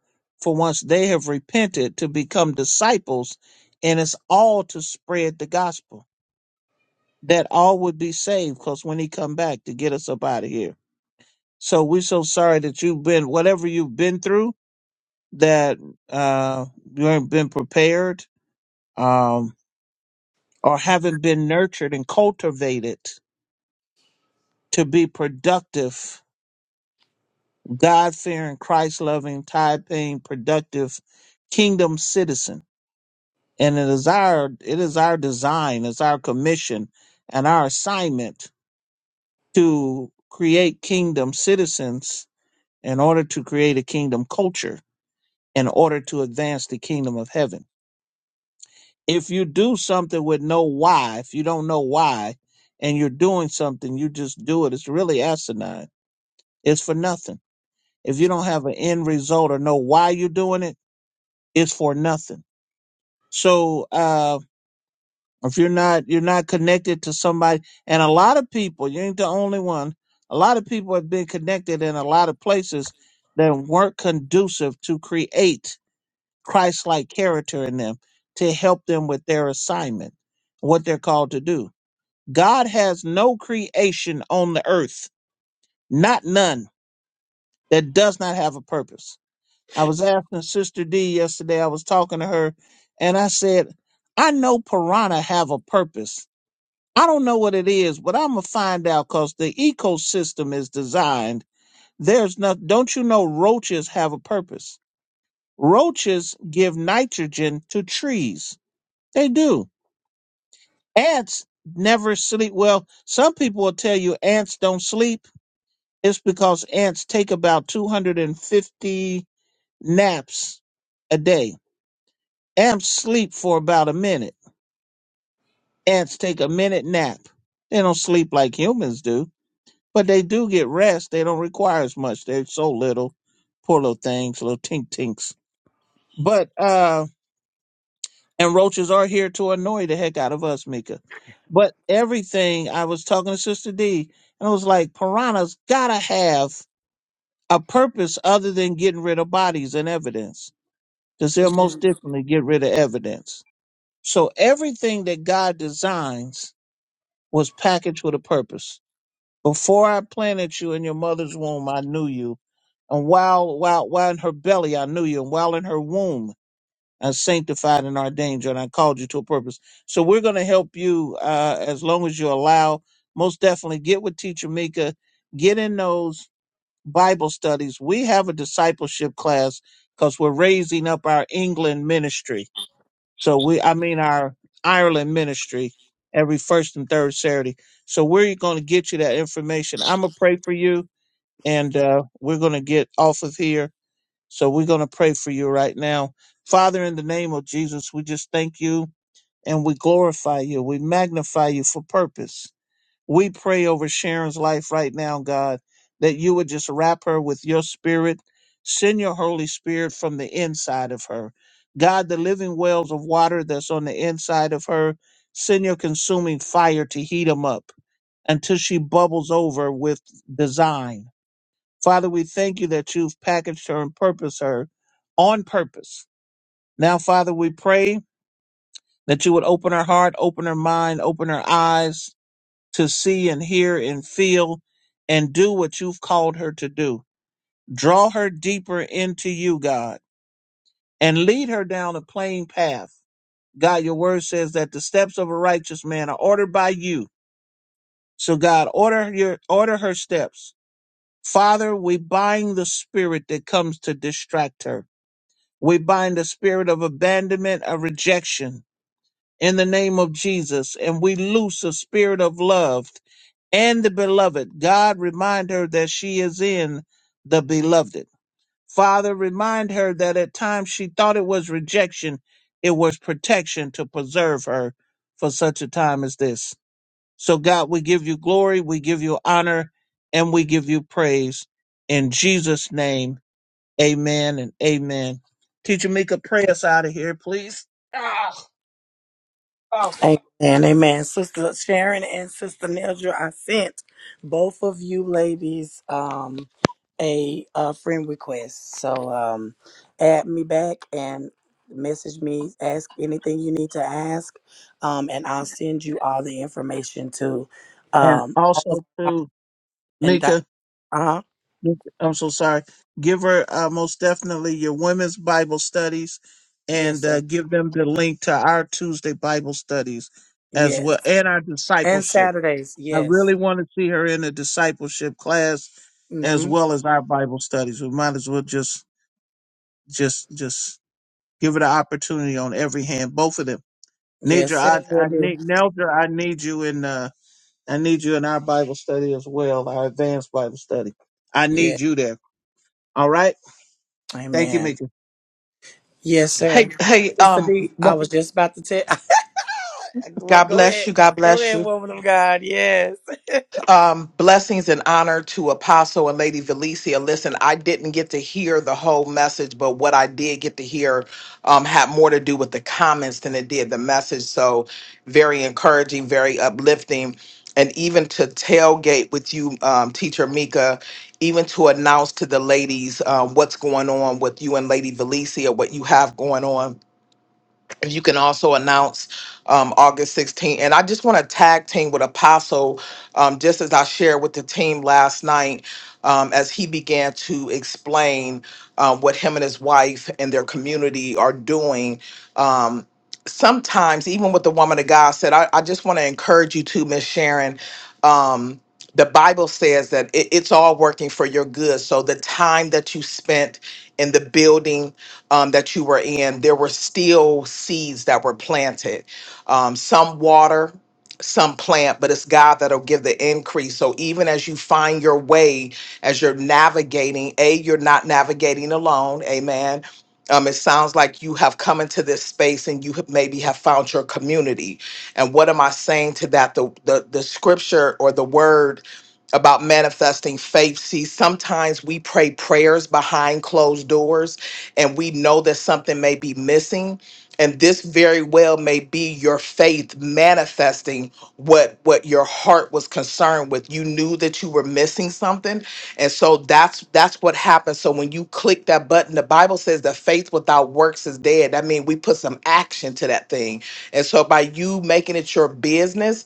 B: for once they have repented to become disciples. And it's all to spread the gospel that all would be saved because when he come back to get us up out of here. So we're so sorry that you've been, whatever you've been through, that uh, you haven't been prepared um, or haven't been nurtured and cultivated to be productive God fearing, Christ loving, tithe paying, productive kingdom citizen. And it is our it is our design, it's our commission and our assignment to create kingdom citizens in order to create a kingdom culture, in order to advance the kingdom of heaven. If you do something with no why, if you don't know why, and you're doing something, you just do it. It's really asinine. It's for nothing. If you don't have an end result or know why you're doing it, is for nothing. So uh, if you're not you're not connected to somebody, and a lot of people, you ain't the only one. A lot of people have been connected in a lot of places that weren't conducive to create Christ-like character in them to help them with their assignment, what they're called to do. God has no creation on the earth, not none, that does not have a purpose. I was asking Sister D yesterday, I was talking to her, and I said, I know piranha have a purpose. I don't know what it is, but I'm gonna find out because the ecosystem is designed. There's not don't you know roaches have a purpose? Roaches give nitrogen to trees. They do. Ants never sleep. Well, some people will tell you ants don't sleep. It's because ants take about 250 naps a day Ants sleep for about a minute. Ants take a minute nap. They don't sleep like humans do, but they do get rest. They don't require as much. They're so little. Poor little things, little tink tinks. But uh and roaches are here to annoy the heck out of us, Mika. But everything I was talking to Sister D and I was like, piranhas gotta have a purpose other than getting rid of bodies and evidence. Because they'll most definitely get rid of evidence. So everything that God designs was packaged with a purpose. Before I planted you in your mother's womb, I knew you. And while, while, while in her belly, I knew you. And while in her womb, I sanctified and ordained you, and I called you to a purpose. So we're going to help you uh, as long as you allow. Most definitely get with Teacher Mika, get in those Bible studies. We have a discipleship class because we're raising up our England ministry so we, I mean, our Ireland ministry every first and third Saturday. So we're going to get you that information. I'm gonna pray for you, and uh, we're going to get off of here. So we're going to pray for you right now, Father, in the name of Jesus. We just thank you and we glorify you. We magnify you for purpose. We pray over Sharon's life right now, God, that you would just wrap her with your spirit. Send your Holy Spirit from the inside of her. God, the living wells of water that's on the inside of her, send your consuming fire to heat them up until she bubbles over with design. Father, we thank you that you've packaged her and purposed her on purpose. Now, Father, we pray that you would open her heart, open her mind, open her eyes, to see and hear and feel and do what you've called her to do. Draw her deeper into you, God, and lead her down a plain path. God, your word says that the steps of a righteous man are ordered by you. So God, order your order her steps. Father, we bind the spirit that comes to distract her. We bind the spirit of abandonment, of rejection. in the name of Jesus. And we loose a spirit of love and the beloved. God, remind her that she is in the beloved. Father, remind her that at times she thought it was rejection, it was protection to preserve her for such a time as this. So, God, we give you glory, we give you honor, and we give you praise. In Jesus' name, amen and amen. Teacher Mika, pray us out of here, please.
C: Amen, amen. Sister Sharon and Sister Nedra, I sent both of you ladies um, a, uh friend request. So um, add me back and message me, ask anything you need to ask, um, and I'll send you all the information to
B: And
C: um, all of
B: also to
C: and
B: Mika.
C: uh huh.
B: I'm so sorry. Give her uh, most definitely your women's Bible studies and
C: Yes, sir.
B: uh, give them the link to our Tuesday Bible studies as
C: Yes.
B: well and our
C: And
B: discipleship.
C: Saturdays.
B: I
C: Yes.
B: really want to see her in the discipleship class as
C: Mm-hmm.
B: well as our Bible studies. We might as well just just just give it an opportunity on every hand, both of them.
C: Yes,
B: Nidra, I,
C: sir. Will
B: I
C: do.
B: need Nelda, I need you in uh I need you in our Bible study as well, our advanced Bible study. I
C: Yeah.
B: need you there. All right. Thank you,
C: Amen.
B: Mika.
C: Yes,
H: Hey,
C: sir.
H: hey,
C: Sister
H: um,
C: D, I was just about to tell. [laughs] well,
H: God
C: go
H: bless
C: ahead.
H: you. God
C: Go
H: bless
C: ahead,
H: you.
C: woman of God. Yes. [laughs]
H: Um, blessings and honor to Apostle and Lady Valencia. Listen, I didn't get to hear the whole message, but what I did get to hear um, had more to do with the comments than it did the message. So, very encouraging, very uplifting. And even to tailgate with you, um, Teacher Mika, even to announce to the ladies um, what's going on with you and Lady Valencia, what you have going on If you can also announce um, August 16th. And I just want to tag team with Apostle, um, just as I shared with the team last night, um, as he began to explain uh, what him and his wife and their community are doing. Um, sometimes, even with the woman of God said, I, I just want to encourage you to, Miss Sharon. Um, the Bible says that it- it's all working for your good. So the time that you spent in the building, um, that you were in, there were still seeds that were planted. Um, some water, some plant, but it's God that'll give the increase. So even as you find your way, as you're navigating, A, you're not navigating alone. Amen. Um, it sounds like you have come into this space and you have maybe have found your community. And what am I saying to that? The, the, the scripture or the word about manifesting faith. See, sometimes we pray prayers behind closed doors and we know that something may be missing and this very well may be your faith manifesting what what your heart was concerned with you knew that you were missing something and so that's that's what happened. so when you click that button the bible says that faith without works is dead that means we put some action to that thing and so by you making it your business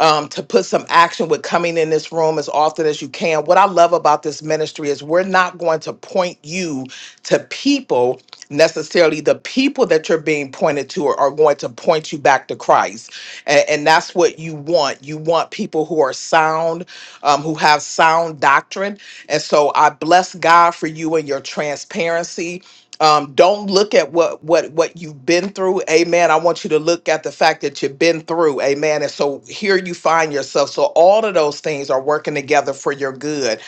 H: um, to put some action with coming in this room as often as you can. What I love about this ministry is we're not going to point you to people necessarily. The people that you're being pointed to are, are going to point you back to Christ. And, and that's what you want. You want people who are sound, um, who have sound doctrine. And so I bless God for you and your transparency um, don't look at what what what you've been through amen i want you to look at the fact that you've been through amen and so here you find yourself so all of those things are working together for your good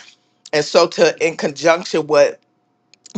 H: and so to in conjunction with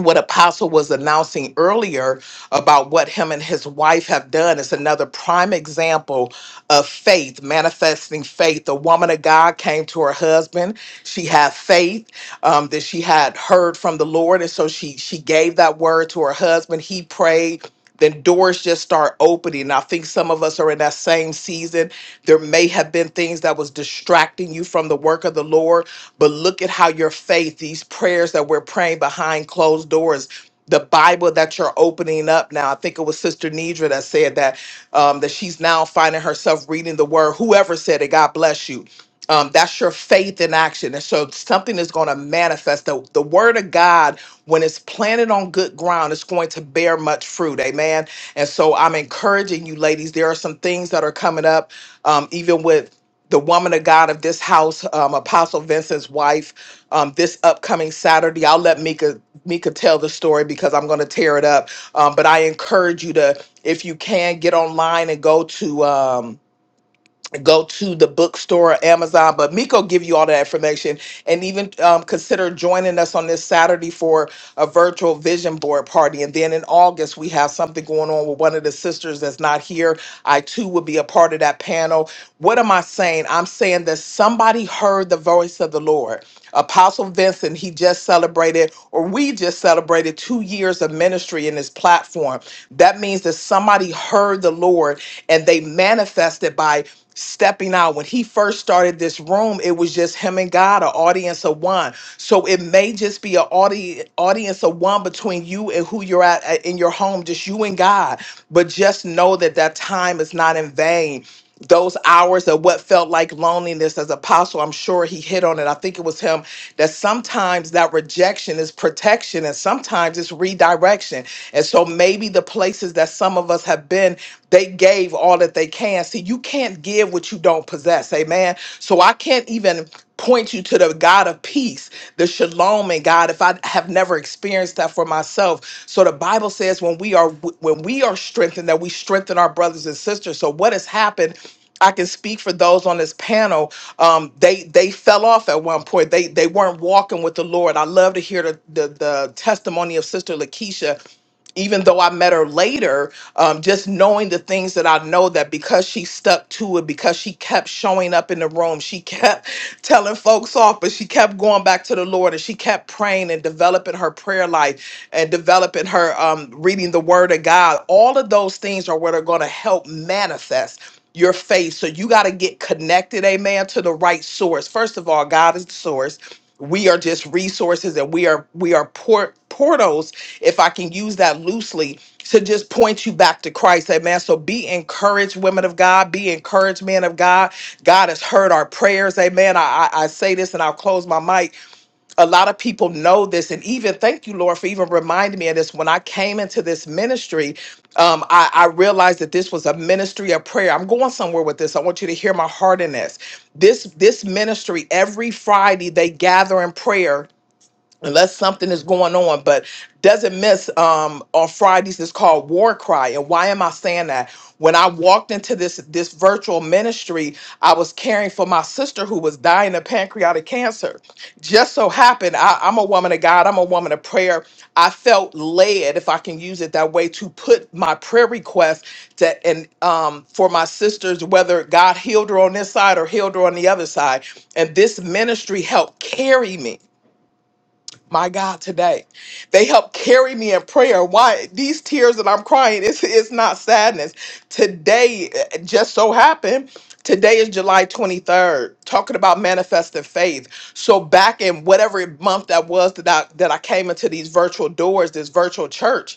H: what apostle was announcing earlier about what him and his wife have done is another prime example of faith manifesting faith the woman of god came to her husband she had faith um, that she had heard from the lord and so she she gave that word to her husband he prayed then doors just start opening. And I think some of us are in that same season. There may have been things that was distracting you from the work of the Lord, but look at how your faith, these prayers that we're praying behind closed doors, the Bible that you're opening up now. I think it was Sister Nidra that said that um, that she's now finding herself reading the Word. Whoever said it, God bless you. Um, that's your faith in action. And so something is going to manifest. The, the word of God when it's planted on good ground, it's going to bear much fruit. Amen. And so I'm encouraging you, ladies. There are some things that are coming up, um, even with the woman of God of this house, um, Apostle Vincent's wife, um, this upcoming Saturday. I'll let Mika Mika tell the story because I'm going to tear it up. Um, but I encourage you to, if you can, get online and go to. Um, go to the bookstore or Amazon. But Miko give you all that information and even um, consider joining us on this Saturday for a virtual vision board party. And then in August, we have something going on with one of the sisters that's not here. I too will be a part of that panel. What am I saying? I'm saying that somebody heard the voice of the Lord. Apostle Vincent, he just celebrated, or we just celebrated two years of ministry in this platform. That means that somebody heard the Lord and they manifested by stepping out. When he first started this room, it was just him and God, an audience of one. So it may just be an audi- audience of one between you and who you're at at- in your home, just you and God. But just know that that time is not in vain. Those hours of what felt like loneliness as apostle, I'm sure he hit on it. I think it was him that sometimes that rejection is protection and sometimes it's redirection. And so maybe the places that some of us have been, they gave all that they can. See, you can't give what you don't possess. Amen. So I can't even point you to the God of peace, the shalom and God if I have never experienced that for myself. So the Bible says when we are when we are strengthened that we strengthen our brothers and sisters. So what has happened I can speak for those on this panel. Um, they they fell off at one point. They they weren't walking with the Lord. I love to hear the the, the testimony of Sister Lakeisha even though I met her later, um, just knowing the things that I know that because she stuck to it, because she kept showing up in the room, she kept [laughs] telling folks off, but she kept going back to the Lord and she kept praying and developing her prayer life and developing her um, reading the Word of God. All of those things are what are going to help manifest your faith. So you got to get connected, amen, to the right source. First of all, God is the source we are just resources and we are we are port, portals if i can use that loosely to just point you back to christ amen so be encouraged women of god be encouraged men of god god has heard our prayers amen i i, I say this and i'll close my mic a lot of people know this and even thank you lord for even reminding me of this when i came into this ministry um, I, I realized that this was a ministry of prayer i'm going somewhere with this i want you to hear my heart in this this this ministry every friday they gather in prayer unless something is going on but doesn't miss um on fridays it's called war cry and why am i saying that when i walked into this this virtual ministry i was caring for my sister who was dying of pancreatic cancer just so happened I, i'm a woman of god i'm a woman of prayer i felt led if i can use it that way to put my prayer request to and um for my sisters whether god healed her on this side or healed her on the other side and this ministry helped carry me my God, today. They help carry me in prayer. Why these tears that I'm crying, it's, it's not sadness. Today eh, just so happened. Today is July 23rd, talking about manifesting faith. So back in whatever month that was that I that I came into these virtual doors, this virtual church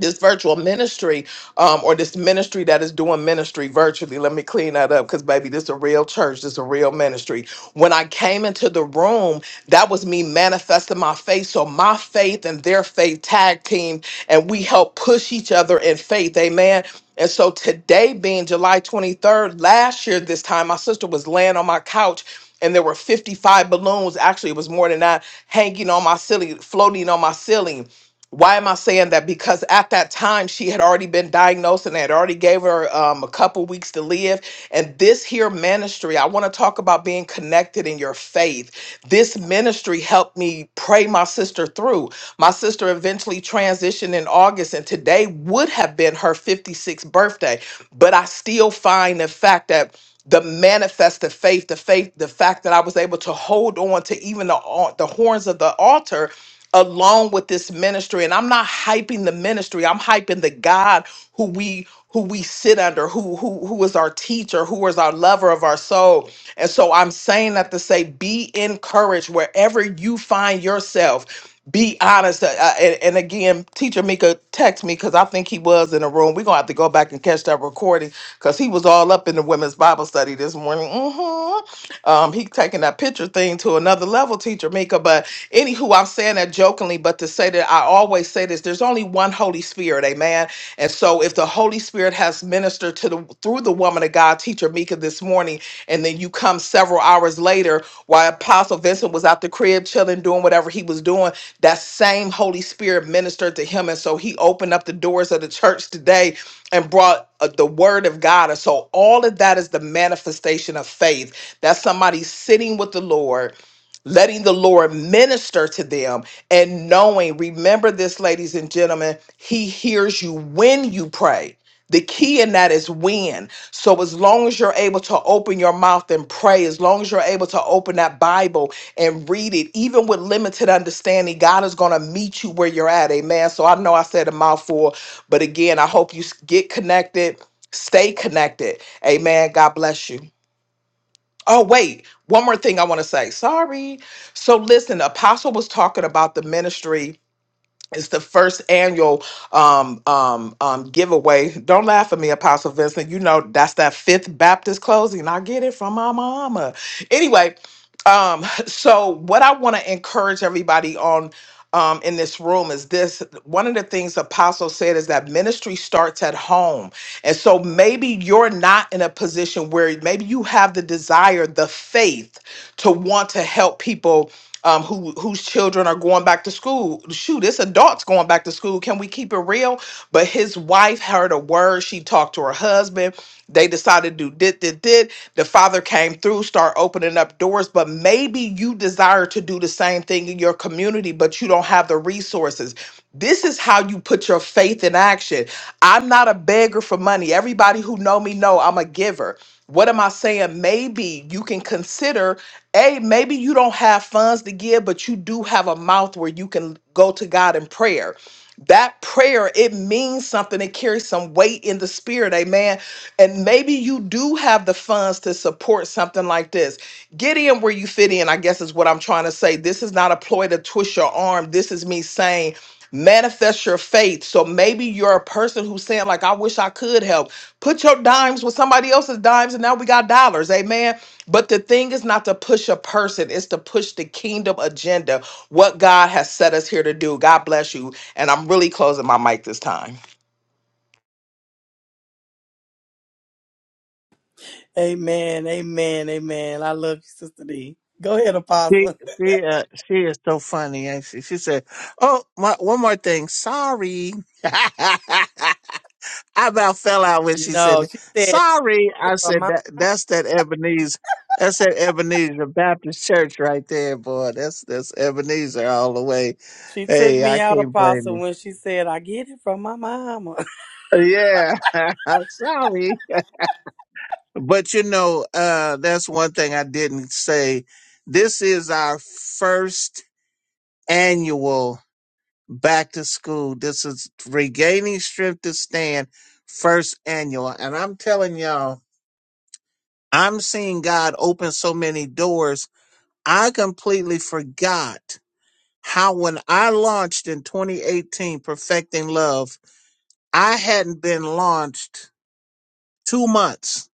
H: this virtual ministry um, or this ministry that is doing ministry virtually. Let me clean that up because, baby, this is a real church. This is a real ministry. When I came into the room, that was me manifesting my faith. So my faith and their faith tag team, and we help push each other in faith. Amen. And so today, being July 23rd, last year, this time, my sister was laying on my couch. And there were 55 balloons. Actually, it was more than that, hanging on my ceiling, floating on my ceiling why am I saying that? Because at that time she had already been diagnosed and they had already gave her um, a couple weeks to live. And this here ministry, I want to talk about being connected in your faith. This ministry helped me pray my sister through. My sister eventually transitioned in August, and today would have been her 56th birthday. But I still find the fact that the manifest of faith, the faith, the fact that I was able to hold on to even the, al- the horns of the altar along with this ministry and i'm not hyping the ministry i'm hyping the god who we who we sit under who who who is our teacher who is our lover of our soul and so i'm saying that to say be encouraged wherever you find yourself be honest uh, uh, and, and again teacher mika text me because i think he was in the room we're gonna have to go back and catch that recording because he was all up in the women's bible study this morning Mhm. Um, he taking that picture thing to another level, teacher Mika. But anywho, I'm saying that jokingly, but to say that I always say this: there's only one Holy Spirit, Amen. And so, if the Holy Spirit has ministered to the through the woman of God, teacher Mika, this morning, and then you come several hours later, while Apostle Vincent was out the crib chilling, doing whatever he was doing, that same Holy Spirit ministered to him, and so he opened up the doors of the church today and brought uh, the word of God. And so all of that is the manifestation of faith. That's somebody sitting with the Lord, letting the Lord minister to them and knowing, remember this, ladies and gentlemen, he hears you when you pray. The key in that is when. So, as long as you're able to open your mouth and pray, as long as you're able to open that Bible and read it, even with limited understanding, God is going to meet you where you're at. Amen. So, I know I said a mouthful, but again, I hope you s- get connected, stay connected. Amen. God bless you. Oh, wait, one more thing I want to say. Sorry. So, listen, Apostle was talking about the ministry it's the first annual um, um, um, giveaway. Don't laugh at me, Apostle Vincent. You know that's that Fifth Baptist closing. I get it from my mama. Anyway, um, [laughs] so what I want to encourage everybody on um, in this room is this. One of the things Apostle said is that ministry starts at home, and so maybe you're not in a position where maybe you have the desire, the faith to want to help people um, who whose children are going back to school. Shoot, it's adults going back to school. Can we keep it real? But his wife heard a word. She talked to her husband. They decided to do did did did. The father came through, start opening up doors. But maybe you desire to do the same thing in your community, but you don't have the resources. This is how you put your faith in action. I'm not a beggar for money. Everybody who know me know I'm a giver. What am I saying? Maybe you can consider a, maybe you don't have funds to give, but you do have a mouth where you can go to God in prayer. That prayer, it means something. It carries some weight in the spirit. Amen. And maybe you do have the funds to support something like this. Get in where you fit in, I guess is what I'm trying to say. This is not a ploy to twist your arm. This is me saying, manifest your faith. So maybe you're a person who's saying, like, I wish I could help. Put your dimes with somebody else's dimes, and now we got dollars. Amen but the thing is not to push a person, it's to push the kingdom agenda, what God has set us here to do. God bless you. And I'm really closing my mic this time.
C: Amen. Amen. Amen. I love you, Sister D. Go ahead,
B: She
C: Apostle. [laughs]
B: she uh, she is so funny, ain't she? She said, "Oh, my, one more thing. Sorry, [laughs] I about fell out when she said
C: No,
B: that.
C: she said
B: sorry."
C: it
B: I
C: from
B: said
C: my.
B: that that's that Ebenezer. That's that Ebenezer Baptist Church right there, boy. That's that's Ebenezer all the way.
C: She took
B: Hey, I
C: me out,
B: can't blame
C: Apostle,
B: him.
C: when she said, "I get it from my mama."
B: Yeah, [laughs] sorry. But you know, uh, that's one thing I didn't say. This is our first annual back to school. This is regaining strength to stand first annual. And I'm telling y'all, I'm seeing God open so many doors. I completely forgot how when I launched in 2018, Perfecting Love, I hadn't been launched two months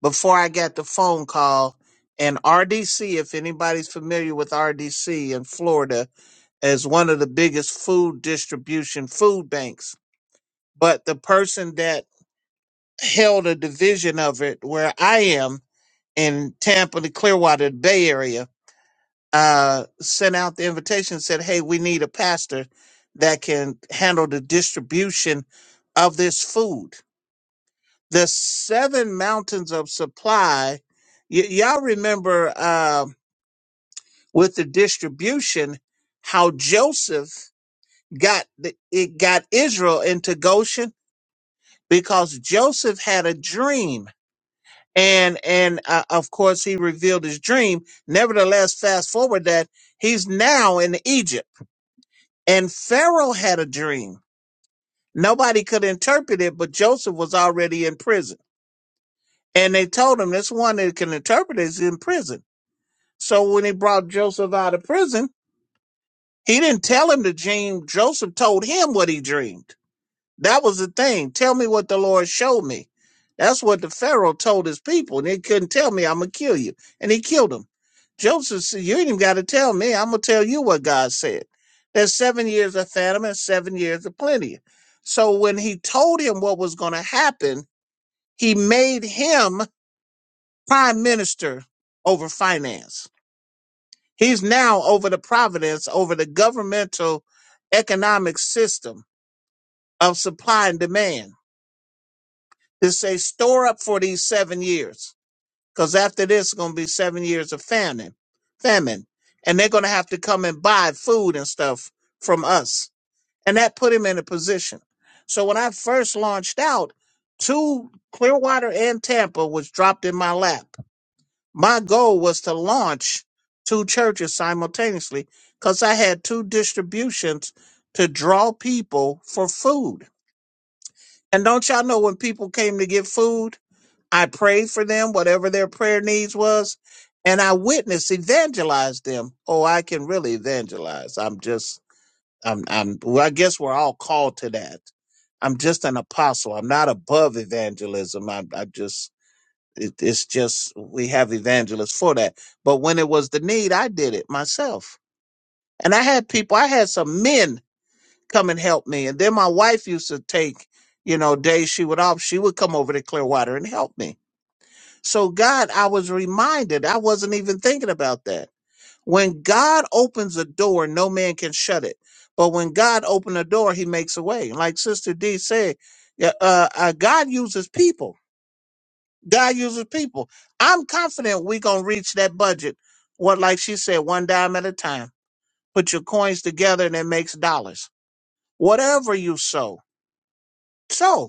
B: before I got the phone call. And RDC, if anybody's familiar with RDC in Florida, is one of the biggest food distribution food banks but the person that held a division of it where I am in Tampa, the Clearwater Bay Area, uh, sent out the invitation, said, Hey, we need a pastor that can handle the distribution of this food. The seven mountains of supply, y- y'all remember uh, with the distribution, how Joseph got the, it got Israel into Goshen because Joseph had a dream and and uh, of course he revealed his dream nevertheless fast forward that he's now in egypt and pharaoh had a dream nobody could interpret it but joseph was already in prison and they told him this one that can interpret it is in prison so when he brought joseph out of prison he didn't tell him the dream joseph told him what he dreamed That was the thing. Tell me what the Lord showed me. That's what the Pharaoh told his people, and they couldn't tell me I'm gonna kill you, and he killed them. Joseph said, "You ain't even got to tell me. I'm gonna tell you what God said. There's seven years of famine, and seven years of plenty." So when he told him what was gonna happen, he made him prime minister over finance. He's now over the providence, over the governmental economic system of supply and demand It say store up for these seven years, because after this it's gonna be seven years of famine, famine, and they're gonna have to come and buy food and stuff from us, and that put him in a position. So when I first launched out, two Clearwater and Tampa was dropped in my lap. My goal was to launch two churches simultaneously, because I had two distributions to draw people for food. And don't y'all know when people came to get food? I prayed for them, whatever their prayer needs was, and I witnessed, evangelized them. Oh, I can really evangelize. I'm just, I'm, I'm, well, I guess we're all called to that. I'm just an apostle. I'm not above evangelism. I, I just, it, it's just, we have evangelists for that. But when it was the need, I did it myself. And I had people, I had some men come and help me. And then my wife used to take, you know, days she would off, she would come over to Clearwater and help me so, God, I was reminded, I wasn't even thinking about that. When God opens a door, no man can shut it. But when God opens a door, he makes a way. Like Sister D said, yeah, uh, uh, God uses people. God uses people. I'm confident we're going to reach that budget. What, like she said, one dime at a time. Put your coins together and it makes dollars. Whatever you sow, sow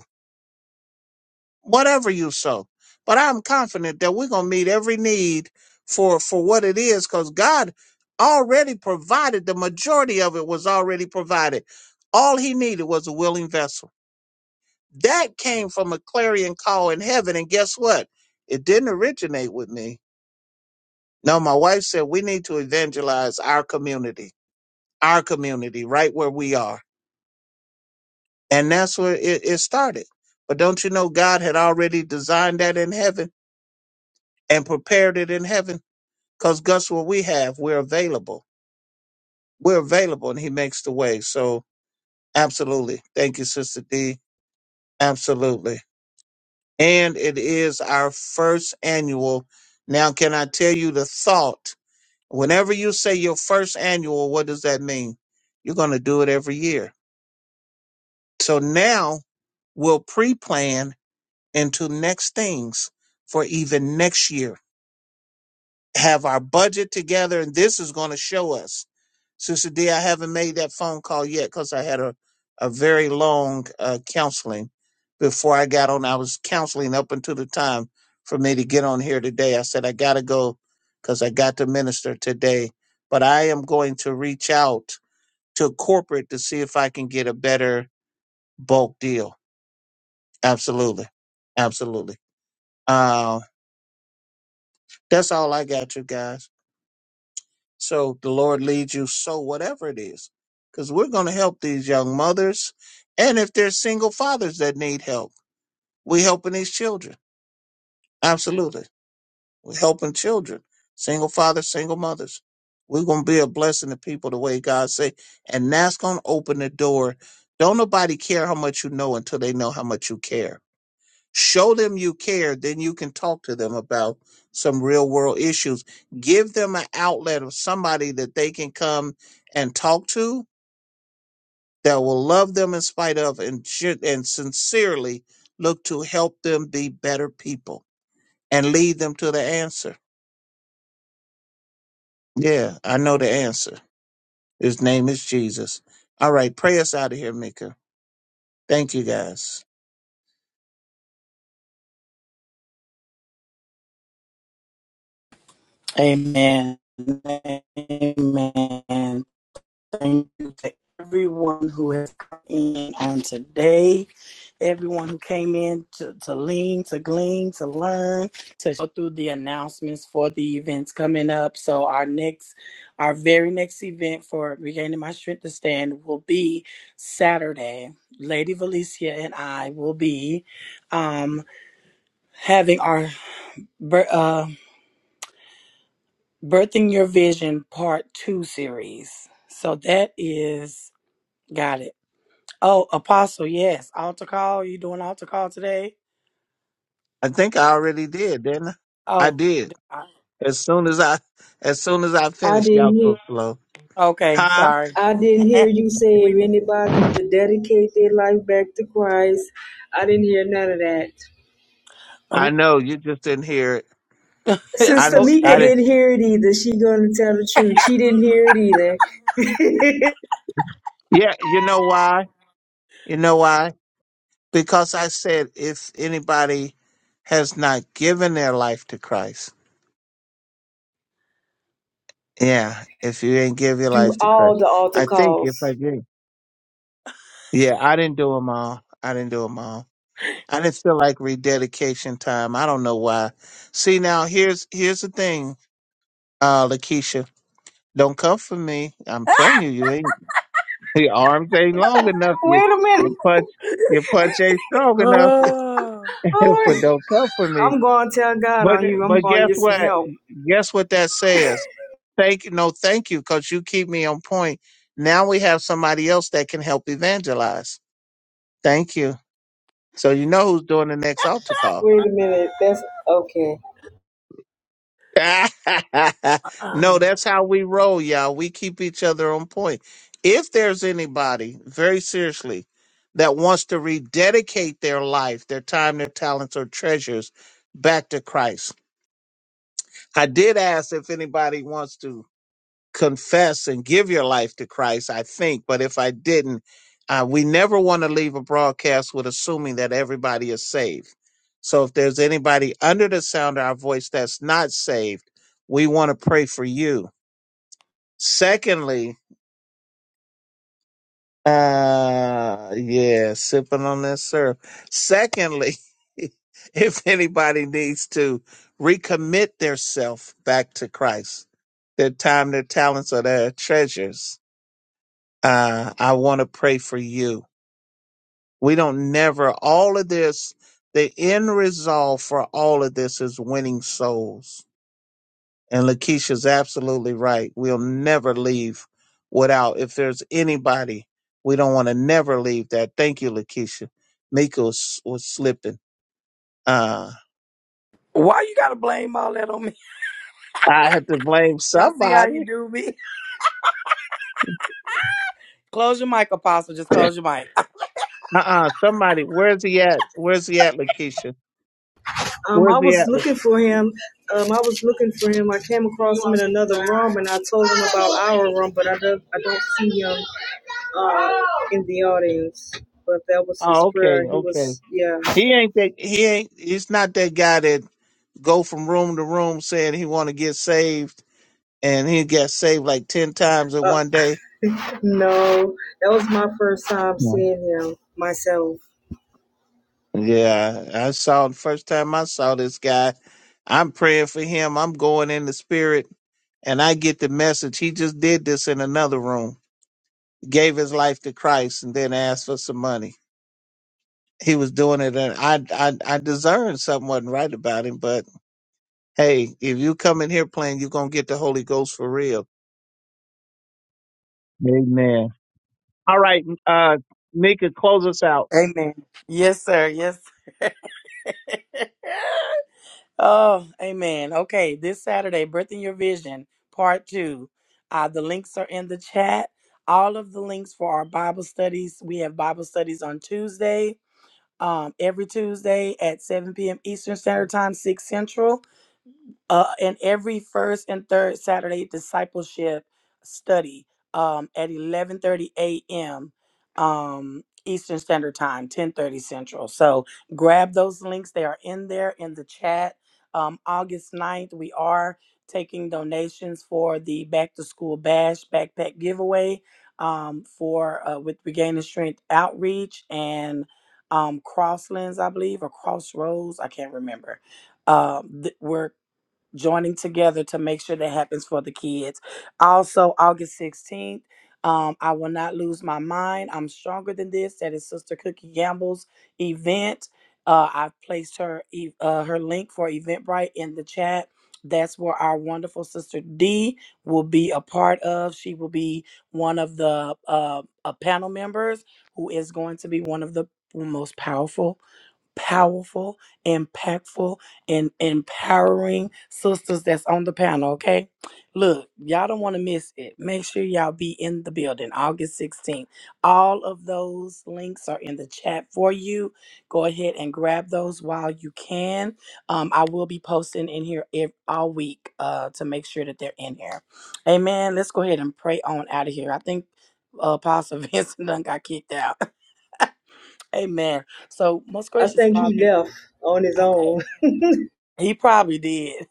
B: whatever you sow. But I'm confident that we're gonna meet every need for for what it is, because God already provided the majority of it was already provided. All he needed was a willing vessel. That came from a clarion call in heaven, and guess what? It didn't originate with me. No, my wife said we need to evangelize our community, our community, right where we are. And that's where it, it started. But don't you know God had already designed that in heaven and prepared it in heaven? Because guess what we have? We're available. We're available and he makes the way. So absolutely. Thank you, Sister D. Absolutely. And it is our first annual. Now, can I tell you the thought? Whenever you say your first annual, what does that mean? You're going to do it every year. So now we'll pre plan into next things for even next year have our budget together, and this is going to show us. Sister D, I haven't made that phone call yet because I had a, a very long uh, counseling before I got on. I was counseling up until the time for me to get on here today. I said, I got to go because I got to minister today, but I am going to reach out to corporate to see if I can get a better bulk deal. Absolutely. Absolutely. Uh, that's all I got, you guys. So the Lord leads you, so whatever it is, because we're going to help these young mothers. And if there's single fathers that need help, we're helping these children. Absolutely. We're helping children, single fathers, single mothers. We're going to be a blessing to people the way God say. And that's going to open the door. Don't nobody care how much you know until they know how much you care Show them you care, then you can talk to them about some real world issues. Give them an outlet of somebody that they can come and talk to that will love them in spite of and should and sincerely look to help them be better people and lead them to the answer. Yeah, I know the answer. His name is Jesus. All right, pray us out of here, Mika. Thank you guys.
C: [laughs] Amen. Amen. Thank you to everyone who has come in on today, everyone who came in to, to lean, to glean, to learn, to go through the announcements for the events coming up. So our next, our very next event for Regaining My Strength to Stand will be Saturday. Lady Valencia and I will be um, having our bir- uh, Birthing Your Vision Part 2 series. So that is, got it Oh, Apostle, yes. Altar call. You doing altar call today?
B: I think
C: Or-
B: I already did, didn't I? I
C: Oh,
B: did.
C: d- I-
B: As soon as I as soon as I
D: I
B: finished,
D: didn't
B: y'all
D: hear.
B: so slow.
C: okay.
B: Huh?
C: Sorry.
D: I didn't hear
C: [laughs]
D: you say if
C: we didn't.
D: anybody to dedicate their life back to Christ. I didn't hear none of that.
B: I
C: Oh,
B: know you just didn't hear it.
C: [laughs]
B: I
C: it's
D: Sister
B: didn't.
D: Mika
B: I
C: okay.
B: didn't.
D: didn't hear it either. She gonna tell the truth. She didn't hear it either.
B: Yeah, you know why? You know why? Because I said if anybody has not given their life to Christ, yeah. If you ain't give
D: [laughs]
B: your
D: Do
B: life to Christ,
D: all the altar
B: I think
D: calls.
B: if I did, yeah, I didn't do them all. I didn't do them all.
C: [sighs]
B: I didn't feel like rededication time. I don't know why. See now, here's here's the thing, uh, Lakeisha. Don't come for me. I'm telling you, you ain't. Your arms ain't long enough. Your
D: Wait a
B: your
D: minute. [laughs]
B: punch your punch ain't strong enough.
C: Oh.
B: [laughs] but
D: Oh,
B: don't come for me.
D: I'm gonna tell God
B: But
D: on you. I'm
B: but
D: gonna
B: guess
D: get some
B: what?
D: help.
B: Guess what that says? Thank no thank you, because you keep me on point. Now we have somebody else that can help evangelize. Thank you. So you know who's doing the next altar call.
D: Wait a minute. That's okay.
B: [laughs] no,
C: Uh,
B: that's how we roll, y'all. We keep each other on point. If there's anybody, very seriously, that wants to rededicate their life, their time, their talents, or treasures back to Christ, I did ask if anybody wants to confess and give your life to Christ, I think. But if I didn't, uh, we never want to leave a broadcast with assuming that everybody is saved. So if there's anybody under the sound of our voice that's not saved, we want to pray for you. Secondly, uh, yeah, sipping on that syrup. Secondly, [laughs] if anybody needs to recommit their self back to Christ, their time, their talents, or their treasures, uh, I want to pray for you. We don't never, all of this, the end result for all of this is winning souls. And Lakeisha's absolutely right. We'll never leave without, if there's anybody, we don't want to never leave that. Thank you, Lakeisha. Mika was, was slipping. Uh,
C: Why you gotta blame all that on me?
B: I had to blame
C: [laughs] Y'all see how you
B: somebody.
C: do me? [laughs] Close your mic, Apostle. Just close your mic.
B: Uh-uh, somebody. Where's he at? Where's he at, Lakeisha?
D: Um,
B: Where's
D: I
B: he
D: was
B: at?
D: looking
B: Lake-
D: for him. Um, I was looking for him. I came across him in another room, and I told him about our room, but I don't, I don't see him uh, in the audience. But that was his
B: Oh, okay,
D: prayer. He
B: okay.
D: was, yeah.
B: He ain't that. He ain't. He's not that guy that go from room to room saying he want to get saved, and he got saved like ten times in
D: Uh,
B: one day.
D: no, that was my first time
B: Yeah,
D: seeing him myself.
B: Yeah, I saw the first time I saw this guy. I'm praying for him. I'm going in the spirit, and I get the message. He just did this in another room. Gave his life to Christ, and then asked for some money. He was doing it, and I, I, I discerned something wasn't right about him. But hey, if you come in here playing, you're gonna get the Holy Ghost for real. Amen. All right, uh, Nika, close us out.
C: [laughs] Amen. Yes, sir. Yes. [laughs] Oh, amen. Okay, this Saturday, Birth in Your Vision, part two. Uh, the links are in the chat. All of the links for our Bible studies. We have Bible studies on Tuesday, um, every Tuesday at 7 p.m. Eastern Standard Time, 6 Central uh, and every first and third Saturday discipleship study um, at 11:30 a.m. Um, Eastern Standard Time, 10:30 Central. So grab those links; they are in there in the chat. Um, August ninth, we are taking donations for the Back to School Bash backpack giveaway um, for uh, with Regaining Strength Outreach and um, Crosslands, I believe, or Crossroads. I can't remember Um, th- We're joining together to make sure that happens for the kids. Also, August 16th, um, I will not lose my mind. I'm stronger than this. That is Sister Cookie Gamble's event. Uh, I've placed her e- uh, her link for Eventbrite in the chat. That's where our wonderful sister D will be a part of. She will be one of the uh, uh, panel members who is going to be one of the most powerful powerful, impactful, and empowering sisters that's on the panel, okay? Look, y'all don't want to miss it. Make sure y'all be in the building August 16th. All of those links are in the chat for you. Go ahead and grab those while you can. Um, I will be posting in here ev- all week uh, to make sure that they're in here. Amen. Let's go ahead and pray on out of here. I think uh, Apostle [laughs] Vincent done got kicked out. [laughs] Amen. So, most
D: I
C: gracious
D: think
C: Father.
D: he left on his
C: Okay.
D: own.
C: He probably did.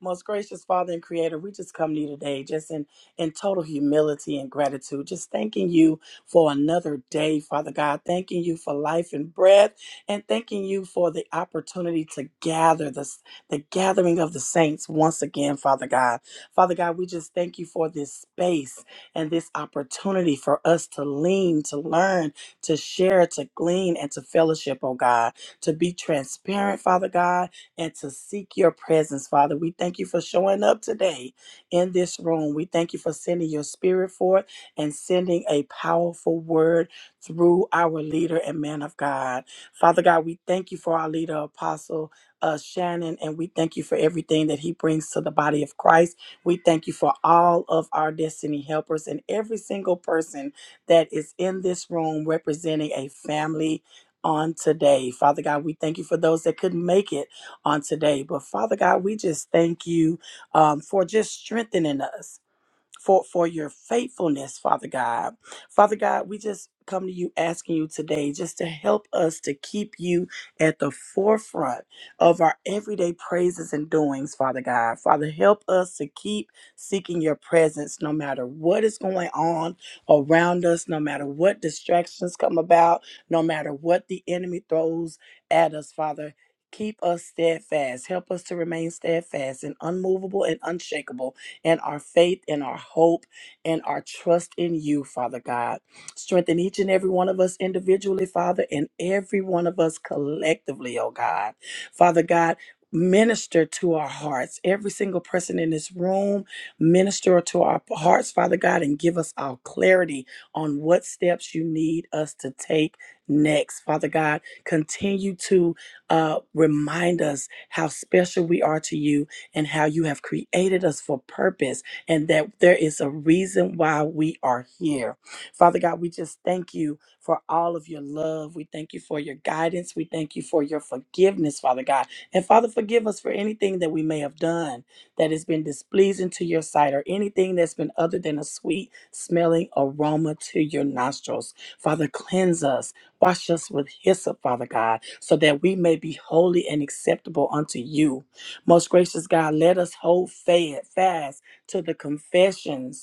C: Most gracious Father and Creator, we just come to you today just in, in total humility and gratitude, just thanking you for another day, Father God, thanking you for life and breath, and thanking you for the opportunity to gather this, the gathering of the saints once again, Father God. Father God, we just thank you for this space and this opportunity for us to lean, to learn, to share, to glean, and to fellowship, oh God, to be transparent, Father God and to seek your presence, Father. We thank you for showing up today in this room. We thank you for sending your spirit forth and sending a powerful word through our leader and man of God. Father God, we thank you for our leader, Apostle. Uh, Shannon, and we thank you for everything that he brings to the body of Christ. We thank you for all of our destiny helpers and every single person that is in this room representing a family on today. Father God, we thank you for those that couldn't make it on today. But Father God, we just thank you um, for just strengthening us for for your faithfulness, Father God. Father God, we just come to you asking you today just to help us to keep you at the forefront of our everyday praises and doings, Father God. Father, help us to keep seeking your presence no matter what is going on around us, no matter what distractions come about, no matter what the enemy throws at us, Father. Keep us steadfast. Help us to remain steadfast and unmovable and unshakable and our faith and our hope and our trust in you, Father God. Strengthen each and every one of us individually, Father, and every one of us collectively, oh God. Father God, Minister to our hearts. Every single person in this room, minister to our hearts, Father God, and give us our clarity on what steps you need us to take next. Father God, continue to uh, remind us how special we are to you and how you have created us for purpose and that there is a reason why we are here. Father God, we just thank you for all of your love. We thank you for your guidance. We thank you for your forgiveness, Father God. And Father, forgive us for anything that we may have done that has been displeasing to your sight or anything that's been other than a sweet smelling aroma to your nostrils. Father, cleanse us. Wash us with hyssop, Father God, so that we may be holy and acceptable unto you. Most gracious God, let us hold fa- fast to the confessions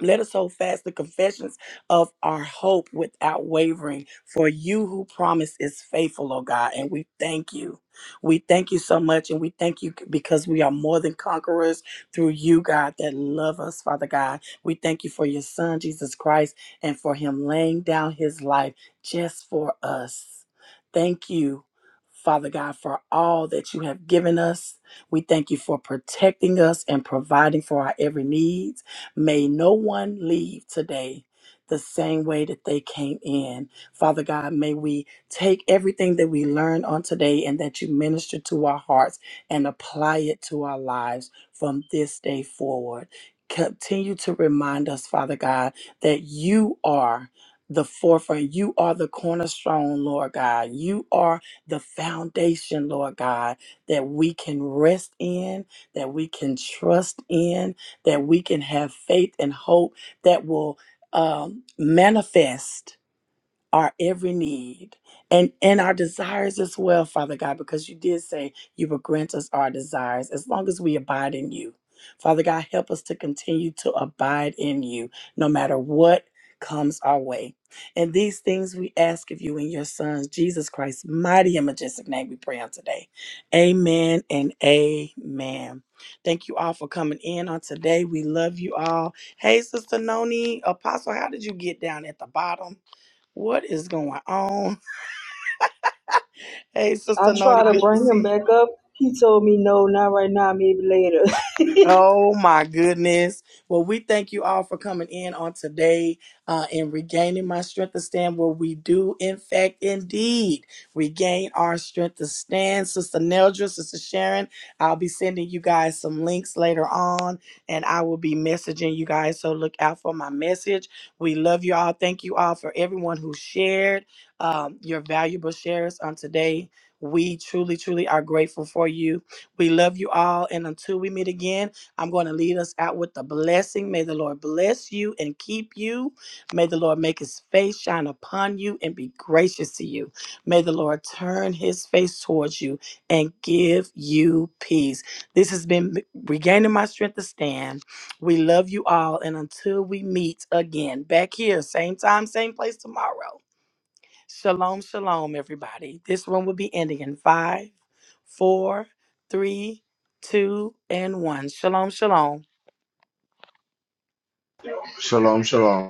C: let us hold fast the confessions of our hope without wavering, for you who promise is faithful, oh God. And we thank you. We thank you so much, and we thank you because we are more than conquerors through you, God, that love us, Father God. We thank you for your Son, Jesus Christ, and for him laying down his life just for us. Thank you. Father God, for all that you have given us. We thank you for protecting us and providing for our every need. May no one leave today the same way that they came in. Father God, may we take everything that we learn on today and that you minister to our hearts and apply it to our lives from this day forward. Continue to remind us, Father God, that you are the forefront. You are the cornerstone, Lord God. You are the foundation, Lord God, that we can rest in, that we can trust in, that we can have faith and hope that will um, manifest our every need and and our desires as well father god because you did say you will grant us our desires as long as we abide in you father god help us to continue to abide in you no matter what comes our way and these things we ask of you in your Son jesus christ's mighty and majestic name we pray on today amen and amen thank you all for coming in on today we love you all hey sister noni apostle how did you get down at the bottom what is going on? Hey,
D: I
C: Sister Noni,
D: tried to
C: good to
D: bring
C: see
D: him
C: you.
D: back up. He told me, no, not right now, maybe later. [laughs]
C: Oh my goodness. Well, we thank you all for coming in on today uh, and regaining my strength to stand where we do, in fact, indeed regain our strength to stand. Sister Neldra, Sister Sharon, I'll be sending you guys some links later on and I will be messaging you guys. So look out for my message. We love you all. Thank you all for everyone who shared um, your valuable shares on today. We truly, truly are grateful for you. We love you all. And until we meet again, I'm going to lead us out with the blessing. May the Lord bless you and keep you. May the Lord make his face shine upon you and be gracious to you. May the Lord turn his face towards you and give you peace. This has been regaining my strength to stand. We love you all. And until we meet again back here, same time, same place tomorrow. Shalom, shalom, everybody. This one will be ending in five, four, three, two, and one. Shalom, shalom.
A: Shalom, shalom.